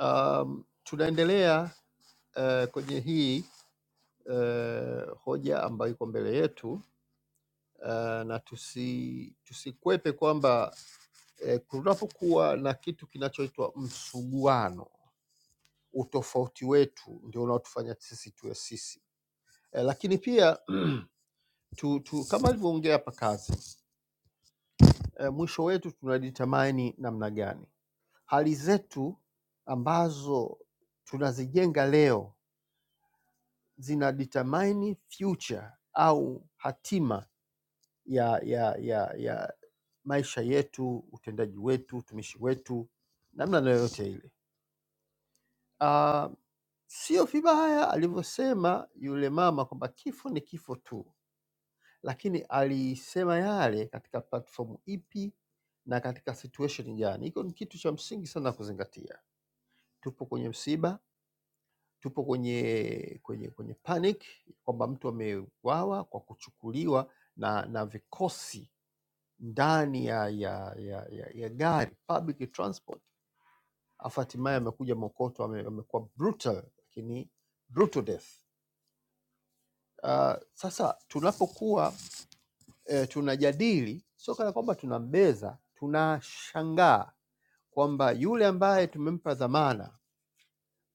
Speaker 6: Um, tunaendelea uh, kwenye hii uh, hoja ambayo iko mbele yetu uh, na tusi, tusikwepe kwamba uh, kunapokuwa na kitu kinachoitwa msuguano, utofauti wetu ndio unaotufanya sisi tuwe sisi. Eh, lakini pia tu, tu, kama alivyoongea hapa kazi eh, mwisho wetu tunajitamani namna gani? Hali zetu ambazo tunazijenga leo zina determine future au hatima ya, ya, ya, ya maisha yetu, utendaji wetu, utumishi wetu, namna yoyote ile. Ah, sio vibaya alivyosema yule mama kwamba kifo ni kifo tu, lakini alisema yale katika platform ipi na katika situation gani. Hiko ni kitu cha msingi sana kuzingatia. tupo kwenye msiba, tupo kwenye kwenye kwenye panic kwamba mtu ameuawa kwa kuchukuliwa na na vikosi ndani ya ya, ya, ya, ya gari public transport, afu hatimaye amekuja mokoto ame- amekuwa brutal, lakini brutal death. Uh, sasa tunapokuwa eh, tunajadili sio kana kwamba tunambeza, tunashangaa kwamba yule ambaye tumempa dhamana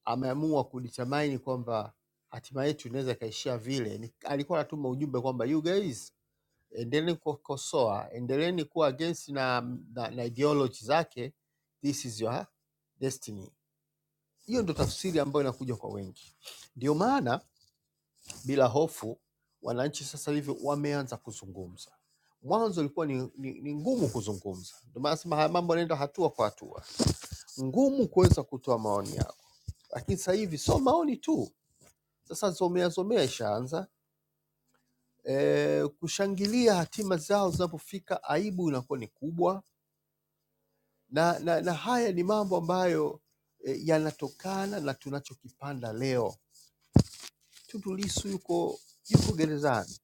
Speaker 6: ameamua kudetermine kwamba hatima yetu inaweza ikaishia vile. Ni, alikuwa anatuma ujumbe kwamba you guys endeleeni kukosoa, endeleeni kuwa against na, na, na ideology zake, this is your destiny. Hiyo ndo tafsiri ambayo inakuja kwa wengi, ndio maana bila hofu wananchi sasa hivi wameanza kuzungumza. Mwanzo ilikuwa ni, ni, ni ngumu kuzungumza, ndio maana nasema haya mambo yanaenda hatua kwa hatua, ngumu kuweza kutoa maoni yao, lakini sasa hivi sio maoni tu Sasa zomea zomea ishaanza e, kushangilia hatima zao zinapofika, aibu inakuwa ni kubwa, na, na, na haya ni mambo ambayo e, yanatokana na tunachokipanda leo. Tundu Lissu yuko yuko gerezani,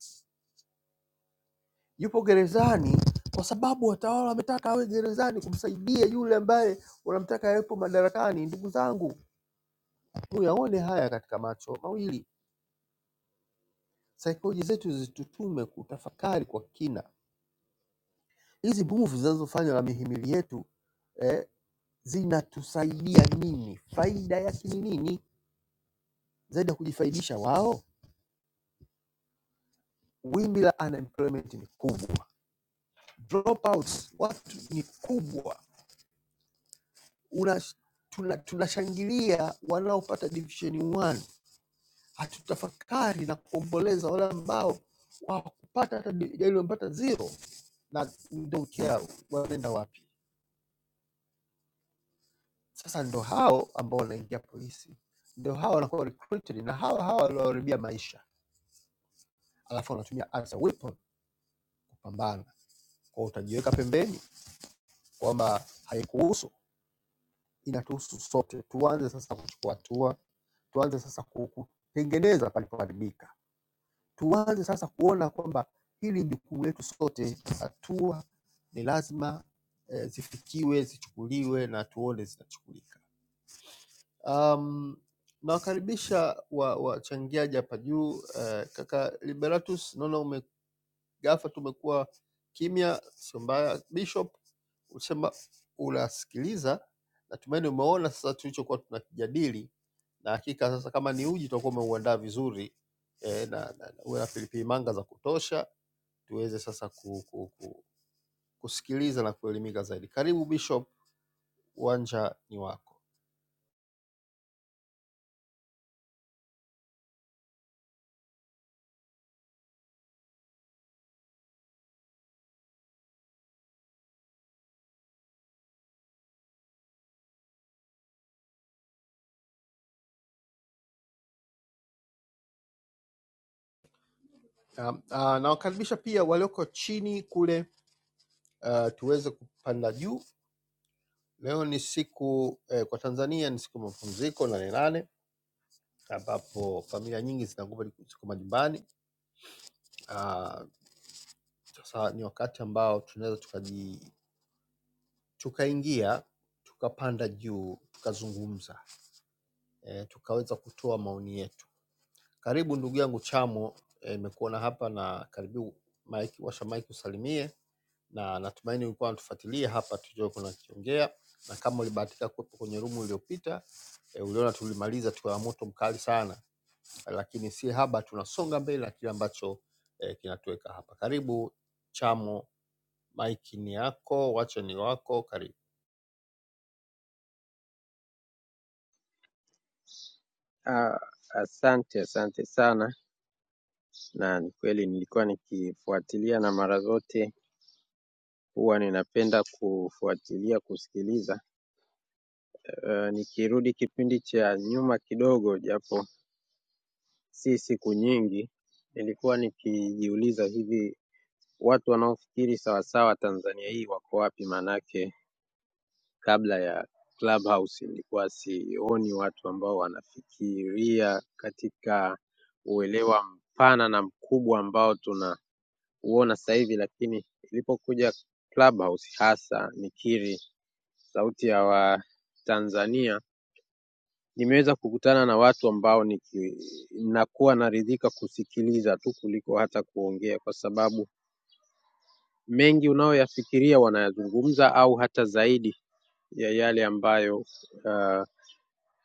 Speaker 6: yupo gerezani kwa sababu watawala wametaka awe gerezani kumsaidia yule ambaye wanamtaka awepo madarakani. Ndugu zangu, muyaone haya katika macho mawili. Saikoloji zetu zitutume kutafakari kwa kina hizi move zinazofanywa na mihimili yetu eh, zinatusaidia nini? Faida yake ni nini zaidi ya kujifaidisha wao? Wimbi la unemployment ni kubwa, dropouts watu ni kubwa, Una, tuna, tunashangilia wanaopata division one, hatutafakari na kuomboleza wale ambao hawakupata hata di- waliopata zero na don't care wanaenda wapi. Sasa ndo hao ambao wanaingia polisi, ndo hao wanakuwa recruited na hao hao walioharibia maisha, alafu wanatumia as a weapon pambana. Kwa hiyo utajiweka pembeni kwamba haikuhusu, inatuhusu sote. Tuanze sasa kuchukua hatua, tuanze sasa ku- kutengeneza palipoharibika, tuanze sasa kuona kwamba hili ni jukumu letu sote. Hatua ni lazima eh, zifikiwe, zichukuliwe na tuone zinachukulika. Um, nawakaribisha wa- wachangiaji wa hapa juu. Eh, kaka Liberatus, naona umegafa tu, umekuwa kimya, sio mbaya. Bishop Ukisema unasikiliza, natumaini umeona sasa tulichokuwa tunakijadili, na hakika sasa kama ni uji utakuwa umeuandaa vizuri eh, na, na, na uwe na pilipili manga za kutosha tuweze sasa ku, ku, ku, kusikiliza na kuelimika zaidi. Karibu Bishop, uwanja ni wako. Um, uh, nawakaribisha pia walioko chini kule uh, tuweze kupanda juu. Leo ni siku eh, kwa Tanzania ni siku ya mapumziko nane nane ambapo familia nyingi zinakuwa ziko majumbani. Uh, Sasa ni wakati ambao tunaweza tukaji tukaingia tukapanda juu tukazungumza e, tukaweza kutoa maoni yetu. Karibu ndugu yangu Chamo, eh, nimekuona e, hapa na karibu Mike, washa Mike usalimie, na natumaini ulikuwa unatufuatilia hapa tujue kuna kiongea, na kama ulibahatika kuwepo kwenye rumu iliyopita e, uliona tulimaliza tukawa moto mkali sana, lakini si haba, tunasonga mbele na kile ambacho e, kinatuweka hapa. Karibu Chamo Maiki ni yako, wacho ni wako. Karibu.
Speaker 9: Ah, Asante, asante sana, na ni kweli nilikuwa nikifuatilia, na mara zote huwa ninapenda kufuatilia kusikiliza. Eh, nikirudi kipindi cha nyuma kidogo, japo si siku nyingi, nilikuwa nikijiuliza hivi watu wanaofikiri sawasawa Tanzania hii wako wapi? Maanake kabla ya clubhouse nilikuwa sioni watu ambao wanafikiria katika uelewa mpana na mkubwa ambao tunauona sasa hivi, lakini ilipokuja clubhouse hasa nikiri sauti ya Watanzania, nimeweza kukutana na watu ambao niki, nakuwa naridhika kusikiliza tu kuliko hata kuongea, kwa sababu mengi unayoyafikiria wanayazungumza au hata zaidi ya yale ambayo uh,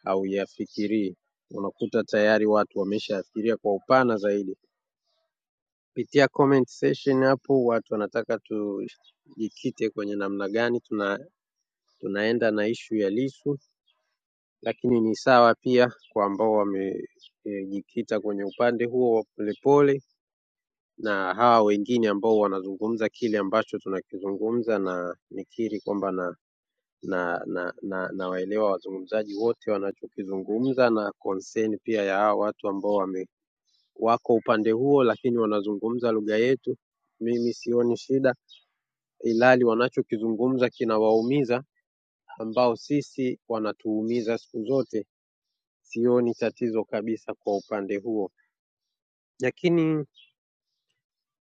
Speaker 9: hauyafikirii unakuta tayari watu wameshayafikiria kwa upana zaidi. Kupitia comment section hapo watu wanataka tujikite kwenye namna gani tuna, tunaenda na ishu ya Lissu, lakini ni sawa pia kwa ambao wamejikita e, kwenye upande huo wa polepole na hawa wengine ambao wanazungumza kile ambacho tunakizungumza, na nikiri kwamba na na na, na, na waelewa wazungumzaji wote wanachokizungumza na concern pia ya hawa watu ambao wame wako upande huo lakini wanazungumza lugha yetu. Mimi sioni shida, ilhali wanachokizungumza kinawaumiza, ambao sisi wanatuumiza siku zote. Sioni tatizo kabisa kwa upande huo, lakini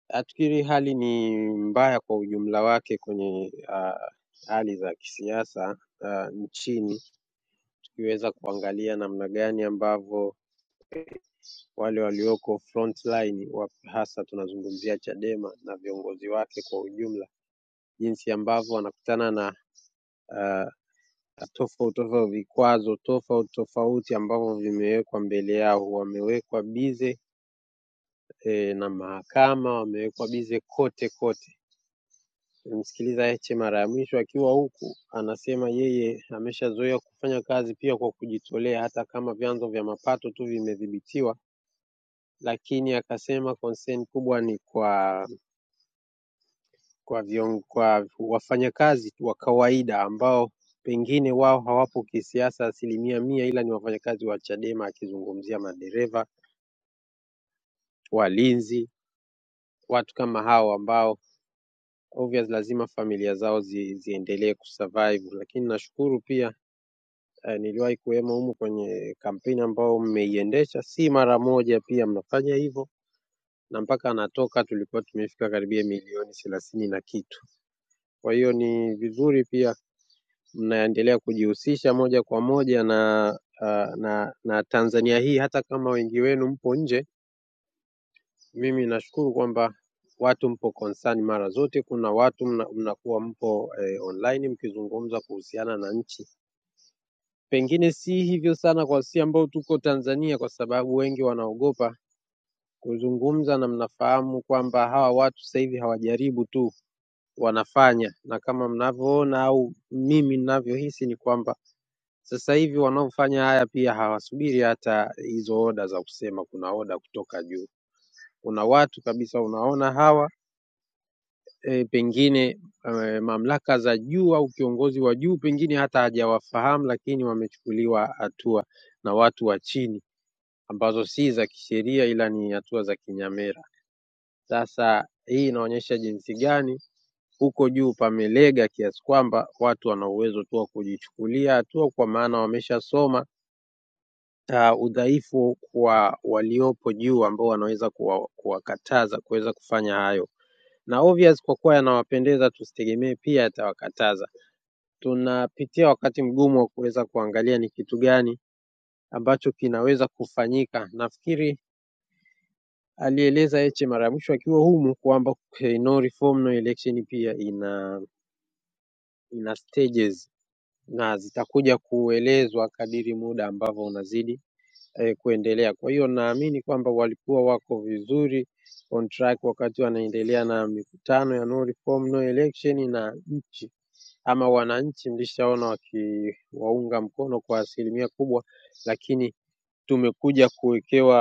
Speaker 9: nafikiri hali ni mbaya kwa ujumla wake kwenye ah, hali za kisiasa ah, nchini, tukiweza kuangalia namna gani ambavyo wale walioko front line wa hasa tunazungumzia Chadema na viongozi wake kwa ujumla, jinsi ambavyo wanakutana na uh, tofauti tofauti, vikwazo tofauti tofauti ambavyo vimewekwa mbele yao. Wamewekwa bize eh, na mahakama, wamewekwa bize kote kote. Nimsikiliza Heche mara ya mwisho akiwa huku, anasema yeye ameshazoea kufanya kazi pia kwa kujitolea, hata kama vyanzo vya mapato tu vimedhibitiwa lakini akasema concern kubwa ni kwa kwa, vion, kwa wafanyakazi wa kawaida ambao pengine wao hawapo kisiasa asilimia mia, ila ni wafanyakazi wa Chadema, akizungumzia madereva, walinzi, watu kama hao ambao obvious lazima familia zao zi, ziendelee kusurvive. Lakini nashukuru pia eh, niliwahi kuwemo humu kwenye kampeni ambao mmeiendesha, si mara moja, pia mnafanya hivyo na mpaka anatoka tulikuwa tumefika karibia milioni thelathini na kitu. Kwa hiyo ni vizuri pia mnaendelea kujihusisha moja kwa moja na, ah, na na Tanzania hii, hata kama wengi wenu mpo nje. Mimi nashukuru kwamba watu mpo concern mara zote. Kuna watu mna- mnakuwa mpo eh, online mkizungumza kuhusiana na nchi, pengine si hivyo sana kwa sisi ambao tuko Tanzania, kwa sababu wengi wanaogopa kuzungumza, na mnafahamu kwamba hawa watu sasa hivi hawajaribu tu, wanafanya, na kama mnavyoona au mimi ninavyohisi ni kwamba Sasa hivi wanaofanya haya pia hawasubiri hata hizo oda za kusema kuna oda kutoka juu. Kuna watu kabisa unaona hawa e, pengine e, mamlaka za juu au kiongozi wa juu pengine hata hajawafahamu, lakini wamechukuliwa hatua na watu wa chini ambazo si za kisheria, ila ni hatua za kinyamera. Sasa hii inaonyesha jinsi gani huko juu pamelega kiasi kwamba watu wana uwezo tu wa kujichukulia hatua, kwa maana wameshasoma ah, udhaifu kwa waliopo juu ambao wanaweza kuwa- kuwakataza kuweza kufanya hayo, na obvious kwa kuwa yanawapendeza, tusitegemee pia yatawakataza. Tunapitia wakati mgumu wa kuweza kuangalia ni kitu gani ambacho kinaweza kufanyika. Nafikiri alieleza Heche mara ya mwisho akiwa humu kwamba eh, no reform no election pia ina ina stages na zitakuja kuelezwa kadiri muda ambavyo unazidi eh, kuendelea. Kwa hiyo naamini kwamba walikuwa wako vizuri on track wakati wanaendelea na mikutano ya no reform no election, na nchi ama wananchi mlishaona wakiwaunga mkono kwa asilimia kubwa, lakini tumekuja kuwekewa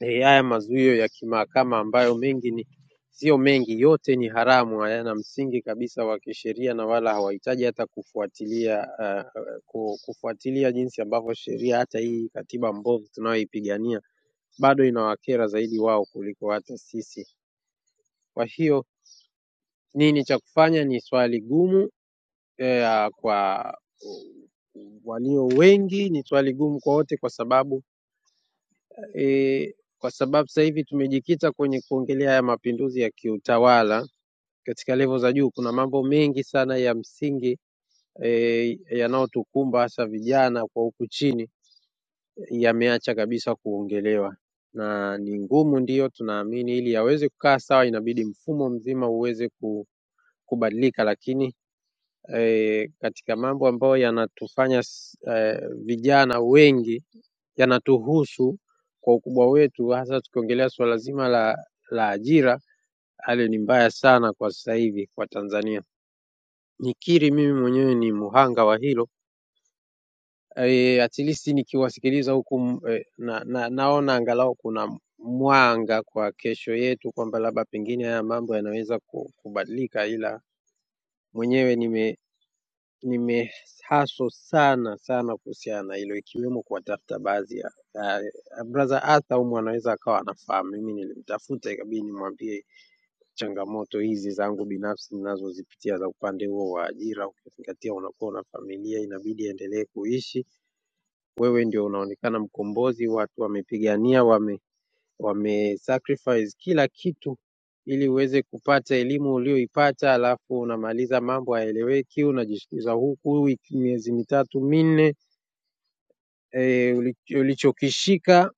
Speaker 9: Eh, haya mazuio ya kimahakama ambayo mengi ni sio mengi, yote ni haramu, hayana msingi kabisa wa kisheria na wala hawahitaji hata kufuatilia uh, ku- kufuatilia jinsi ambavyo sheria hata hii katiba mbovu tunayoipigania bado inawakera zaidi wao kuliko hata sisi. Kwa hiyo nini cha kufanya ni swali gumu eh, kwa uh, walio wengi, ni swali gumu kwa wote kwa sababu e, kwa sababu sasa hivi tumejikita kwenye kuongelea haya mapinduzi ya kiutawala katika levo za juu. Kuna mambo mengi sana ya msingi e, yanayotukumba hasa vijana kwa huku chini yameacha kabisa kuongelewa na ni ngumu ndiyo tunaamini, ili yaweze kukaa sawa inabidi mfumo mzima uweze ku- kubadilika, lakini eh, katika mambo ambayo yanatufanya s- eh, vijana wengi yanatuhusu kwa ukubwa wetu, hasa tukiongelea suala zima la, la ajira, hali ni mbaya sana kwa sasa hivi kwa Tanzania. Nikiri mimi mwenyewe ni mhanga wa hilo eh, at least nikiwasikiliza huku mm, eh, na, na, naona angalau kuna mwanga kwa kesho yetu kwamba labda pengine haya mambo yanaweza ku- kubadilika, ila mwenyewe nime nimehaso sana sana kuhusiana na hilo, ikiwemo kuwatafuta baadhi ya ya- brother Arthur humu anaweza akawa anafahamu. Mimi nilimtafuta ikabidi nimwambie changamoto hizi zangu binafsi ninazozipitia za upande huo wa ajira, ukizingatia unakuwa una familia inabidi endelee kuishi wewe ndio unaonekana mkombozi. Watu wamepigania, wame wamesacrifice kila kitu ili uweze kupata elimu ulioipata, alafu unamaliza mambo haeleweki, unajishikiza huku wiki- miezi mitatu minne, e, ulichokishika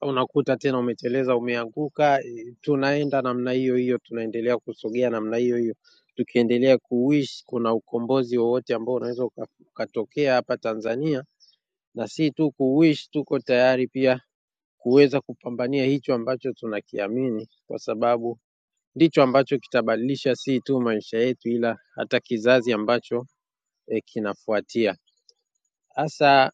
Speaker 9: unakuta tena umeteleza, umeanguka. E, tunaenda namna hiyo hiyo, tunaendelea kusogea namna hiyo hiyo, tukiendelea kuishi. Kuna ukombozi wowote ambao unaweza uka- ukatokea hapa Tanzania na si tu kuwish, tuko tayari pia kuweza kupambania hicho ambacho tunakiamini, kwa sababu ndicho ambacho kitabadilisha si tu maisha yetu, ila hata kizazi ambacho e, kinafuatia. Hasa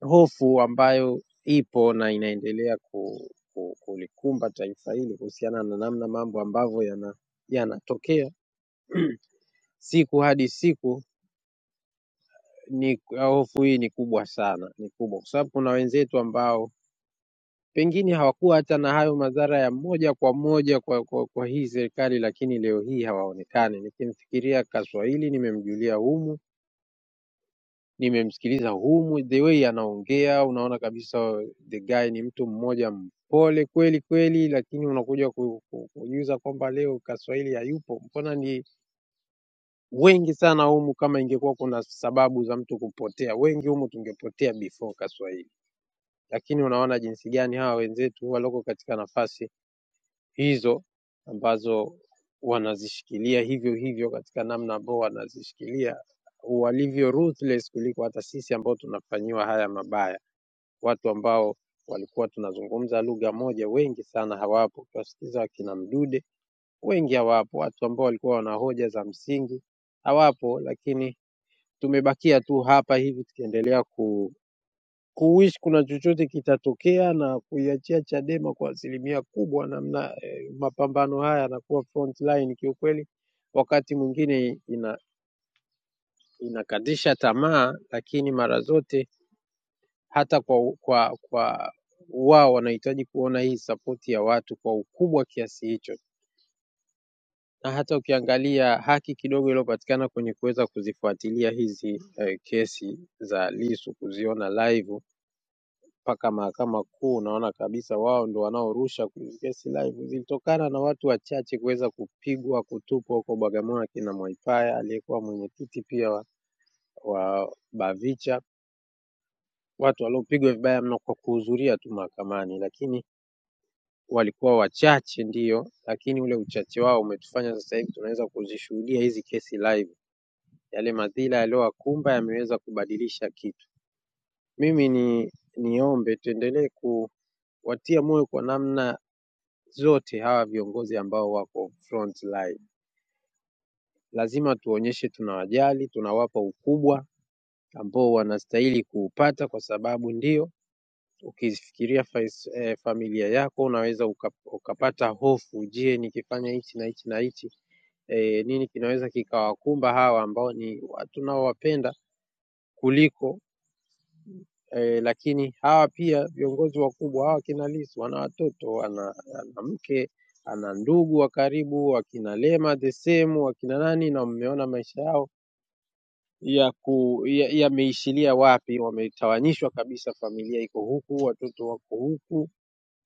Speaker 9: hofu ambayo ipo na inaendelea ku, ku, kulikumba taifa hili kuhusiana na namna mambo ambavyo yana- yanatokea siku hadi siku, ni hofu hii ni kubwa sana, ni kubwa kwa sababu kuna wenzetu ambao Pengine hawakuwa hata na hayo madhara ya moja kwa moja kwa, kwa, kwa hii serikali, lakini leo hii hawaonekani. Nikimfikiria Kaswahili nimemjulia humu, nimemsikiliza humu, the way anaongea unaona kabisa the guy ni mtu mmoja mpole kweli kweli, lakini unakuja ku- ku- kujiuliza kwamba leo Kaswahili hayupo. Mbona ni wengi sana humu? Kama ingekuwa kuna sababu za mtu kupotea, wengi humu tungepotea before Kaswahili, lakini unaona jinsi gani hawa wenzetu waloko katika nafasi hizo ambazo wanazishikilia hivyo hivyo katika namna ambao wanazishikilia walivyo ruthless kuliko hata sisi ambao tunafanyiwa haya mabaya. Watu ambao walikuwa tunazungumza lugha moja wengi sana hawapo. Tuwasikiza wakina Mdude wengi hawapo, watu ambao walikuwa wana hoja za msingi hawapo, lakini tumebakia tu hapa hivi tukiendelea ku kuwish kuna chochote kitatokea na kuiachia Chadema kwa asilimia kubwa, namna eh, mapambano haya yanakuwa front line kiukweli. Wakati mwingine ina, inakatisha tamaa, lakini mara zote hata kwa, kwa, kwa wao wanahitaji kuona hii sapoti ya watu kwa ukubwa kiasi hicho, na hata ukiangalia haki kidogo iliyopatikana kwenye kuweza kuzifuatilia hizi eh, kesi za Lissu kuziona live mpaka mahakama kuu, unaona kabisa wao ndo wanaorusha kesi live. Zilitokana na watu wachache kuweza kupigwa, kutupwa huko Bagamoyo, akina Mwaipaya aliyekuwa mwenyekiti pia wa, wa Bavicha, watu waliopigwa vibaya mno kwa kuhudhuria tu mahakamani, lakini walikuwa wachache ndiyo, lakini ule uchache wao umetufanya sasa hivi tunaweza kuzishuhudia hizi kesi live. Yale madhila yaliyowakumba yameweza kubadilisha kitu. Mimi ni niombe tuendelee ku watia moyo kwa namna zote hawa viongozi ambao wako front line. Lazima tuonyeshe tunawajali, tunawapa ukubwa ambao wanastahili kuupata, kwa sababu ndio ukifikiria fais- eh, familia yako unaweza uka, ukapata hofu. Je, nikifanya hichi na hichi na hichi eh, nini kinaweza kikawakumba hawa ambao ni watu naowapenda kuliko eh, lakini hawa pia viongozi wakubwa hawa kina Lissu wana watoto, ana, ana mke, ana ndugu wa karibu, wakina Lema the same, wakina nani, na mmeona maisha yao ya ku ya- yameishilia wapi? Wametawanyishwa kabisa, familia iko huku, watoto wako huku,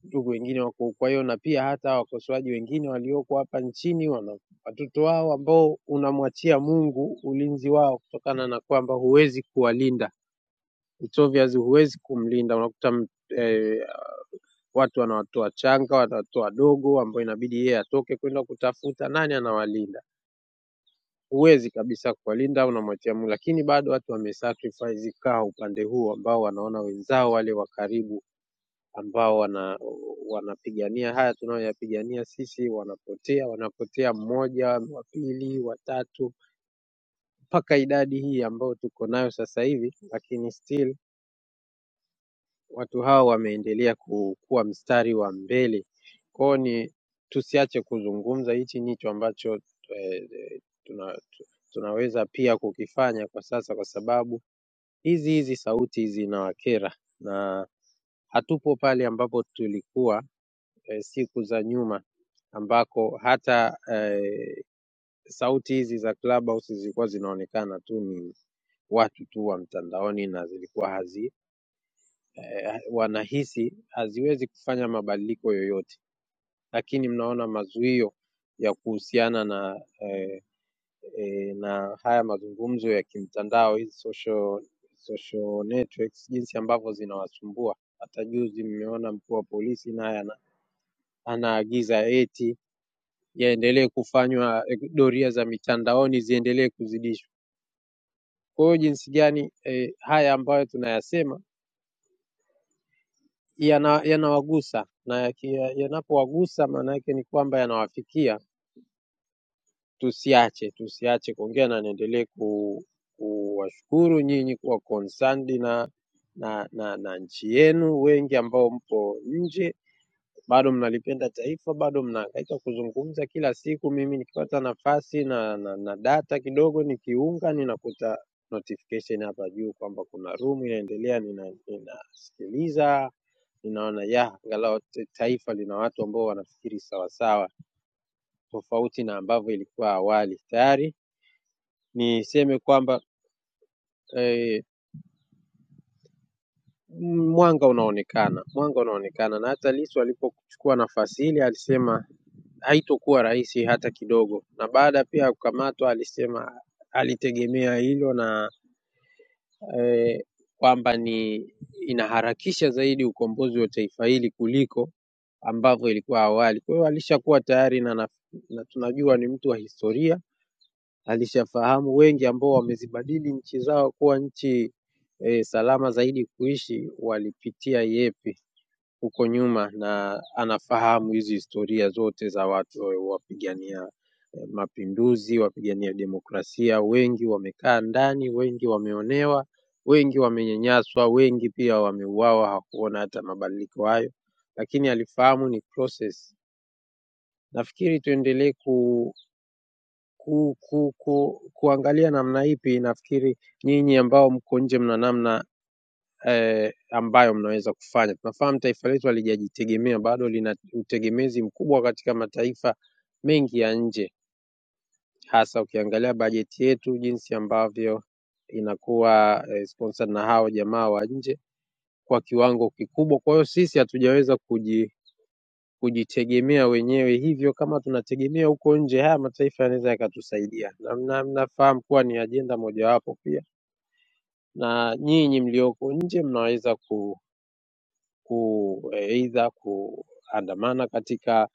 Speaker 9: ndugu wengine wako huku. Kwa hiyo na pia hata wakosoaji wengine walioko hapa nchini wana watoto wao ambao unamwachia Mungu ulinzi wao, kutokana na kwamba huwezi kuwalinda It's obvious huwezi kumlinda, unakuta eh, watu wanawatoa wachanga, wanawatoa wadogo ambao inabidi yeye atoke kwenda kutafuta. Nani anawalinda? Huwezi kabisa kuwalinda, unamwachia Mungu. Lakini bado watu wamesacrifice kaa upande huu ambao wanaona wenzao wale wa karibu ambao wana wanapigania haya tunayoyapigania sisi, wanapotea, wanapotea mmoja, wa pili, watatu, mpaka idadi hii ambayo tuko nayo sasa hivi, lakini still Watu hawa wameendelea kuwa mstari wa mbele, kwa hiyo ni tusiache kuzungumza. Hichi ndicho ambacho eh, tuna, tunaweza pia kukifanya kwa sasa, kwa sababu hizi hizi sauti hizi zinawakera na hatupo pale ambapo tulikuwa eh, siku za nyuma ambako hata eh, sauti hizi za Clubhouse zilikuwa zinaonekana tu ni watu tu wa mtandaoni na zilikuwa hazi eh, wanahisi haziwezi kufanya mabadiliko yoyote, lakini mnaona mazuio ya kuhusiana na eh, eh, na haya mazungumzo ya kimtandao, hizi social, social networks, jinsi ambavyo zinawasumbua. Hata juzi mmeona mkuu wa polisi naye ana, anaagiza eti yaendelee kufanywa eh, doria za mitandaoni ziendelee kuzidishwa. Kwa hiyo jinsi gani eh, haya ambayo tunayasema yana- yanawagusa na yaki- yanapowagusa maana yake ni kwamba yanawafikia. Tusiache, tusiache kuongea na niendelee ku, kuwashukuru nyinyi kuwa concerned na, na, na, na nchi yenu, wengi ambao mpo nje bado mnalipenda taifa, bado mnahangaika kuzungumza kila siku. Mimi nikipata nafasi na, na, na data kidogo nikiunga, ninakuta notification hapa juu kwamba kuna room inaendelea, nina- ninasikiliza ninaona ya angalau ta- taifa lina watu ambao wanafikiri sawasawa tofauti na ambavyo ilikuwa awali. Tayari niseme kwamba eh, m- mwanga unaonekana, mwanga unaonekana, na hata Lissu alipochukua nafasi ile alisema haitokuwa rahisi hata kidogo, na baada pia ya kukamatwa alisema alitegemea hilo na eh, kwamba ni inaharakisha zaidi ukombozi wa taifa hili kuliko ambavyo ilikuwa awali. Kwa hiyo alishakuwa tayari na, na, na tunajua ni mtu wa historia, alishafahamu wengi ambao wamezibadili nchi zao kuwa nchi e, salama zaidi kuishi walipitia yepi huko nyuma, na anafahamu hizi historia zote za watu e, wapigania e, mapinduzi, wapigania demokrasia. Wengi wamekaa ndani, wengi wameonewa, wengi wamenyanyaswa, wengi pia wameuawa, hawakuona hata mabadiliko hayo, lakini alifahamu ni process Nafikiri tuendelee ku, ku, ku, ku, kuangalia namna ipi, nafikiri nyinyi ambao mko nje mna namna eh, ambayo mnaweza kufanya. Tunafahamu taifa letu halijajitegemea bado, lina utegemezi mkubwa katika mataifa mengi ya nje, hasa ukiangalia bajeti yetu jinsi ambavyo inakuwa eh, sponsored na hao jamaa wa nje kwa kiwango kikubwa. Kwa hiyo sisi hatujaweza kuji kujitegemea wenyewe. Hivyo kama tunategemea huko nje, haya mataifa yanaweza yakatusaidia, na mna- mnafahamu kuwa ni ajenda mojawapo pia, na nyinyi mlioko nje mnaweza ku, ku eidha kuandamana katika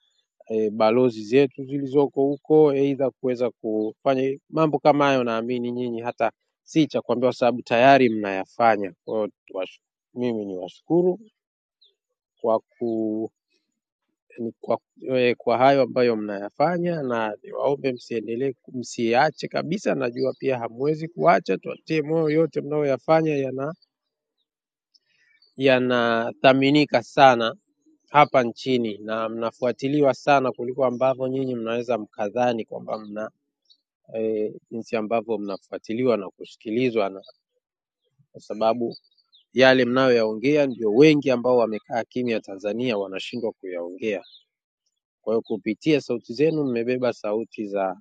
Speaker 9: e, balozi zetu zilizoko huko, eidha kuweza kufanya mambo kama hayo. Naamini nyinyi hata si cha kuambia, kwa sababu tayari mnayafanya. Kwa hiyo tuwash- mimi niwashukuru kwa ku ni kwa, eh, kwa hayo ambayo mnayafanya, na niwaombe msiendelee, msiache kabisa. Najua pia hamwezi kuacha, tuatie moyo, yote mnayoyafanya yana yanathaminika sana hapa nchini na mnafuatiliwa sana kuliko ambavyo nyinyi mnaweza mkadhani kwamba mna e, jinsi ambavyo mnafuatiliwa na kusikilizwa, na kwa sababu yale mnayoyaongea ndio wengi ambao wamekaa kimya Tanzania wanashindwa kuyaongea. Kwa hiyo kupitia sauti zenu mmebeba sauti za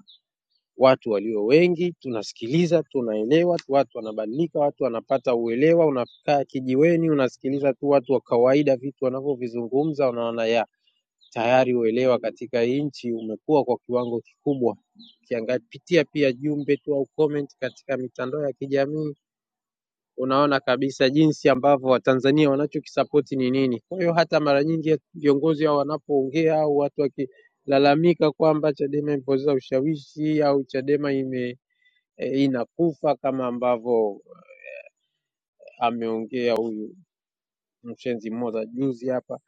Speaker 9: watu walio wengi, tunasikiliza, tunaelewa, watu wanabadilika, watu wanapata uelewa. Unakaa kijiweni, unasikiliza tu watu wa kawaida vitu wanavyovizungumza, unaona ya tayari uelewa katika hii nchi umekuwa kwa kiwango kikubwa. Ukipitia pia jumbe tu au comment katika mitandao ya kijamii, unaona kabisa jinsi ambavyo Watanzania wanachokisapoti ni nini. Kwa hiyo hata mara nyingi viongozi hao wanapoongea au watu waki lalamika kwamba Chadema imepoteza ushawishi au Chadema ime eh, inakufa kama ambavyo ameongea huyu mshenzi mmoja juzi hapa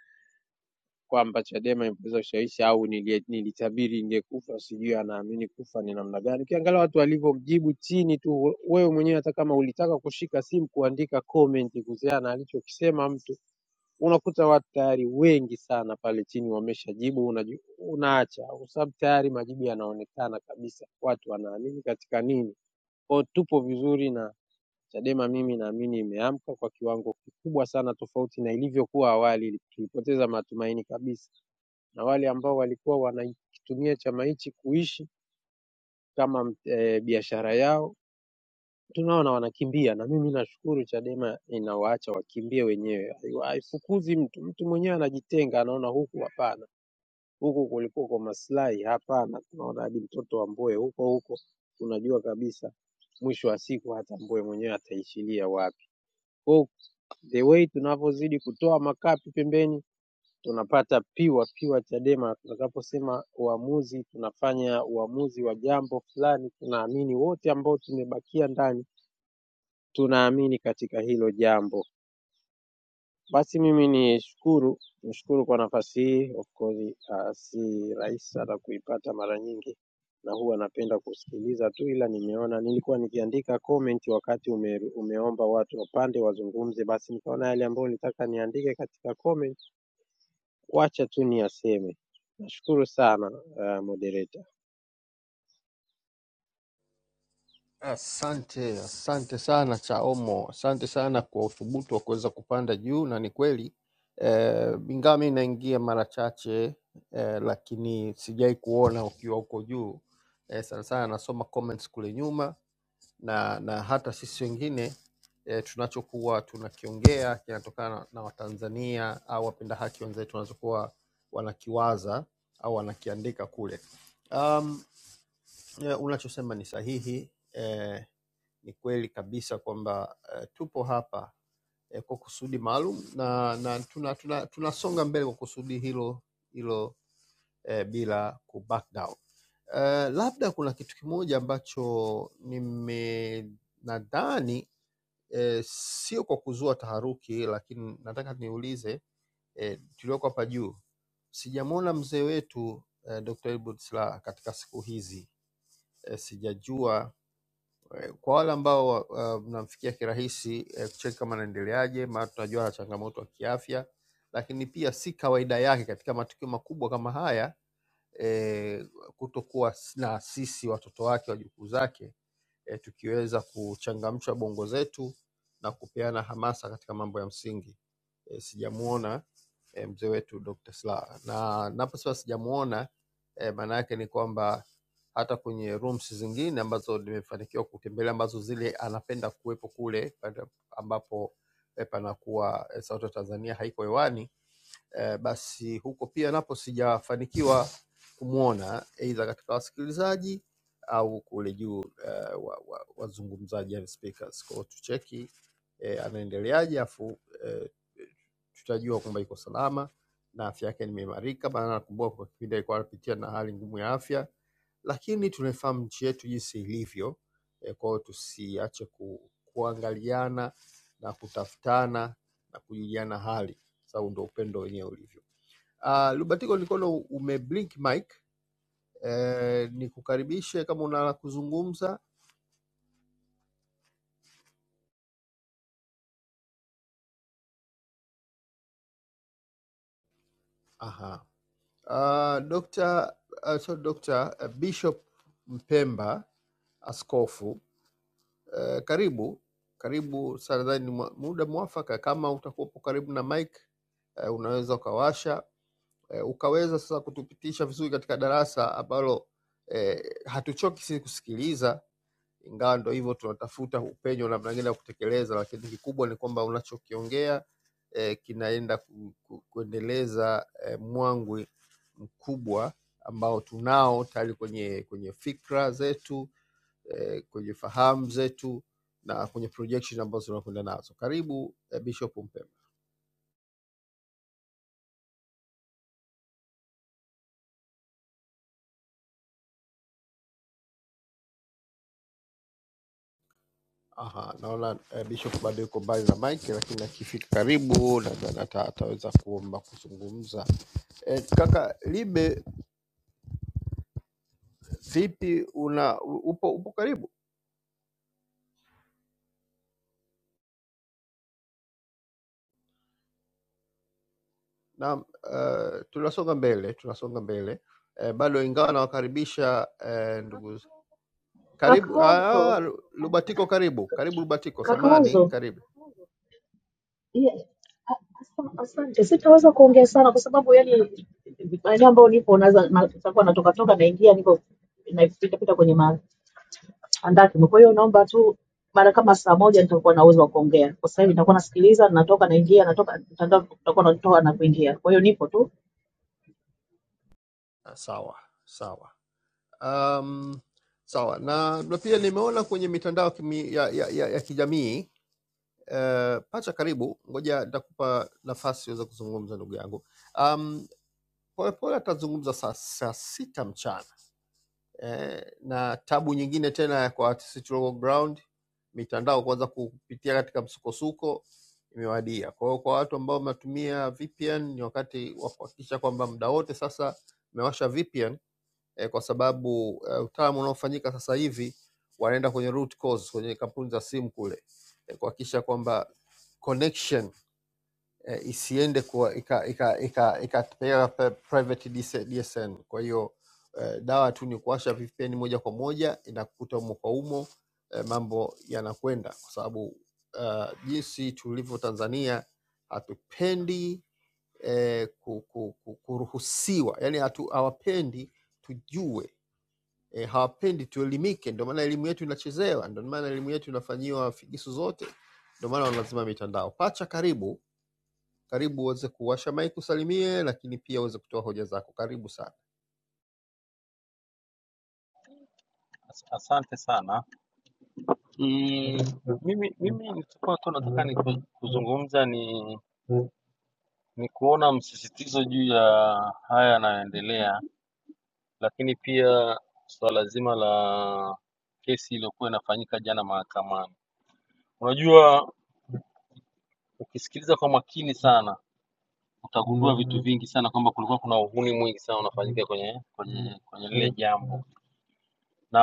Speaker 9: kwamba Chadema imeweza kushawishi au nilie- nilitabiri ingekufa, sijui anaamini kufa ni namna gani. Ukiangalia watu walivyomjibu chini tu, wewe mwenyewe hata kama ulitaka kushika simu kuandika comment kuhusiana na alichokisema mtu unakuta watu tayari wengi sana pale chini wameshajibu, unaji- unaacha kwa sababu tayari majibu yanaonekana kabisa, watu wanaamini katika nini. Kwa hiyo tupo vizuri na Chadema mimi naamini imeamka kwa kiwango kikubwa sana, tofauti na ilivyokuwa awali. Tulipoteza matumaini kabisa, na wale ambao walikuwa wanakitumia chama hichi kuishi kama e, biashara yao tunaona wanakimbia, na mimi nashukuru Chadema inawaacha wakimbie wenyewe, haifukuzi mtu. Mtu mwenyewe anajitenga, anaona huku hapana, huku kulikuwa kwa maslahi, hapana. Tunaona hadi mtoto wa Mbowe huko huko, tunajua kabisa mwisho wa siku hata Mbowe mwenyewe ataishilia wapi. Kwa hiyo the way tunavyozidi kutoa makapi pembeni tunapata piwa piwa Chadema. Tutakaposema uamuzi, tunafanya uamuzi wa jambo fulani. Tunaamini wote ambao tumebakia ndani, tunaamini katika hilo jambo. Basi mimi nishukuru nishukuru kwa nafasi hii. Of course uh, si rahisi sana kuipata mara nyingi, na huwa napenda kusikiliza tu, ila nimeona nilikuwa nikiandika comment wakati ume, umeomba watu wapande wazungumze, basi nikaona yale ambayo nilitaka niandike katika comment Wacha tu niyaseme. Nashukuru sana uh, moderator.
Speaker 6: Asante, asante sana Chaomo, asante sana kwa uthubutu wa kuweza kupanda juu, na ni kweli eh, ingawa mi naingia mara chache eh, lakini sijai kuona ukiwa huko juu eh, sana sana nasoma comments kule nyuma na, na hata sisi wengine e, tunachokuwa tunakiongea kinatokana na Watanzania au wapenda haki wenzetu wanachokuwa wanakiwaza au wanakiandika kule. Um, eh, unachosema ni sahihi eh, ni kweli kabisa kwamba eh, tupo hapa eh, kwa kusudi maalum na, na tunasonga tuna, tuna tunasonga mbele kwa kusudi hilo hilo eh, bila ku back down. Eh, labda kuna kitu kimoja ambacho nime nadhani eh, sio kwa kuzua taharuki, lakini nataka niulize eh, tulioko hapa juu Sijamwona mzee wetu eh, Dr. Edward Slaa katika siku hizi eh, sijajua Eh, Kwa wale ambao wa- uh, mnamfikia kirahisi eh, kucheki kama anaendeleaje, maana tunajua ana changamoto ya kiafya, lakini pia si kawaida yake katika matukio makubwa kama haya eh, kutokuwa s- na sisi watoto wake wajukuu zake eh, tukiweza kuchangamsha bongo zetu na kupeana hamasa katika mambo ya msingi. Eh, sijamuona eh, mzee wetu Dr. Slaa, na naposema sijamuona eh, maana yake ni kwamba hata kwenye rooms zingine ambazo nimefanikiwa kutembelea ambazo zile anapenda kuwepo kule pale ambapo eh, panakuwa eh, sauti ya Tanzania haiko hewani eh, basi huko pia napo sijafanikiwa kumwona aidha katika wasikilizaji au kule juu eh, wa, wa, wazungumzaji yani speakers. Kwa hiyo tucheki eh, anaendeleaje, afu eh, tutajua kwamba iko salama na afya yake nimeimarika, maana nakumbuka kwa kipindi alikuwa anapitia na hali ngumu ya afya, lakini tunaifahamu nchi yetu jinsi ilivyo. E, kwa hiyo tusiache ku, kuangaliana na kutafutana na kujuliana hali sasa huu ndio upendo wenyewe ulivyo. Uh, Lubatiko nikono umeblink mic eh, nikukaribishe kama una la kuzungumza. Aha. Uh, Dr. Uh, so Dr. Bishop Mpemba askofu eh, karibu karibu sana, nadhani ni mwa- muda mwafaka kama utakuwapo karibu na mic eh, unaweza ukawasha eh, ukaweza sasa kutupitisha vizuri katika darasa ambalo eh, hatuchoki sisi kusikiliza Ingawa ndo hivyo tunatafuta upenyo namna gani ya kutekeleza, lakini kikubwa ni kwamba unachokiongea eh, kinaenda ku, ku, kuendeleza eh, mwangwi mkubwa ambao tunao tayari kwenye kwenye fikra zetu eh, kwenye fahamu zetu na kwenye projection ambazo tunakwenda nazo. Karibu eh, Bishop Mpemba. Aha, naona eh, Bishop bado yuko mbali na mic, lakini akifika karibu nadhani ata- ataweza kuomba kuzungumza. Eh, kaka Libe vipi una u- upo, upo karibu na uh, tunasonga mbele tunasonga mbele eh, bado ingawa nawakaribisha eh, ndugu z- karibu ah,
Speaker 5: Kakaozo,
Speaker 6: Lu- Lubatiko karibu karibu Lubatiko samani
Speaker 5: kakaozo,
Speaker 6: karibu
Speaker 5: ye- a- asa- asante. Sitaweza kuongea sana kwa sababu yani maeneo ambayo nipo naweza na- nitakuwa natoka toka naingia, niko napita pita kwenye andaki. Kwa hiyo naomba tu mara kama saa moja nitakuwa na uwezo wa kuongea. Kwa sasa hivi nitakuwa nasikiliza, natoka naingia, natoka mtandao, tutakuwa natoka na kuingia. Kwa hiyo nipo tu
Speaker 6: ah, sawa sawa um, sawa na, na pia nimeona kwenye mitandao kimi, ya, ya, ya, ya kijamii eh, pacha karibu ngoja nitakupa nafasi uweze kuzungumza ndugu yangu um, polepole atazungumza saa, saa sita mchana eh, na tabu nyingine tena ya kwa artists local ground, mitandao kuanza kupitia katika msukosuko imewadia. Kwa hiyo kwa watu ambao mnatumia VPN ni wakati wa kuhakikisha kwamba muda wote sasa mmewasha VPN eh, kwa sababu eh, utaalamu unaofanyika sasa hivi wanaenda kwenye root cause kwenye kampuni za simu kule eh, kuhakikisha kwamba connection eh, isiende kuwa ika- ika- ika- ikapeleka pe- private DS- DSN. Kwa hiyo eh, dawa tu ni kuwasha VPN moja kwa moja inakukuta umo kwa umo, eh, mambo yanakwenda kwa sababu uh, jinsi tulivyo Tanzania hatupendi eh, ku, ku, ku, kuruhusiwa, yani hatu, hawapendi tujue eh, hawapendi tuelimike. Ndio maana elimu yetu inachezewa, ndio maana elimu yetu inafanyiwa figisu zote, ndio maana wanazima mitandao. Pacha, karibu karibu uweze kuwasha mic usalimie, lakini pia uweze kutoa hoja zako. Karibu sana.
Speaker 10: As- Asante sana. Mm, mimi mimi nilikuwa tu nataka ni ku- kuzungumza ni ni kuona msisitizo juu ya haya yanayoendelea, lakini pia suala zima la kesi iliyokuwa inafanyika jana mahakamani. Unajua, ukisikiliza kwa makini sana utagundua vitu vingi sana kwamba kulikuwa kuna uhuni mwingi sana unafanyika kwenye kwenye kwenye lile jambo. na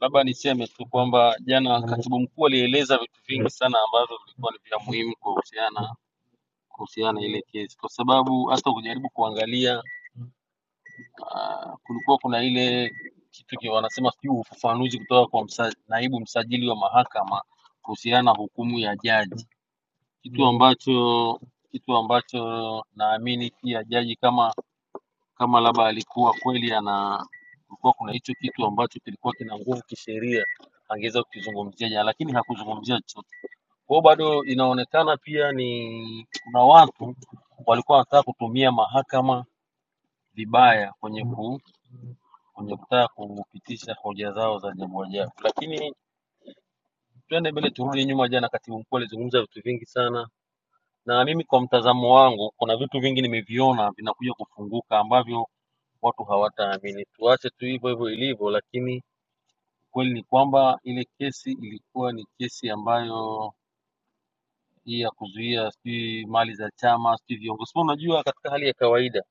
Speaker 10: labda niseme tu kwamba jana katibu mkuu alieleza vitu vingi sana ambavyo vilikuwa ni vya muhimu kuhusiana kuhusiana na ile kesi, kwa sababu hata ukijaribu kuangalia uh, kulikuwa kuna ile kitu ki- wanasema sijui ufafanuzi kutoka kwa msa, naibu msajili wa mahakama kuhusiana na hukumu ya jaji, kitu ambacho kitu ambacho naamini pia jaji kama kama labda alikuwa kweli ana kulikuwa kuna hicho kitu ambacho kilikuwa kina nguvu kisheria angeweza kukizungumzia jana, lakini hakuzungumzia chochote. Kwa hiyo bado inaonekana pia ni kuna watu walikuwa wanataka kutumia mahakama vibaya kwenye ku, kwenye kutaka kupitisha hoja zao za jambo jao. Lakini twende mbele, turudi nyuma. Jana katibu mkuu alizungumza vitu vingi sana, na mimi kwa mtazamo wangu, kuna vitu vingi nimeviona vinakuja kufunguka ambavyo watu hawataamini. Tuache tu hivyo hivyo ilivyo, lakini kweli ni kwamba ile kesi ilikuwa ni kesi ambayo hii ya kuzuia sijui mali za chama sijui viongozi. Sema unajua, katika hali ya kawaida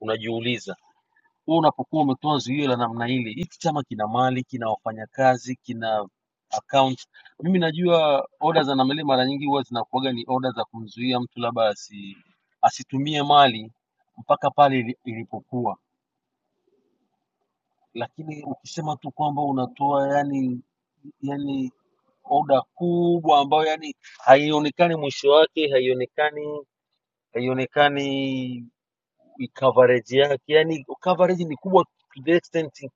Speaker 10: unajiuliza, wewe unapokuwa umetoa zuio la namna ile, hiki chama kina mali, kina wafanyakazi, kina account. Mimi najua oda za namna ile mara nyingi huwa zinakuwaga ni oda za kumzuia mtu labda asi, asitumie mali mpaka pale ili- ilipokuwa lakini ukisema tu kwamba unatoa yani yani oda kubwa ambayo yani haionekani mwisho wake haionekani haionekani coverage yake yani coverage ni kubwa to the extent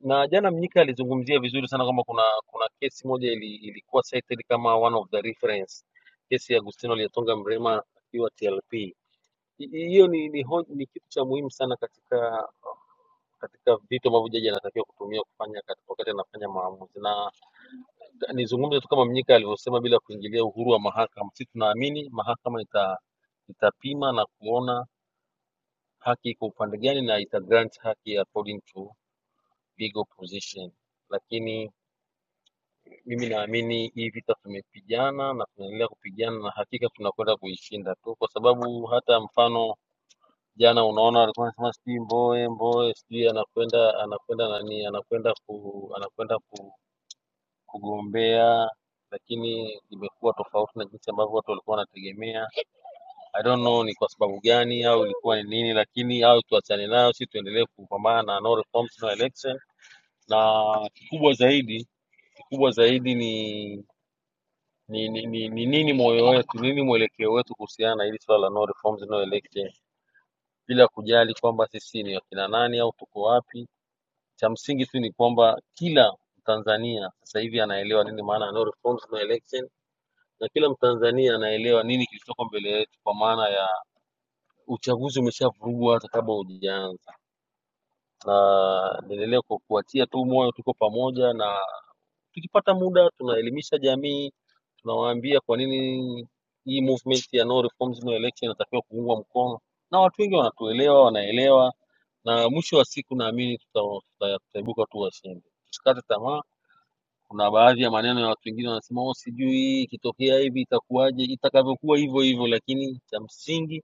Speaker 10: na jana mnyika alizungumzia vizuri sana kwamba kuna kuna kesi moja ili, ilikuwa cited kama one of the reference kesi ya agustino liatonga mrema akiwa tlp Hi- hiyo ni, ni, ho- ni kitu cha muhimu sana katika katika vitu ambavyo jaji anatakiwa kutumia kufanya katika wakati anafanya maamuzi. Na nizungumze tu kama Mnyika alivyosema, bila kuingilia uhuru wa mahakama. Sisi tunaamini mahakama ita, itapima na kuona haki iko upande gani na ita grant haki according to legal position, lakini mimi naamini hii vita tumepigana na tunaendelea kupigana na hakika tunakwenda kuishinda tu, kwa sababu hata mfano jana unaona walikuwa wanasema sijui Mbowe Mbowe sijui anakwenda anakwenda nani anakwenda ku anakwenda ku kugombea lakini imekuwa tofauti na jinsi ambavyo watu walikuwa wanategemea. I don't know ni kwa sababu gani au ilikuwa ni nini, lakini au tuachane nayo, si tuendelee kupambana na no reforms no election. Na kikubwa zaidi, kikubwa zaidi ni ni, ni, ni, ni nini moyo wetu, nini mwelekeo wetu kuhusiana na hili swala la no reforms no election, bila kujali kwamba sisi ni wakina nani au tuko wapi. Cha msingi tu ni kwamba kila Tanzania sasa hivi anaelewa nini maana ya no reforms no election na kila Mtanzania anaelewa nini kilichoko mbele yetu, kwa maana ya uchaguzi umeshavurugwa hata kabla hujaanza, na niendelea kwa kuwatia tu moyo, tuko pamoja, na tukipata muda tunaelimisha jamii, tunawaambia kwa nini hii movement ya no reforms no election inatakiwa kuungwa mkono, na watu wengi wanatuelewa, wanaelewa, na mwisho wa siku naamini tutaibuka tuta- tuta- tutaibuka tu washindi. Tusikate tamaa Kuna baadhi ya maneno ya watu wengine wanasema oh, sijui ikitokea hivi itakuwaje, itakavyokuwa hivyo hivyo, lakini cha msingi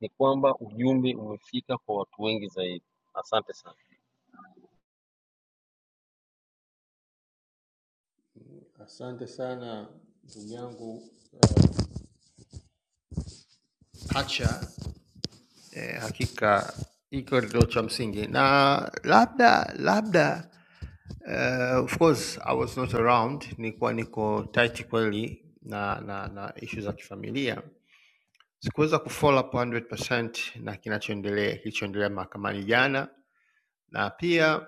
Speaker 10: ni kwamba ujumbe umefika kwa watu wengi zaidi. Asante sana.
Speaker 6: Asante sana ndugu yangu uh, Acha eh, hakika hiko ndio cha msingi, na labda labda Uh, of course I was not around, nilikuwa niko tight kweli na na, na issue za kifamilia, sikuweza kufollow up 100% na kinachoendelea kilichoendelea mahakamani jana, na pia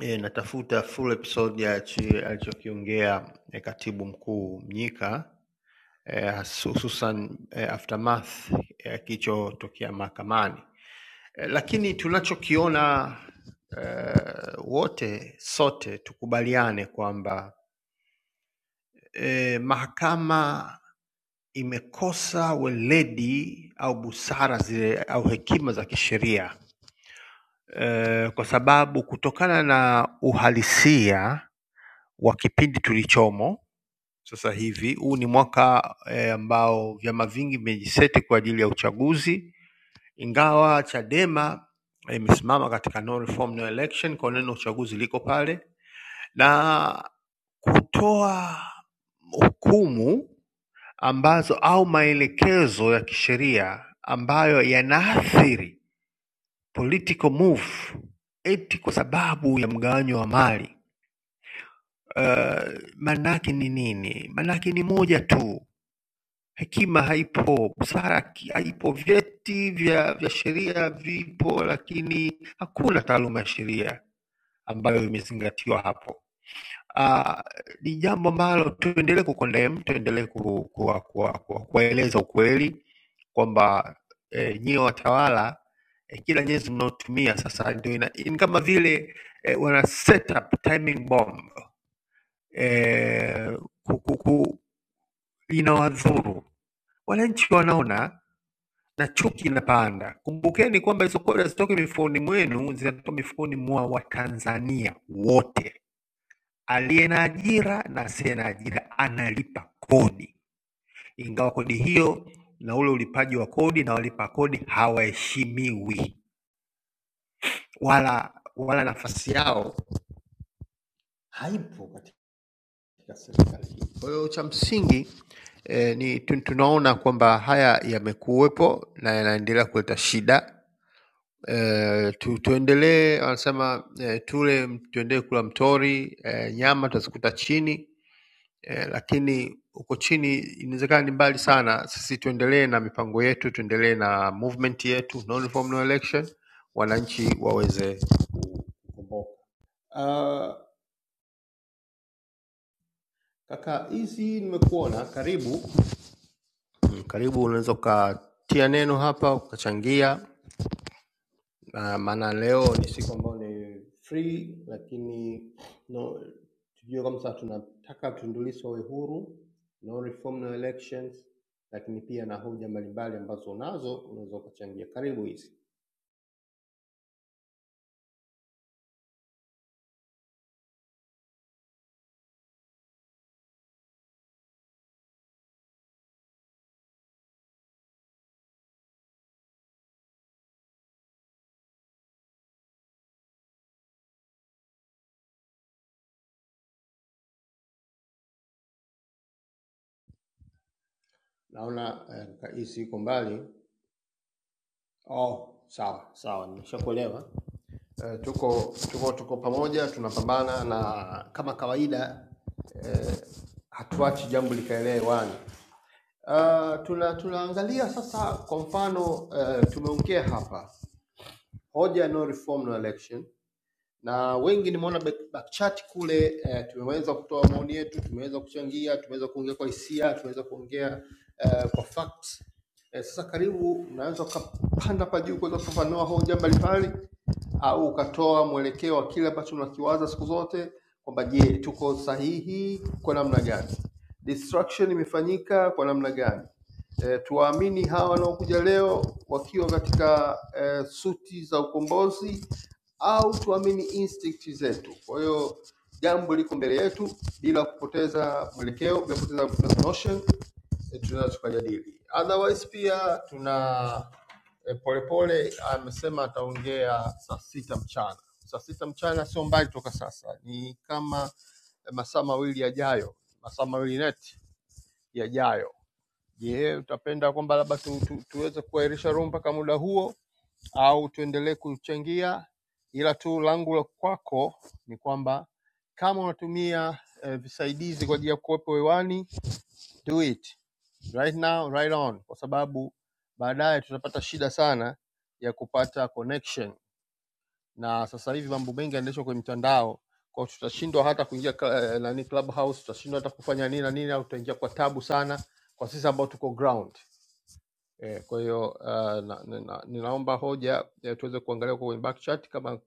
Speaker 6: E, natafuta full episode ya chi- alichokiongea e, katibu mkuu Mnyika e, hususan e, aftermath ya e, kilichotokea mahakamani e, lakini tunachokiona e, wote sote tukubaliane kwamba eh, mahakama imekosa weledi au busara zile au hekima za kisheria eh, kwa sababu kutokana na uhalisia wa kipindi tulichomo sasa hivi, huu ni mwaka eh, ambao vyama vingi vimejiseti kwa ajili ya uchaguzi, ingawa Chadema eh, imesimama eh, katika no reform no election, kwa neno uchaguzi liko pale, na kutoa hukumu ambazo au maelekezo ya kisheria ambayo yanaathiri political move eti kwa sababu ya mgawanyo wa mali uh, manake ni nini? Manake ni moja tu, hekima haipo, busara ki- haipo, vyeti vya, vya sheria vipo, lakini hakuna taaluma ya sheria ambayo imezingatiwa hapo. Ah, ni uh, jambo ambalo tuendelee kucondemn, tuendelee kueleza ku, kuwa, kuwa, kuwa, kuwaeleza ukweli kwamba eh, nyie watawala eh, kila nyenzo mnaotumia sasa ndio ina, ni kama vile eh, wana set up timing bomb eh, ku, ku, ku, inawadhuru wananchi, wanaona na chuki inapanda. Kumbukeni kwamba hizo kodi hazitoki mifukoni mwenu, zinatoka mifukoni mwa Watanzania wote Aliye na ajira na asiye na ajira analipa kodi ingawa kodi hiyo na ule ulipaji wa kodi na walipa kodi hawaheshimiwi wala wala nafasi yao haipo katika ya serikali hii. Kwa hiyo cha msingi eh, ni tun- tunaona kwamba haya yamekuwepo na yanaendelea kuleta shida eh, tu, tuendelee wanasema eh, tule tuendelee kula mtori eh, nyama tutazikuta chini eh, lakini huko chini inawezekana ni mbali sana. Sisi tuendelee na mipango yetu, tuendelee na movement yetu no reform no election, wananchi waweze ku- kukomboka. Uh, kaka hizi nimekuona, karibu Karibu, unaweza ukatia neno hapa ukachangia, na maana leo ni siku ambayo ni free, lakini no, tujue kwamba tunataka Tundu Lissu awe huru, no reform, no elections, lakini pia na hoja mbalimbali ambazo unazo unaweza ukachangia. Karibu hizi, naona eh, hizi uh, iko mbali Oh, sawa sawa, nimeshakuelewa. Eh, tuko tuko tuko pamoja tunapambana na kama kawaida eh, hatuachi jambo likaelea hewani. Uh, tuna tunaangalia sasa, kwa mfano uh, tumeongea hapa hoja no reform no election na wengi nimeona back- backchat kule eh, tumeweza kutoa maoni yetu, tumeweza kuchangia, tumeweza kuongea kwa hisia, tumeweza kuongea eh, kwa facts. Eh, sasa karibu, unaweza ukapanda hapa juu kuweza kufafanua hoja mbalimbali au ukatoa mwelekeo wa kile ambacho unakiwaza siku zote kwamba je, tuko sahihi kwa namna gani? Destruction imefanyika kwa namna gani? E, tuwaamini hawa wanaokuja leo wakiwa katika e, suti za ukombozi au tuamini instinct zetu. Kwa hiyo jambo liko mbele yetu bila kupoteza mwelekeo, bila kupoteza kupoteza notion, eh, tunaweza tukajadili. Otherwise pia tuna eh, Polepole amesema ataongea saa sita mchana. Saa sita mchana sio mbali toka sasa, ni kama eh, masaa mawili yajayo, masaa mawili net yajayo. Je, utapenda kwamba labda tu, tu, tuweze kuahirisha room mpaka muda huo au tuendelee kuchangia, ila tu langu la kwako ni kwamba kama unatumia eh, visaidizi kwa ajili ya kuwepo hewani, do it right now, right on, kwa sababu baadaye tutapata shida sana ya kupata connection, na sasa hivi mambo mengi yanaendeshwa kwenye mitandao kwa hiyo tutashindwa hata kuingia cl- eh, nani clubhouse, tutashindwa hata kufanya nini na nini, au tutaingia kwa tabu sana kwa sisi ambao tuko ground. Eh, kwa hiyo uh, na, na, na, ninaomba hoja eh, tuweze kuangalia kwa kwenye back chat kama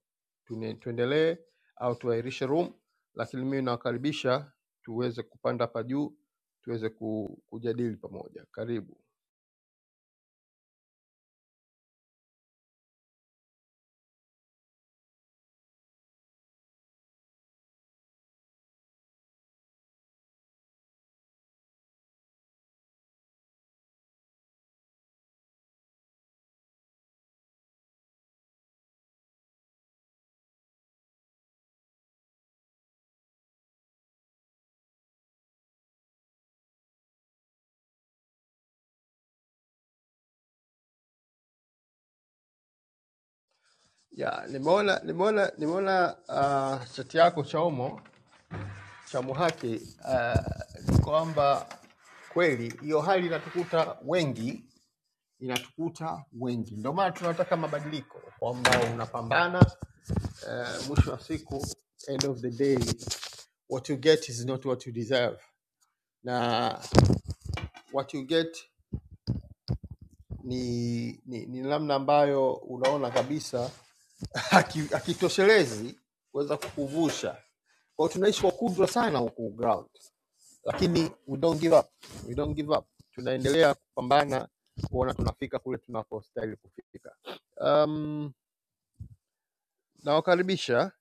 Speaker 6: tune- tuendelee au tuahirishe room, lakini mimi nawakaribisha tuweze kupanda hapa juu tuweze ku, kujadili pamoja. Karibu. Ya, nimeona nimeona nimeona uh, chati yako cha Omo cha Muhaki uh, kwamba kweli hiyo hali inatukuta wengi, inatukuta wengi. Ndio maana tunataka mabadiliko, kwamba unapambana uh, mwisho wa siku end of the day what you get is not what you deserve na what you get ni ni, ni namna ambayo unaona kabisa [laughs] haki- hakitoshelezi kuweza kukuvusha kwao tunaishi kwa kudra sana huku ground lakini we don't give up we don't give up tunaendelea kupambana kuona tunafika kule tunapostahili kufika um, nawakaribisha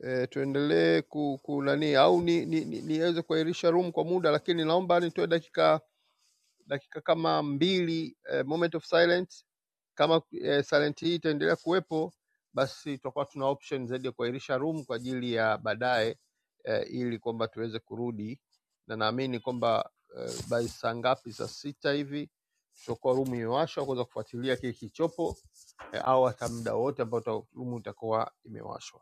Speaker 6: e, tuendelee ku, ku nani au ni, ni, ni, niweze kuahirisha room kwa muda, lakini naomba nitoe dakika dakika kama mbili e, moment of silence. Kama e, silent hii itaendelea kuwepo, basi tutakuwa tuna option zaidi ya kuahirisha room kwa ajili ya baadaye e, ili kwamba tuweze kurudi, na naamini kwamba e, by saa ngapi, saa sita hivi tutakuwa room imewashwa kuweza kufuatilia kile kilichopo e, au hata muda wote ambao rumu itakuwa imewashwa.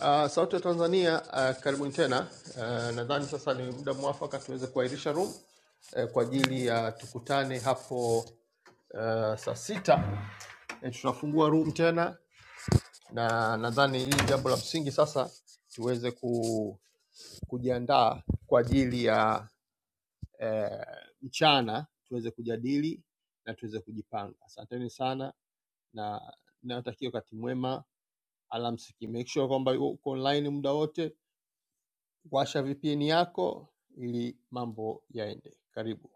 Speaker 6: Uh, sauti ya Tanzania uh, karibuni tena. Uh, nadhani sasa ni muda mwafaka tuweze kuahirisha room uh, kwa ajili ya uh, tukutane hapo uh, saa sita Eh, tunafungua room tena, na nadhani hili jambo la msingi sasa tuweze ku, kujiandaa kwa ajili ya eh, mchana tuweze kujadili na tuweze kujipanga. Asanteni sana na Nawatakia wakati mwema, alamsiki. Make sure kwamba uko online muda wote, washa VPN yako ili mambo yaende. Karibu.